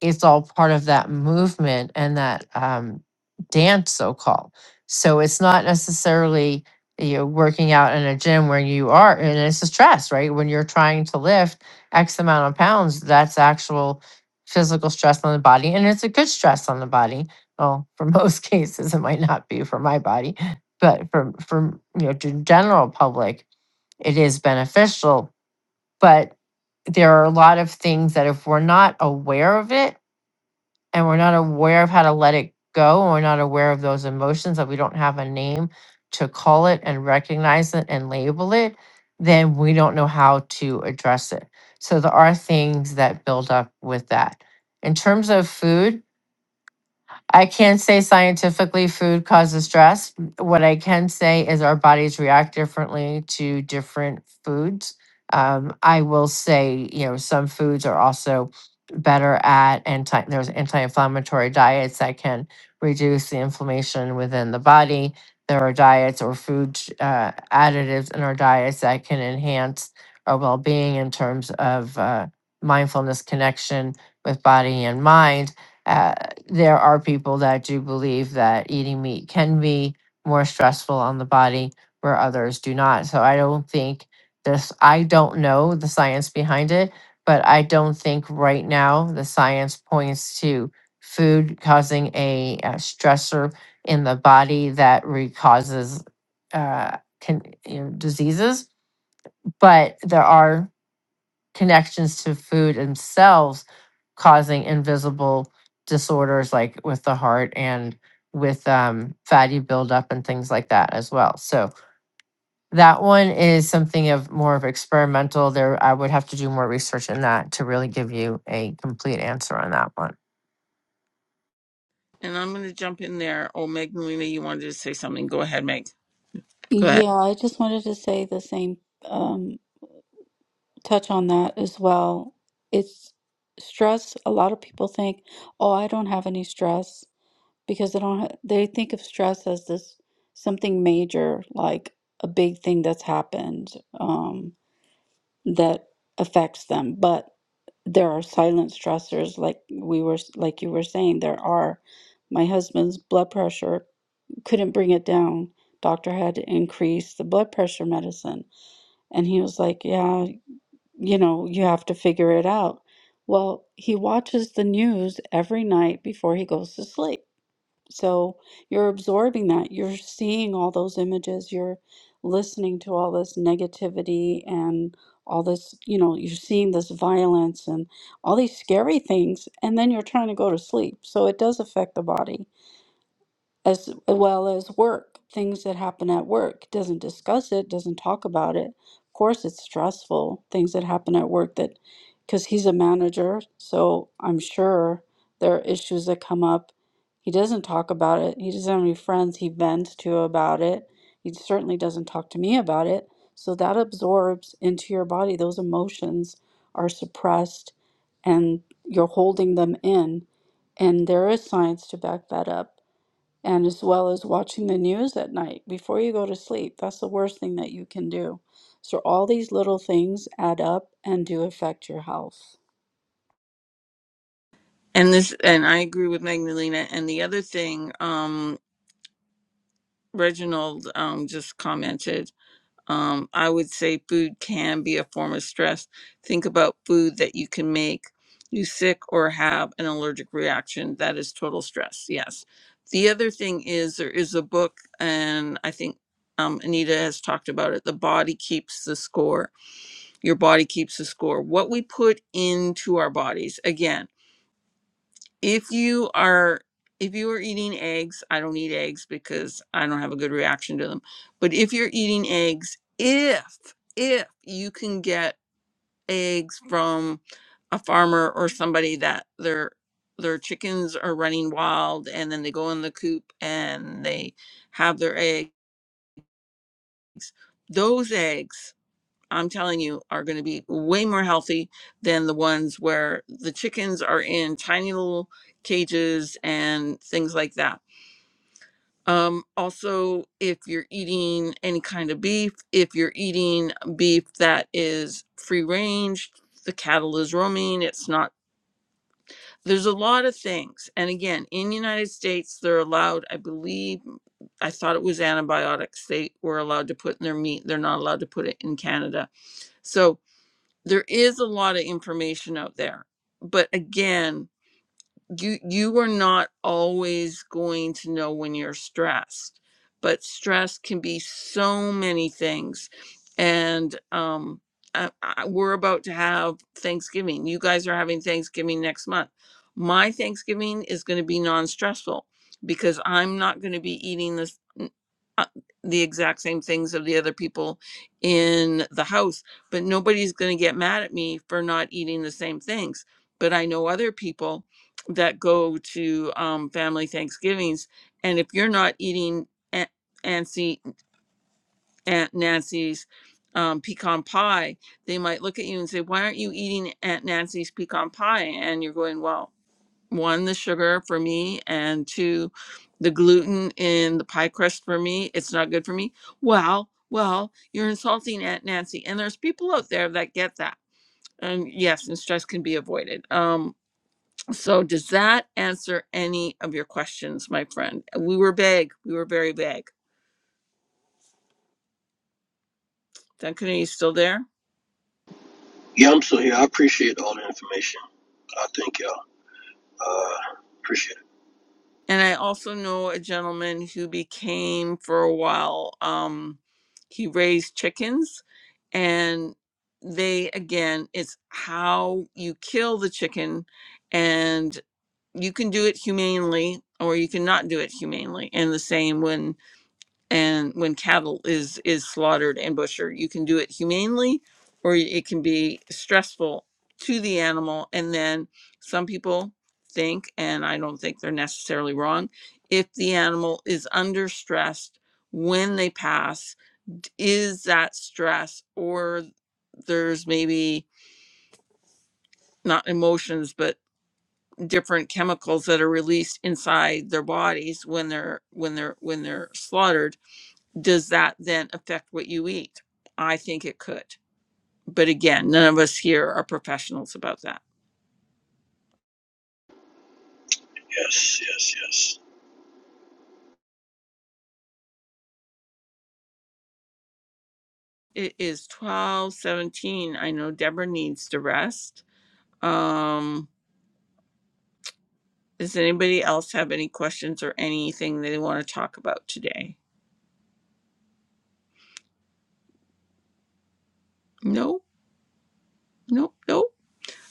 [SPEAKER 5] it's all part of that movement and that um, dance so called so it's not necessarily you know working out in a gym where you are and it's a stress right when you're trying to lift x amount of pounds that's actual physical stress on the body and it's a good stress on the body well for most cases it might not be for my body but for for you know to general public it is beneficial, but there are a lot of things that if we're not aware of it and we're not aware of how to let it go, and we're not aware of those emotions that we don't have a name to call it and recognize it and label it, then we don't know how to address it. So there are things that build up with that. In terms of food, I can't say scientifically food causes stress. What I can say is our bodies react differently to different foods. Um, I will say, you know, some foods are also better at anti. There's anti-inflammatory diets that can reduce the inflammation within the body. There are diets or food uh, additives in our diets that can enhance our well-being in terms of uh, mindfulness connection with body and mind Uh, there are people that do believe that eating meat can be more stressful on the body where others do not. So I don't think this, I don't know the science behind it, but I don't think right now the science points to food causing a, uh stressor in the body that re- causes uh, can, you know, diseases. But there are connections to food themselves causing invisible disorders like with the heart and with um, fatty buildup and things like that as well. So that one is something of more of experimental. There, I would have to do more research in that to really give you a complete answer on that one.
[SPEAKER 1] and i'm going to jump in there oh magdalena you wanted to say something go ahead meg Correct.
[SPEAKER 4] Yeah, I just wanted to say the same. Um, touch on that as well. It's stress. A lot of people think, "Oh, I don't have any stress," because they don't. Ha- they think of stress as this something major, like a big thing that's happened um, that affects them. But there are silent stressors, like we were, s- like you were saying. There are. My husband's blood pressure couldn't bring it down. Doctor had to increase the blood pressure medicine, and he was like, "Yeah." you know, you have to figure it out. Well, he watches the news every night before he goes to sleep. So you're absorbing that. You're seeing all those images. You're listening to all this negativity and all this, you know, you're seeing this violence and all these scary things. And then you're trying to go to sleep. So it does affect the body as well as work, things that happen at work. Doesn't discuss it, doesn't talk about it. Of course, it's stressful, things that happen at work that, because he's a manager, so I'm sure there are issues that come up. He doesn't talk about it. He doesn't have any friends he vents to about it. He certainly doesn't talk to me about it. So that absorbs into your body. Those emotions are suppressed and you're holding them in. And there is science to back that up and as well as watching the news at night before you go to sleep. That's the worst thing that you can do. So, all these little things add up and do affect your health.
[SPEAKER 1] And this, and I agree with Magdalena. And the other thing, um, Reginald um, just commented, um, I would say food can be a form of stress. Think about food that you can make you sick or have an allergic reaction. That is total stress. Yes. The other thing is there is a book, and I think um, Anita has talked about it. The body keeps the score. Your body keeps the score. What we put into our bodies, again, if you are if you are eating eggs i don't eat eggs because i don't have a good reaction to them but if you're eating eggs if if you can get eggs from a farmer or somebody that their their chickens are running wild and then they go in the coop and they have their eggs those eggs I'm telling you, are going to be way more healthy than the ones where the chickens are in tiny little cages and things like that. Um, also, if you're eating any kind of beef, if you're eating beef that is free range, the cattle is roaming, it's not. There's a lot of things. And again, in the United States, they're allowed, I believe, I thought it was antibiotics they were allowed to put in their meat. They're not allowed to put it in Canada. So, there is a lot of information out there but again you you are not always going to know when you're stressed but stress can be so many things and um I, I, we're about to have thanksgiving you guys are having thanksgiving next month my thanksgiving is going to be non-stressful because i'm not going to be eating this uh, the exact same things of the other people in the house, but nobody's going to get mad at me for not eating the same things. But I know other people that go to um, family Thanksgivings, and if you're not eating Aunt Nancy, Aunt Nancy's um, pecan pie, they might look at you and say, "Why aren't you eating Aunt Nancy's pecan pie?" And you're going, "Well." one the sugar for me and two the gluten in the pie crust for me it's not good for me well well you're insulting aunt nancy and there's people out there that get that and yes and stress can be avoided um so does that answer any of your questions my friend we were vague we were very vague duncan are you still there
[SPEAKER 9] Yeah, I'm still here. I appreciate all the information. I thank y'all. Uh, appreciate it.
[SPEAKER 1] And I also know a gentleman who became for a while, um, he raised chickens and they again, it's how you kill the chicken and you can do it humanely or you cannot do it humanely. And the same when and when cattle is is slaughtered and butchered you can do it humanely or it can be stressful to the animal and then some people think and i don't think they're necessarily wrong if the animal is under stress when they pass d- is that stress or there's maybe not emotions but different chemicals that are released inside their bodies when they're when they're when they're slaughtered does that then affect what you eat? I think it could. But again, none of us here are professionals about that.
[SPEAKER 9] Yes, yes, yes.
[SPEAKER 1] It is 12:17. I know Deborah needs to rest. Um does anybody else have any questions or anything they want to talk about today? No. No. No.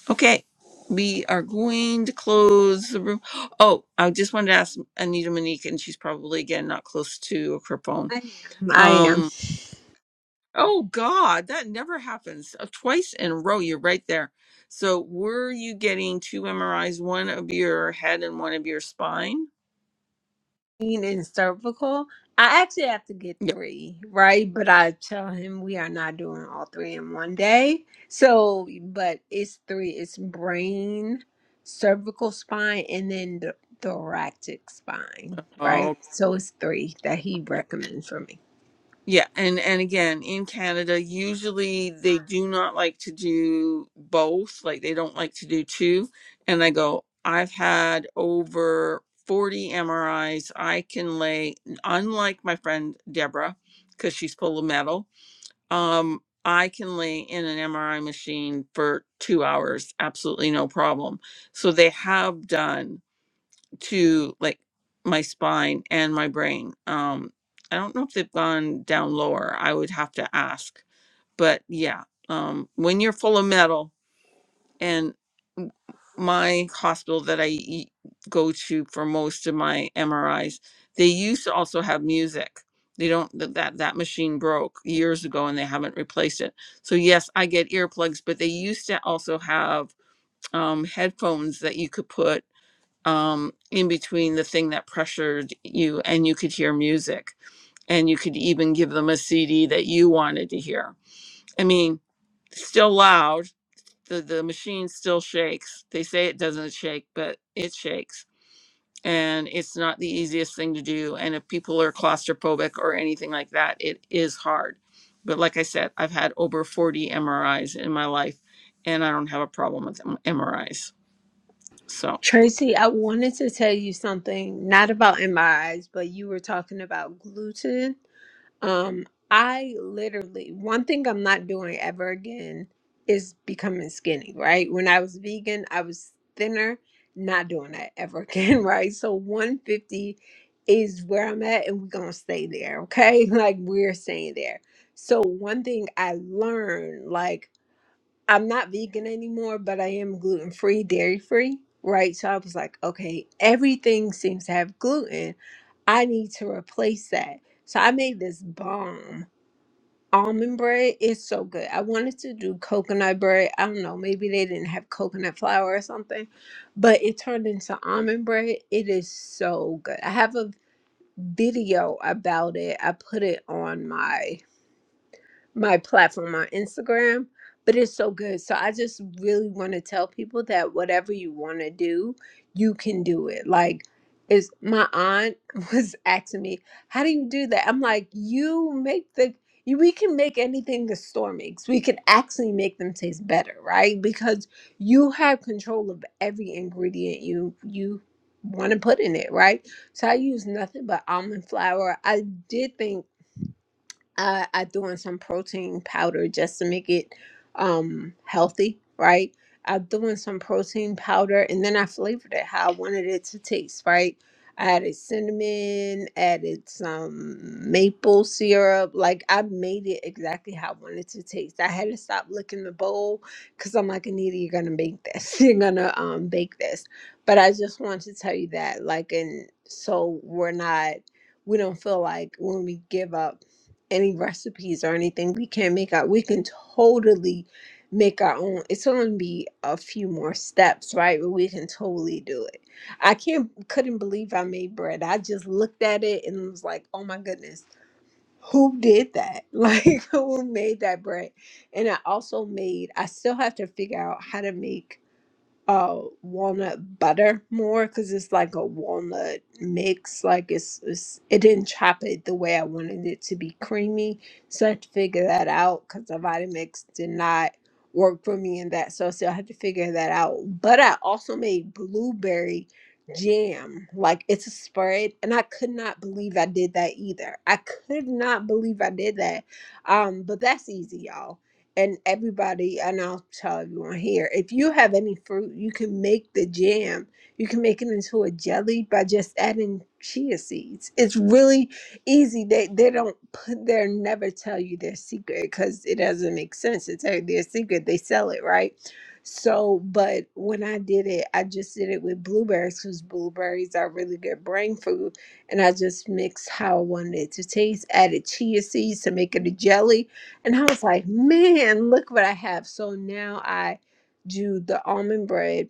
[SPEAKER 1] Okay. We are going to close the room. Oh, I just wanted to ask Anita Monique, and she's probably again not close to her phone.
[SPEAKER 7] I am. I
[SPEAKER 1] Um,
[SPEAKER 7] am.
[SPEAKER 1] Oh God, that never happens. Uh, Twice in a row, you're right there. So were you getting two MRIs, one of your head and one of your spine?
[SPEAKER 7] Pain and cervical. I actually have to get
[SPEAKER 1] Yeah.
[SPEAKER 7] three, right? But I tell him we are not doing all three in one day. So, but it's three. It's brain, cervical spine, and then the thoracic spine, right?
[SPEAKER 1] Oh,
[SPEAKER 7] So it's three that he
[SPEAKER 1] okay.
[SPEAKER 7] recommends for me.
[SPEAKER 1] Yeah, and and again, in Canada, usually they do not like to do both, like they don't like to do two. And I go, I've had over 40 MRIs. I can lay, unlike my friend Deborah, because she's full of metal. um i can lay in an mri machine for two hours absolutely no problem so they have done to like my spine and my brain um i don't know if they've gone down lower i would have to ask but yeah um when you're full of metal and my hospital that I e- go to for most of my MRIs, they used to also have music. They don't th- that that machine broke years ago and they haven't replaced it. So yes, I get earplugs, but they used to also have um, headphones that you could put um, in between the thing that pressured you and you could hear music and you could even give them a CD that you wanted to hear. I mean, still loud the the machine still shakes. They say it doesn't shake, but it shakes. And it's not the easiest thing to do. And if people are claustrophobic or anything like that, it is hard. But like I said, I've had over 40 MRIs in my life, and I don't have a problem with M- MRIs. So,
[SPEAKER 7] Tracy, I wanted to tell you something, not about MRIs, but you were talking about gluten. Um, I literally, one thing I'm not doing ever again is becoming skinny, right? When I was vegan, I was thinner, not doing that ever again, right? So 150 is where I'm at, and we're gonna stay there, okay? Like, we're staying there. So, one thing I learned, like, I'm not vegan anymore, but I am gluten free, dairy free, right? So I was like, okay, everything seems to have gluten. I need to replace that. So I made this bomb almond bread. It's so good. I wanted to do coconut bread. I don't know, maybe they didn't have coconut flour or something, but it turned into almond bread. It is so good. I have a video about it. I put it on my my platform on Instagram, but it's so good. So I just really want to tell people that whatever you want to do, you can do it. Like, is my aunt was asking me, "How do you do that?" I'm like, "You make the you, we can make anything the store makes. We can actually make them taste better, right? Because you have control of every ingredient you you want to put in it, right? So I use nothing but almond flour. I did think I, I doing some protein powder just to make it um healthy, right? I'm doing some protein powder and then I flavored it how I wanted it to taste, right? I added cinnamon, added some maple syrup. Like I made it exactly how I wanted to taste. I had to stop licking the bowl because I'm like, Anita, you're gonna make this. You're gonna um bake this. But I just want to tell you that, like, and so we're not we don't feel like when we give up any recipes or anything we can not make out we can totally make our own it's going to be a few more steps right but we can totally do it i can't couldn't believe i made bread i just looked at it and was like oh my goodness who did that like who made that bread and i also made i still have to figure out how to make uh walnut butter more because it's like a walnut mix like it's, it's it didn't chop it the way i wanted it to be creamy so i had to figure that out because the vitamix did not work for me in that so i still had to figure that out but i also made blueberry jam like it's a spread and i could not believe i did that either i could not believe i did that um but that's easy y'all and everybody and i'll tell everyone here if you have any fruit you can make the jam you can make it into a jelly by just adding chia seeds it's really easy they they don't put they never tell you their secret because it doesn't make sense to tell you their secret they sell it right so but when i did it i just did it with blueberries because blueberries are really good brain food and i just mixed how i wanted it to taste added chia seeds to make it a jelly and I was like, man, look what I have. So now I do the almond bread,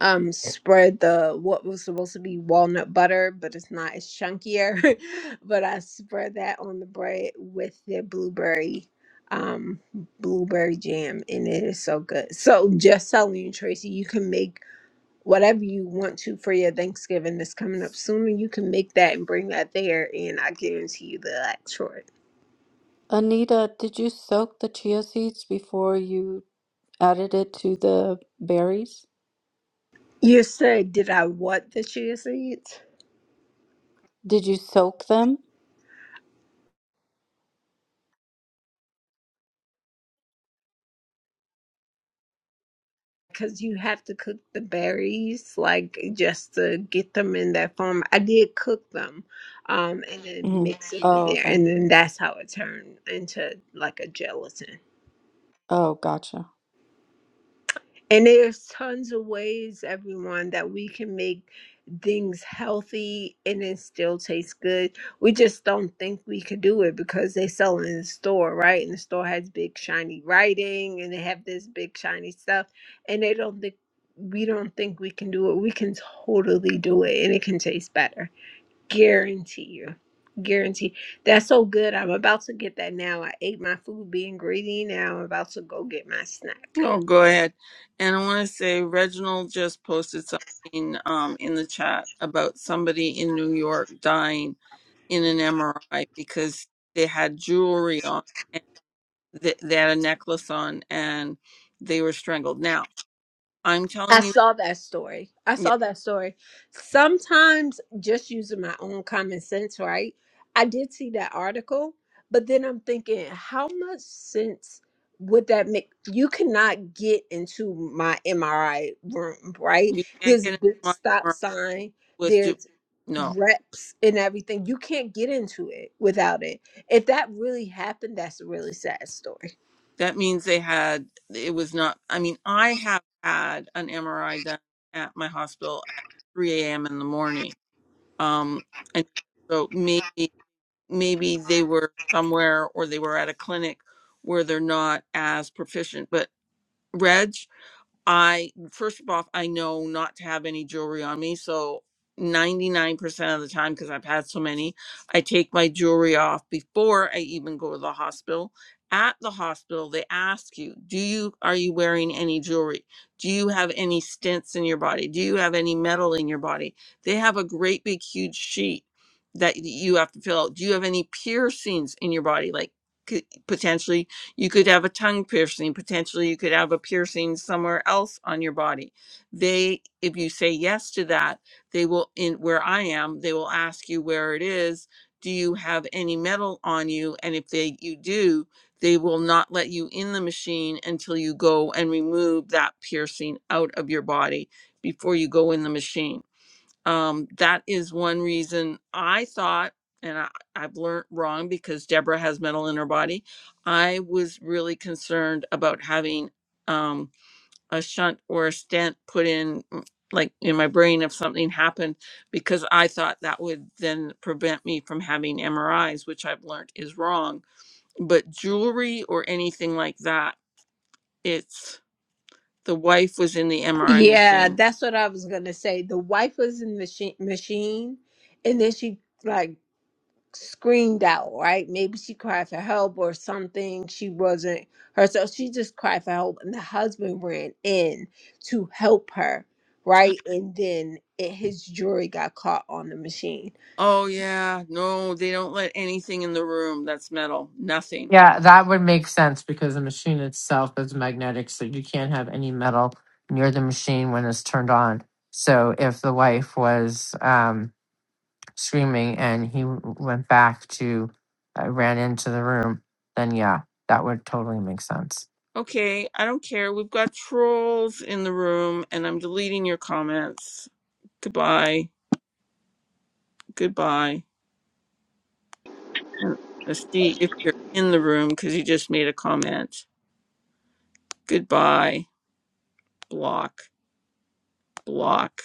[SPEAKER 7] um, spread the what was supposed to be walnut butter, but it's not, it's chunkier. but I spread that on the bread with the blueberry, um, blueberry jam, and it is so good. So just telling you, Tracy, you can make whatever you want to for your Thanksgiving that's coming up sooner. You can make that and bring that there, and I guarantee you they'll act short.
[SPEAKER 4] Anita, did you soak the chia seeds before you added it to the berries?
[SPEAKER 7] You said, did I want the chia seeds?
[SPEAKER 4] Did you soak them?
[SPEAKER 7] Because you have to cook the berries, like just to get them in that form. I did cook them, um, and then
[SPEAKER 4] hmm
[SPEAKER 7] mix them in
[SPEAKER 4] Oh,
[SPEAKER 7] there,
[SPEAKER 4] okay.
[SPEAKER 7] and then that's how it turned into like a gelatin.
[SPEAKER 4] Oh, gotcha.
[SPEAKER 7] And there's tons of ways, everyone, that we can make things healthy and it still tastes good. We just don't think we could do it because they sell it in the store, right? And the store has big shiny writing and they have this big shiny stuff. And they don't think we don't think we can do it. We can totally do it and it can taste better. Guarantee you. Guarantee. That's so good. I'm about to get that now. I ate my food being greedy. Now I'm about to go get my snack.
[SPEAKER 1] oh, go ahead. And I want to say Reginald just posted something um, in the chat about somebody in New York dying in an MRI because they had jewelry on th- they had a necklace on and they were strangled. Now, I'm
[SPEAKER 7] I
[SPEAKER 1] telling you,
[SPEAKER 7] saw that story. I
[SPEAKER 1] yeah,
[SPEAKER 7] saw that story. Sometimes just using my own common sense, right? I did see that article, but then I'm thinking, how much sense would that make? You cannot get into my MRI room, right?
[SPEAKER 1] you can't
[SPEAKER 7] There's a
[SPEAKER 1] get into
[SPEAKER 7] big
[SPEAKER 1] my
[SPEAKER 7] stop
[SPEAKER 1] MRI
[SPEAKER 7] sign,
[SPEAKER 1] with ju-
[SPEAKER 7] there's
[SPEAKER 1] no.
[SPEAKER 7] reps and everything. You can't get into it without it. If that really happened, that's a really sad story.
[SPEAKER 1] That means they had it was not. I mean, I have had an MRI done at my hospital at 3 a.m. in the morning. Um, and so maybe maybe they were somewhere or they were at a clinic where they're not as proficient. But Reg, I first of all, I know not to have any jewelry on me. So 99% of the time, because I've had so many, I take my jewelry off before I even go to the hospital. At the hospital, they ask you, do you are you wearing any jewelry? Do you have any stents in your body? Do you have any metal in your body? They have a great big huge sheet that y- you have to fill out. Do you have any piercings in your body? Like could, potentially you could have a tongue piercing. Potentially, you could have a piercing somewhere else on your body. They, if you say yes to that, they will, in where I am, they will ask you where it is. Do you have any metal on you? And if they, you do, they will not let you in the machine until you go and remove that piercing out of your body before you go in the machine um, that is one reason I thought, and I, I've learned wrong because Deborah has metal in her body. I was really concerned about having um, a shunt or a stent put in, mm, like in my brain, if something happened, because I thought that would then prevent me from having MRIs, which I've learned is wrong. But jewelry or anything like that, it's the wife was in the MRI
[SPEAKER 7] Yeah,
[SPEAKER 1] machine
[SPEAKER 7] that's what I was gonna say. The wife was in the machine, machine, and then she like screamed out. Right? Maybe she cried for help or something. She wasn't herself. She just cried for help, and the husband ran in to help her. Right? And then it, his jewelry got caught on the machine.
[SPEAKER 1] Oh, yeah. No, they don't let anything in the room that's metal. Nothing.
[SPEAKER 5] Yeah, that would make sense because the machine itself is magnetic, so you can't have any metal near the machine when it's turned on. So if the wife was um, screaming and he w- went back to uh, ran into the room then yeah that would totally make sense
[SPEAKER 1] Okay, I don't care. We've got trolls in the room, and I'm deleting your comments. Goodbye. Goodbye. And Let's see if you're in the room because you just made a comment. Goodbye. Block. Block.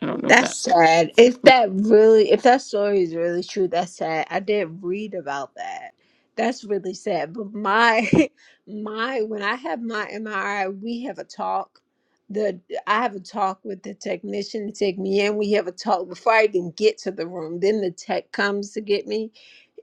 [SPEAKER 1] I don't know if
[SPEAKER 7] That's
[SPEAKER 1] that.
[SPEAKER 7] sad. If that really, if that story is really true, that's sad. I didn't read about that. That's really sad. But my, my, when I have my MRI, we have a talk. The I have a talk with the technician to take me in. We have a talk before I even get to the room. Then the tech comes to get me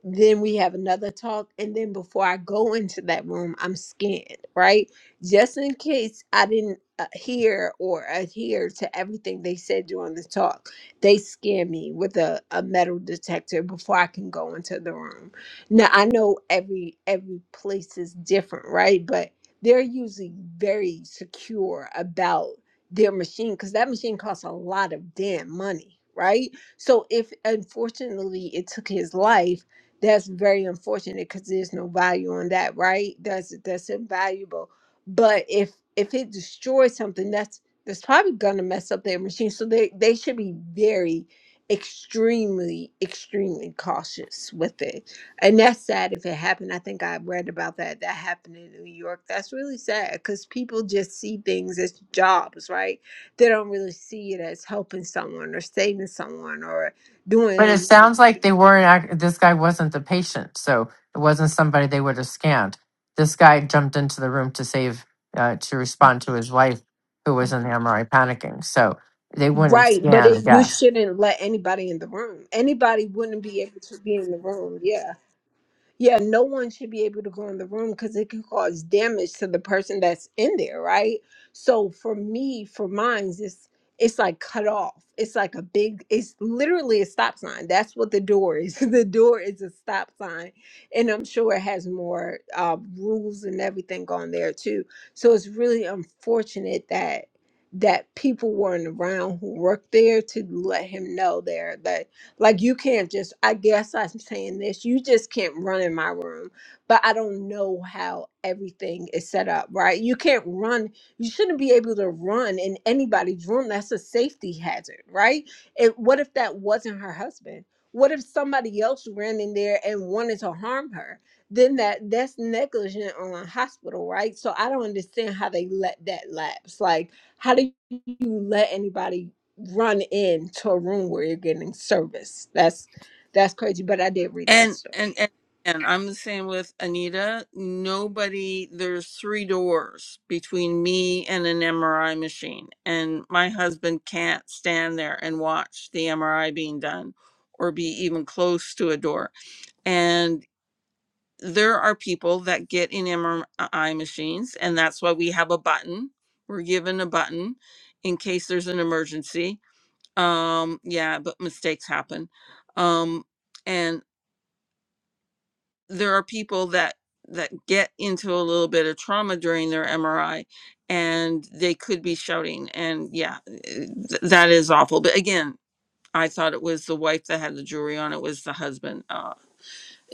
[SPEAKER 7] then we have another talk and then before i go into that room i'm scanned right just in case i didn't uh, hear or adhere to everything they said during the talk they scan me with a, a metal detector before i can go into the room now i know every every place is different right but they're usually very secure about their machine because that machine costs a lot of damn money right so if unfortunately it took his life that's very unfortunate because there's no value on that right that's that's invaluable but if if it destroys something that's that's probably gonna mess up their machine so they they should be very extremely extremely cautious with it and that's sad if it happened i think i read about that that happened in new york that's really sad because people just see things as jobs right they don't really see it as helping someone or saving someone or doing
[SPEAKER 5] But it sounds like
[SPEAKER 7] anything.
[SPEAKER 5] they weren't. act- This guy wasn't the patient, so it wasn't somebody they would have scanned. This guy jumped into the room to save, uh, to respond to his wife, who was in the MRI panicking. So they wouldn't
[SPEAKER 7] Right, but
[SPEAKER 5] scan, I
[SPEAKER 7] it, you
[SPEAKER 5] guess.
[SPEAKER 7] shouldn't let anybody in the room. Anybody wouldn't be able to be in the room. Yeah. Yeah, no one should be able to go in the room because it can cause damage to the person that's in there, right? So for me, for mine, it's it's like cut off. It's like a big. It's literally a stop sign. That's what the door is. the door is a stop sign, and I'm sure it has more uh, rules and everything on there too. So it's really unfortunate that that people weren't around who worked there to let him know there that like you can't just I guess I'm saying this, you just can't run in my room. But I don't know how everything is set up, right? You can't run, you shouldn't be able to run in anybody's room. That's a safety hazard, right? And what if that wasn't her husband? What if somebody else ran in there and wanted to harm her? Then that that's negligent on a hospital, right? So I don't understand how they let that lapse. Like, how do you let anybody run into a room where you're getting service. That's that's crazy. But I did read that
[SPEAKER 1] And
[SPEAKER 7] story.
[SPEAKER 1] and and and I'm the same with Anita. Nobody there's three doors between me and an MRI machine. And my husband can't stand there and watch the MRI being done or be even close to a door. And there are people that get in MRI machines and that's why we have a button. We're given a button in case there's an emergency. Um yeah, but mistakes happen. Um there are people that that get into a little bit of trauma during their MRI and they could be shouting and yeah eh, th- that is awful but again I thought it was the wife that had the jewelry on it was the husband uh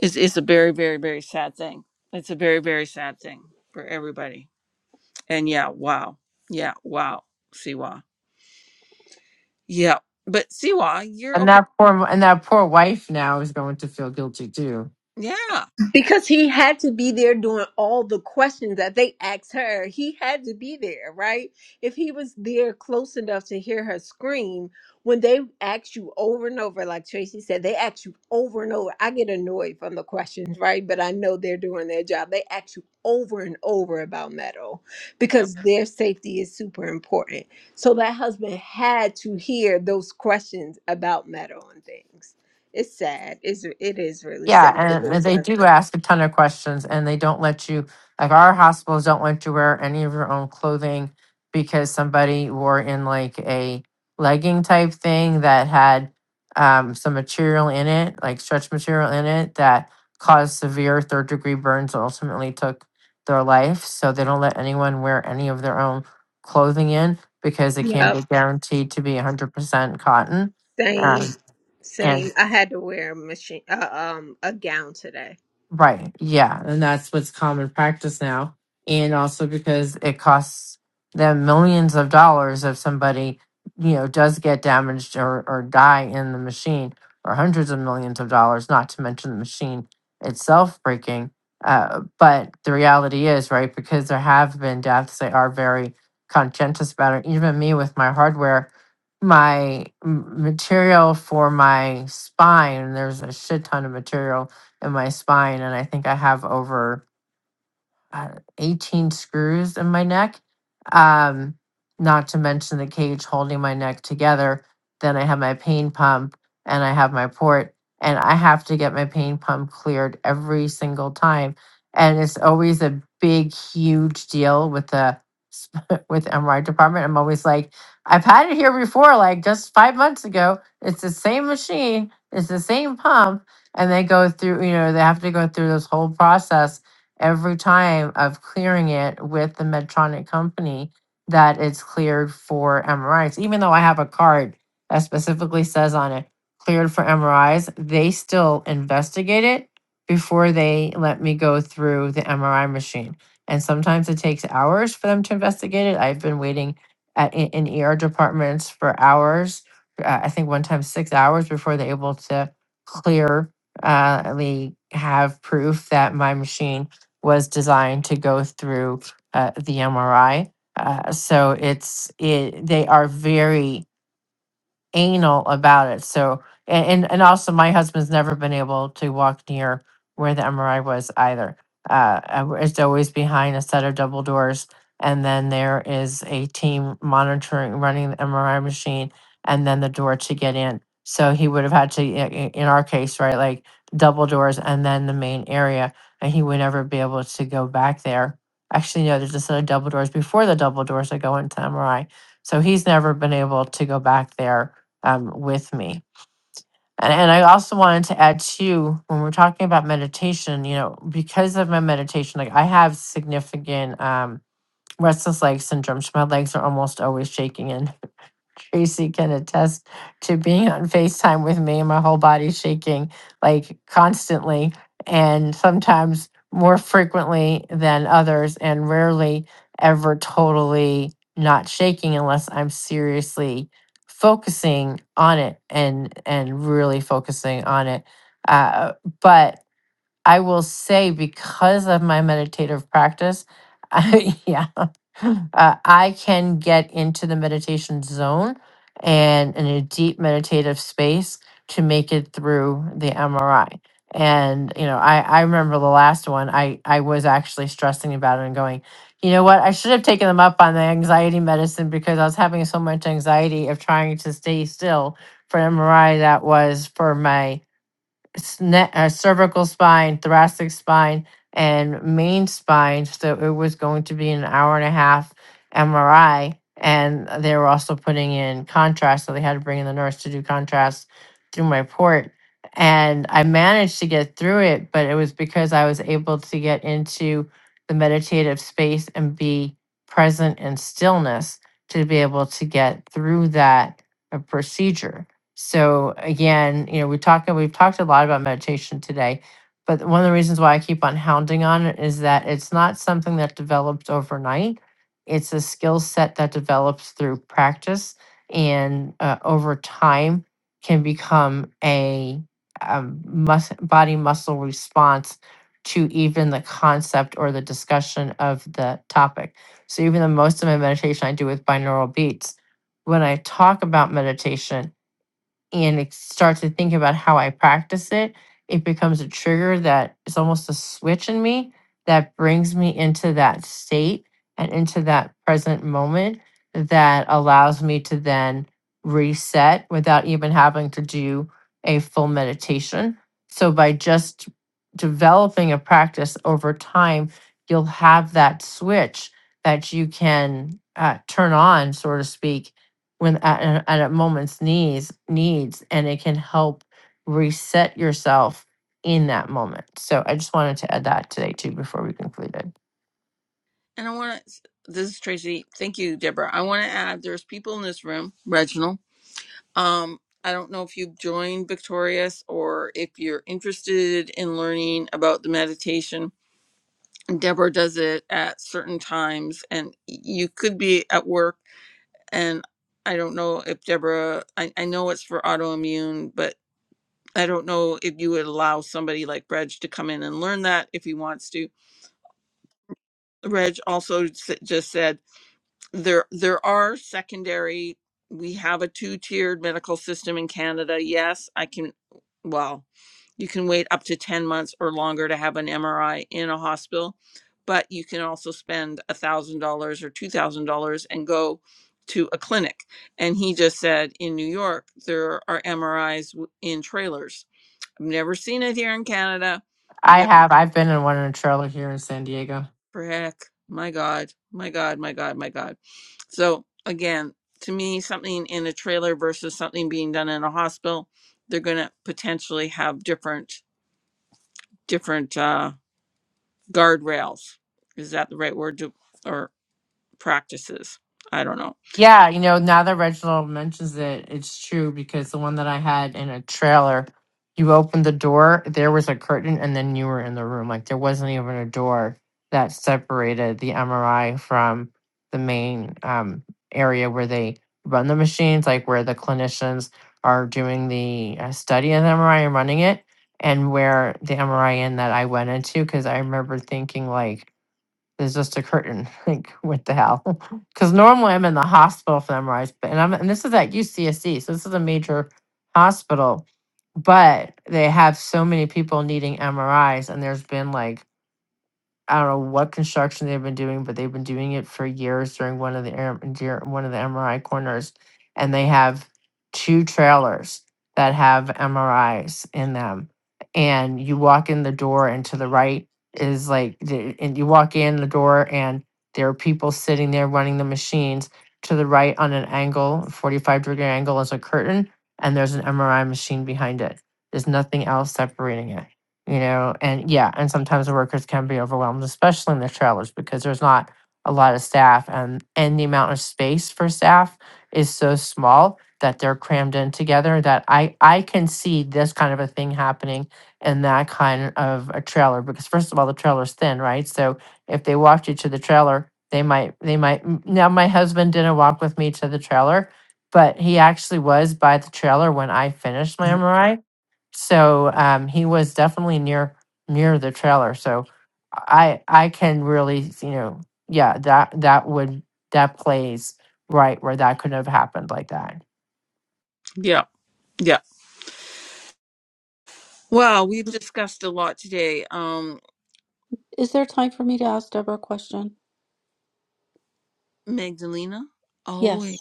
[SPEAKER 1] it's, it's a very very very sad thing it's a very very sad thing for everybody and yeah wow yeah wow Siwa yeah but Siwa you're
[SPEAKER 5] And
[SPEAKER 1] okay
[SPEAKER 5] that poor, and that poor wife now is going to feel guilty too.
[SPEAKER 1] yeah
[SPEAKER 7] Because he had to be there doing all the questions that they asked her. He had to be there, right? If he was there close enough to hear her scream, when they ask you over and over, like Tracy said, they ask you over and over. I get annoyed from the questions, right? But I know they're doing their job. They ask you over and over about metal
[SPEAKER 1] Yep.
[SPEAKER 7] because their safety is super important. So that husband had to hear those questions about metal and things. It's sad. It's, it is really
[SPEAKER 5] Yeah,
[SPEAKER 7] sad. It's a really
[SPEAKER 5] and they
[SPEAKER 7] sad
[SPEAKER 5] do
[SPEAKER 7] story.
[SPEAKER 5] ask a ton of questions and they don't let you, like our hospitals don't let you wear any of your own clothing because somebody wore in like a legging type thing that had um, some material in it, like stretch material in it, that caused severe third degree burns and ultimately took their life. So they don't let anyone wear any of their own clothing in because it can't
[SPEAKER 7] Yep.
[SPEAKER 5] be guaranteed to be 100% cotton.
[SPEAKER 7] Same.
[SPEAKER 5] Um, and
[SPEAKER 7] Same. I had to wear a machine, uh, um, a gown today.
[SPEAKER 5] Right. Yeah. And that's what's common practice now. And also because it costs them millions of dollars if somebody, you know, does get damaged or, or die in the machine, or hundreds of millions of dollars, not to mention the machine itself breaking. Uh, but the reality is, right, because there have been deaths, they are very conscientious about it. Even me with my hardware, my m- material for my spine, there's a shit ton of material in my spine and I think I have over uh, 18 screws in my neck. Um, not to mention the cage holding my neck together. Then I have my pain pump and I have my port, and I have to get my pain pump cleared every single time. And it's always a big, huge deal with the with MRI department. I'm always like, I've had it here before, like just five months ago. It's the same machine, it's the same pump, and they go through. You know, they have to go through this whole process every time of clearing it with the Medtronic company that it's cleared for MRIs. Even though I have a card that specifically says on it, cleared for MRIs, they still investigate it before they let me go through the MRI machine. And sometimes it takes hours for them to investigate it. I've been waiting at in, in ER departments for hours. Uh, I think one time six hours before they're able to clear uh, they have proof that my machine was designed to go through uh, the MRI. Uh, so it's it, they are very anal about it. So and and and also my husband's never been able to walk near where the MRI was either. Uh, uh, it's always behind a set of double doors, and then there is a team monitoring running the MRI machine, and then the door to get in. So he would have had to, i- i- in our case, right, like double doors and then the main area, and he would never be able to go back there. Actually, no, there's a set of double doors before the double doors that go into MRI. So he's never been able to go back there um, with me. And, and I also wanted to add too, when we're talking about meditation, you know, because of my meditation, like I have significant um, restless leg syndrome. So my legs are almost always shaking and Tracy can attest to being on FaceTime with me and my whole body shaking like constantly and sometimes more frequently than others and rarely ever totally not shaking unless I'm seriously focusing on it and and really focusing on it. Uh, but I will say because of my meditative practice, I, yeah, uh, I can get into the meditation zone and in a deep meditative space to make it through the MRI. And you know, I I remember the last one. I I was actually stressing about it and going, you know what? I should have taken them up on the anxiety medicine because I was having so much anxiety of trying to stay still for an MRI that was for my s- uh, cervical spine, thoracic spine, and main spine. So it was going to be an hour and a half MRI. And they were also putting in contrast. So they had to bring in the nurse to do contrast through my port. And I managed to get through it, but it was because I was able to get into the meditative space and be present in stillness to be able to get through that uh, procedure so again, you know, we talk we've talked a lot about meditation today, but one of the reasons why I keep on hounding on it is that it's not something that develops overnight. It's a skill set that develops through practice and uh, over time can become a, um mus- body muscle response to even the concept or the discussion of the topic. So even the most of my meditation I do with binaural beats. When I talk about meditation, and it start to think about how I practice it, it becomes a trigger that is almost a switch in me that brings me into that state and into that present moment that allows me to then reset without even having to do a full meditation. So by just developing a practice over time, you'll have that switch that you can uh, turn on, so to speak, when at, a- at a moment's needs needs and it can help reset yourself in that moment so i just wanted to add that today too before we concluded
[SPEAKER 1] and I want to this is Tracy thank you Deborah I want to add there's people in this room Reginald Um, I don't know if you've joined Victorious or if you're interested in learning about the meditation. Deborah does it at certain times, and you could be at work. And I don't know if Deborah, I, I know it's for autoimmune, but I don't know if you would allow somebody like Reg to come in and learn that if he wants to. Reg also s- just said there there are secondary we have a two-tiered medical system in Canada. Yes, I can well, you can wait up to 10 months or longer to have an MRI in a hospital, but you can also spend $1,000 or $2,000 and go to a clinic. And he just said in New York there are MRIs w- in trailers. I've never seen it here in Canada.
[SPEAKER 5] i have i've been in one in a trailer here in san diego
[SPEAKER 1] Frick. My God. My God. My God. My God. So again, to me, something in a trailer versus something being done in a hospital, they're gonna potentially have different different uh guardrails. Is that the right word to or practices? I don't know.
[SPEAKER 5] Yeah, you know, now that Reginald mentions it, it's true because the one that I had in a trailer, you opened the door, there was a curtain, and then you were in the room. Like there wasn't even a door that separated the MRI from the main um, area where they run the machines, like where the clinicians are doing the uh, study of the MRI and running it, and where the MRI in that I went into, because I remember thinking like is just a curtain. Like, what the hell? Because normally I'm in the hospital for MRIs, but and I'm and this is at UCSD, so this is a major hospital, but they have so many people needing MRIs, and there's been like I don't know what construction they've been doing, but they've been doing it for years during one of the air- dur- one of the MRI corners, and they have two trailers that have MRIs in them. And you walk in the door, and to the right is like, the- and you walk in the door, and there are people sitting there running the machines. To the right, on an angle, forty-five degree angle, is a curtain, and there's an MRI machine behind it. There's nothing else separating it you know and yeah and sometimes the workers can be overwhelmed especially in the trailers because there's not a lot of staff and and the amount of space for staff is so small that they're crammed in together that i i can see this kind of a thing happening in that kind of a trailer because first of all the trailer's thin right so if they walked you to the trailer they might they might m- now my husband didn't walk with me to the trailer but he actually was by the trailer when i finished my mri so um, he was definitely near near the trailer. So I I can really you know yeah that that would that plays right where that could have happened like that.
[SPEAKER 1] Yeah. Yeah. Well, we've discussed a lot today. Um
[SPEAKER 4] Is there time for me to ask Deborah a question?
[SPEAKER 1] Magdalena, always,
[SPEAKER 4] Yes.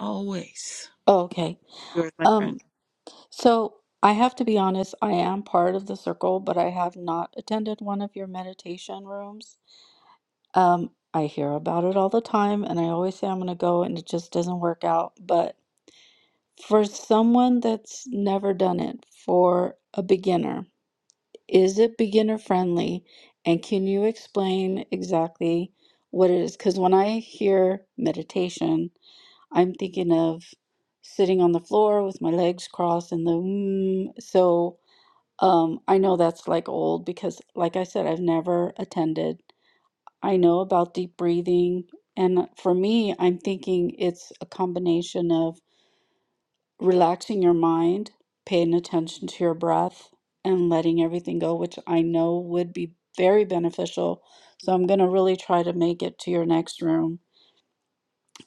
[SPEAKER 1] always.
[SPEAKER 4] Oh, okay.
[SPEAKER 1] You're my friend.
[SPEAKER 4] Um, So I have to be honest, I am part of the circle, but I have not attended one of your meditation rooms. Um, I hear about it all the time, and I always say I'm going to go, and it just doesn't work out. But for someone that's never done it, for a beginner, is it beginner friendly? And can you explain exactly what it is? Because when I hear meditation, I'm thinking of sitting on the floor with my legs crossed and the mm, so. Um, I know that's like old because, like I said, I've never attended. I know about deep breathing. And for me, I'm thinking it's a combination of relaxing your mind, paying attention to your breath, and letting everything go, which I know would be very beneficial. So I'm going to really try to make it to your next room.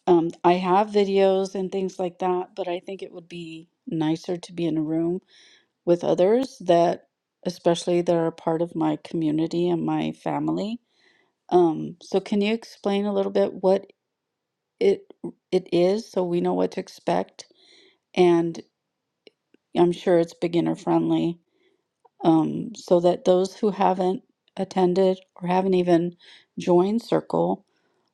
[SPEAKER 4] Um, I have videos and things like that, but I think it would be nicer to be in a room with others that especially that are part of my community and my family. Um, so can you explain a little bit what it it is so we know what to expect? And I'm sure it's beginner friendly, um, so that those who haven't attended or haven't even joined Circle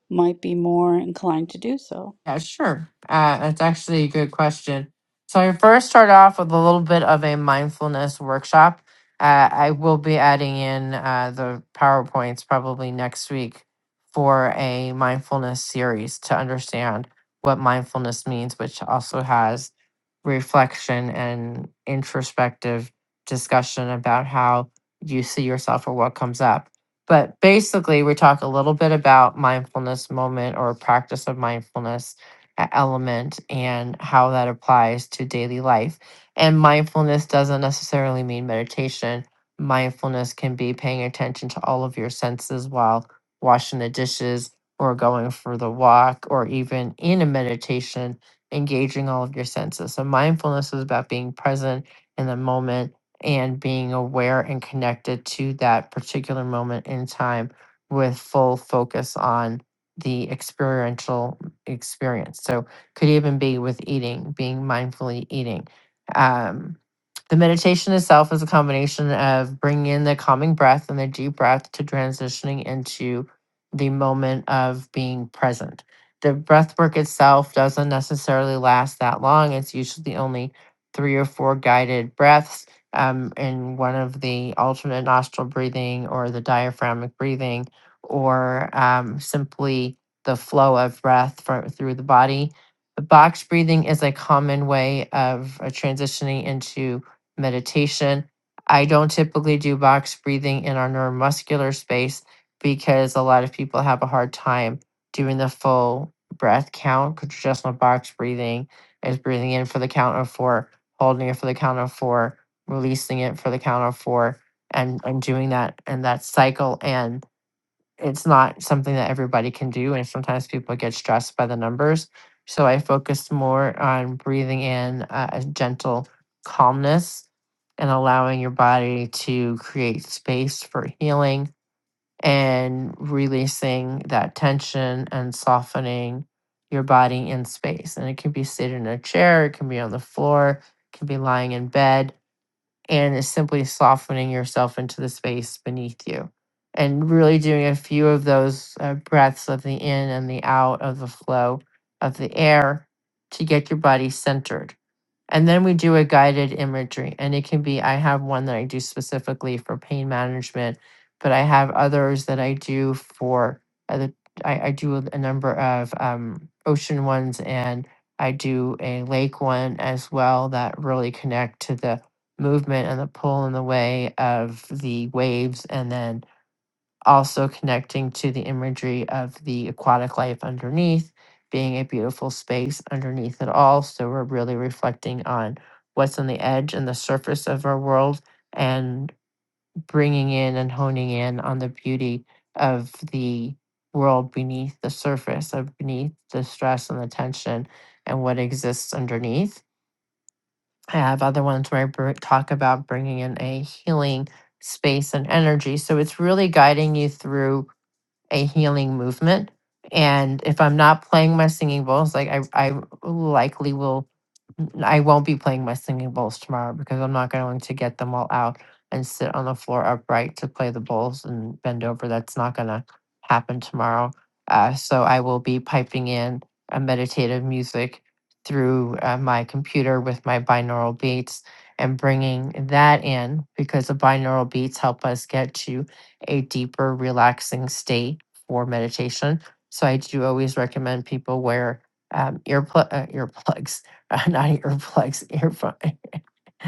[SPEAKER 4] might be more inclined to do so.
[SPEAKER 5] Yeah, sure. Uh, that's actually a good question. So I first start off with a little bit of a mindfulness workshop. Uh, I will be adding in uh, the PowerPoints probably next week for a mindfulness series to understand what mindfulness means, which also has reflection and introspective discussion about how you see yourself or what comes up. But basically, we talk a little bit about mindfulness moment or practice of mindfulness e- element and how that applies to daily life. And mindfulness doesn't necessarily mean meditation. Mindfulness can be paying attention to all of your senses while washing the dishes or going for the walk or even in a meditation, engaging all of your senses. So, mindfulness is about being present in the moment and being aware and connected to that particular moment in time with full focus on the experiential experience. So could even be with eating, being mindfully eating. Um, the meditation itself is a combination of bringing in the calming breath and the deep breath to transitioning into the moment of being present. The breath work itself doesn't necessarily last that long. It's usually only three or four guided breaths um, in one of the alternate nostril breathing or the diaphragmic breathing or um, simply the flow of breath for, through the body. The box breathing is a common way of uh, transitioning into meditation. I don't typically do box breathing in our neuromuscular space because a lot of people have a hard time doing the full breath count. 'cause Traditional box breathing is breathing in for the count of four, holding it for the count of four, releasing it for the count of four, and, and doing that and that cycle. and it's not something that everybody can do and sometimes people get stressed by the numbers so i focused more on breathing in a, a gentle calmness and allowing your body to create space for healing and releasing that tension and softening your body in space and it can be sitting in a chair it can be on the floor it can be lying in bed and is simply softening yourself into the space beneath you and really doing a few of those uh, breaths of the in and the out of the flow of the air to get your body centered and then we do a guided imagery, and it can be I have one that I do specifically for pain management, but I have others that I do for other. I, I do a number of um, ocean ones, and I do a lake one as well that really connect to the movement and the pull and the way of the waves, and then also connecting to the imagery of the aquatic life underneath being a beautiful space underneath it all. So we're really reflecting on what's on the edge and the surface of our world and bringing in and honing in on the beauty of the world beneath the surface of beneath the stress and the tension and what exists underneath. I have other ones where I br- talk about bringing in a healing space and energy. So it's really guiding you through a healing movement. And if I'm not playing my singing bowls, like I, I likely will I won't be playing my singing bowls tomorrow because I'm not going to get them all out and sit on the floor upright to play the bowls and bend over. That's not going to happen tomorrow. Uh, so I will be piping in a meditative music through uh, my computer with my binaural beats and bringing that in because the binaural beats help us get to a deeper, relaxing state for meditation. So I do always recommend people wear um, earpl- uh, earplugs not earplugs, earphone,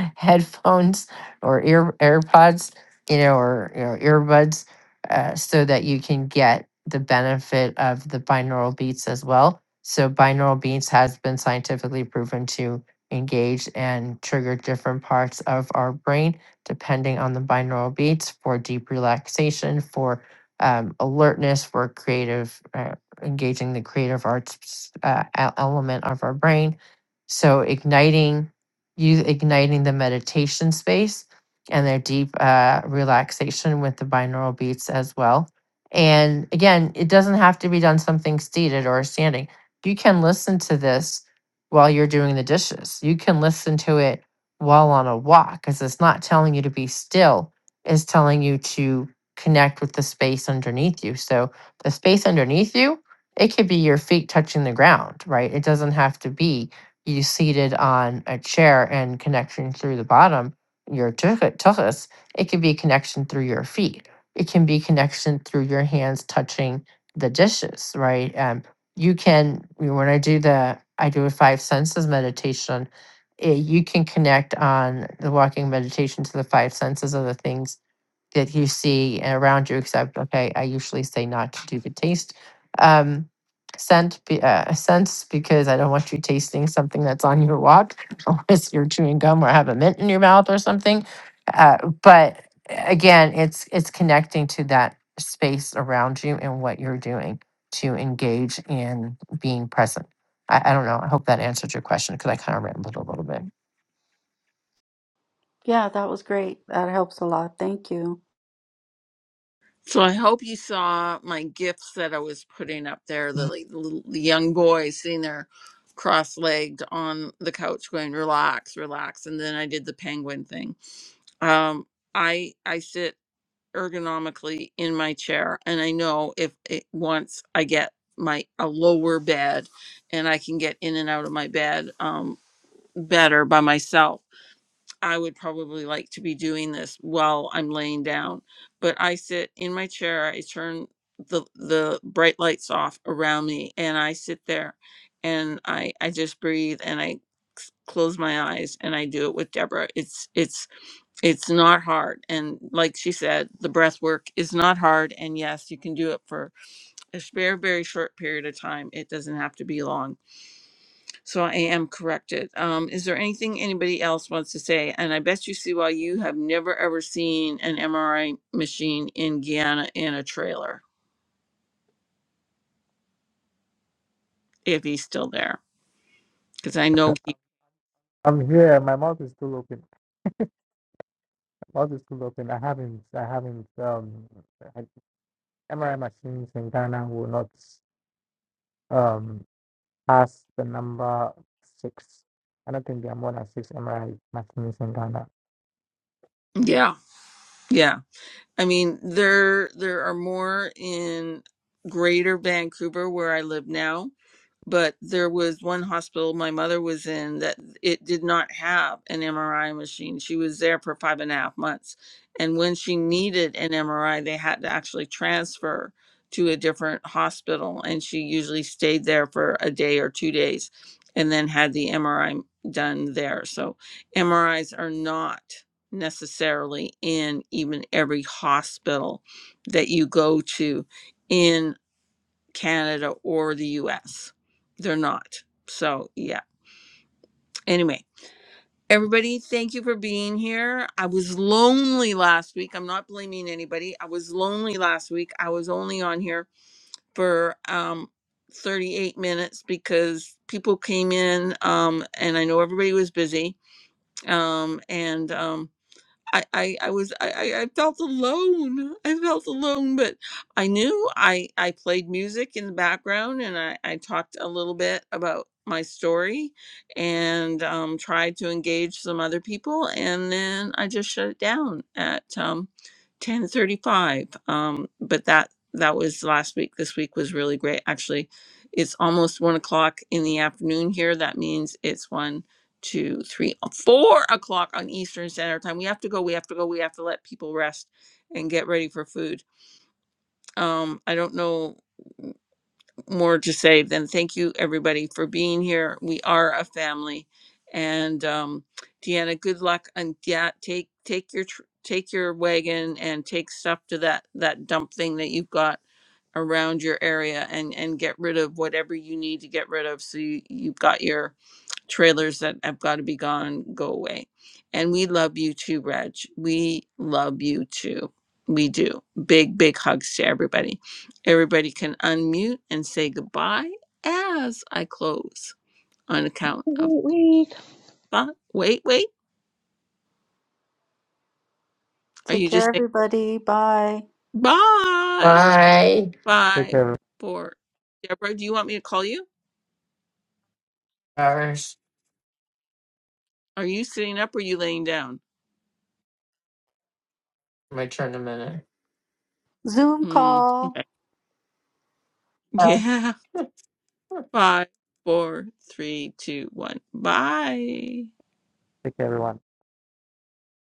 [SPEAKER 5] headphones or ear AirPods, you know, or you know, earbuds, uh, so that you can get the benefit of the binaural beats as well. So binaural beats has been scientifically proven to engage and trigger different parts of our brain depending on the binaural beats for deep relaxation, for um, alertness, for creative uh, engaging the creative arts uh, e- element of our brain. So igniting you igniting the meditation space and their deep uh, relaxation with the binaural beats as well. And again, it doesn't have to be done something seated or standing. You can listen to this while you're doing the dishes. You can listen to it while on a walk because it's not telling you to be still, it's telling you to connect with the space underneath you. So the space underneath you, it could be your feet touching the ground, right? It doesn't have to be you seated on a chair and connection through the bottom, your tuchus, tuchus, it can be connection through your feet. It can be connection through your hands touching the dishes, right? Um, you can, when I do the, I do a five senses meditation, eh, you can connect on the walking meditation to the five senses of the things that you see around you, except, okay, I usually say not to do the taste um, scent, be- uh, sense because I don't want you tasting something that's on your walk unless you're chewing gum or have a mint in your mouth or something. Uh, but uh, again, it's it's connecting to that space around you and what you're doing to engage in being present. I, I don't know. I hope that answered your question because I kind of rambled a little bit.
[SPEAKER 4] Yeah, that was great. That helps a lot. Thank you.
[SPEAKER 1] So I hope you saw my gifts that I was putting up there. The, like, the little- the young boy sitting there cross-legged on the couch going relax relax and then i did the penguin thing um i i sit ergonomically in my chair and i know if it once i get my a lower bed and i can get in and out of my bed um better by myself I would probably like to be doing this while I'm laying down, but I sit in my chair. I turn the the bright lights off around me, and I sit there, and I I just breathe and I c- close my eyes and I do it with Deborah. It's it's it's not hard, and like she said, the breath work is not hard. And yes, you can do it for a spare, very short period of time. It doesn't have to be long so I am corrected. Um, is there anything anybody else wants to say? And I bet you see why you have never ever seen an MRI machine in Guyana in a trailer if he's still there, because I know he.
[SPEAKER 2] I'm here. My mouth is still open. Mouth is still open. I haven't I haven't um MRI machines in Ghana will not um, pass the number six. I don't think there are more than six MRI machines in Ghana.
[SPEAKER 1] Yeah, yeah. I mean, there there are more in Greater Vancouver where I live now but there was one hospital my mother was in that it did not have an MRI machine. She was there for five and a half months. And when she needed an MRI, they had to actually transfer to a different hospital. And she usually stayed there for a day or two days and then had the MRI done there. So MRIs are not necessarily in even every hospital that you go to in. Canada or the US. They're not. So, yeah. Anyway, everybody, thank you for being here. I was lonely last week. I'm not blaming anybody. I was lonely last week. I was only on here for um 38 minutes because people came in um and I know everybody was busy. Um and um. I, I, I was I, I I felt alone. I felt alone, but I knew I I played music in the background and I, I talked a little bit about my story and um, tried to engage some other people and then I just shut it down at um, 10:35. Um, but that that was last week. This week was really great. Actually, it's almost one o'clock in the afternoon here. That means it's one Two, three, uh, four o'clock on Eastern Standard Time. We have to go. We have to go. We have to let people rest and get ready for food. Um, I don't know more to say than thank you everybody for being here. We are a family, and um, Deanna, good luck and yeah, take take your tr- take your wagon and take stuff to that that dump thing that you've got around your area and and get rid of whatever you need to get rid of so you, you've got your trailers that have got to be gone go away. And we love you too, Reg. We love you too. We do. Big, big hugs to everybody. Everybody can unmute and say goodbye as I close on account of
[SPEAKER 3] We
[SPEAKER 1] five. Wait, wait. Are
[SPEAKER 4] Take
[SPEAKER 1] you
[SPEAKER 4] care,
[SPEAKER 1] just saying
[SPEAKER 4] everybody. Bye.
[SPEAKER 1] bye?
[SPEAKER 5] Bye.
[SPEAKER 2] Take
[SPEAKER 1] Five,
[SPEAKER 2] care,
[SPEAKER 1] four. Deborah, do you want me to call you?
[SPEAKER 5] Hours.
[SPEAKER 1] Are you sitting up or are you laying down?
[SPEAKER 5] My turn in a minute.
[SPEAKER 4] Zoom
[SPEAKER 1] Mm,
[SPEAKER 4] call.
[SPEAKER 1] okay.
[SPEAKER 5] Bye.
[SPEAKER 1] Yeah. Five, four, three, two, one. Bye.
[SPEAKER 2] take care, everyone.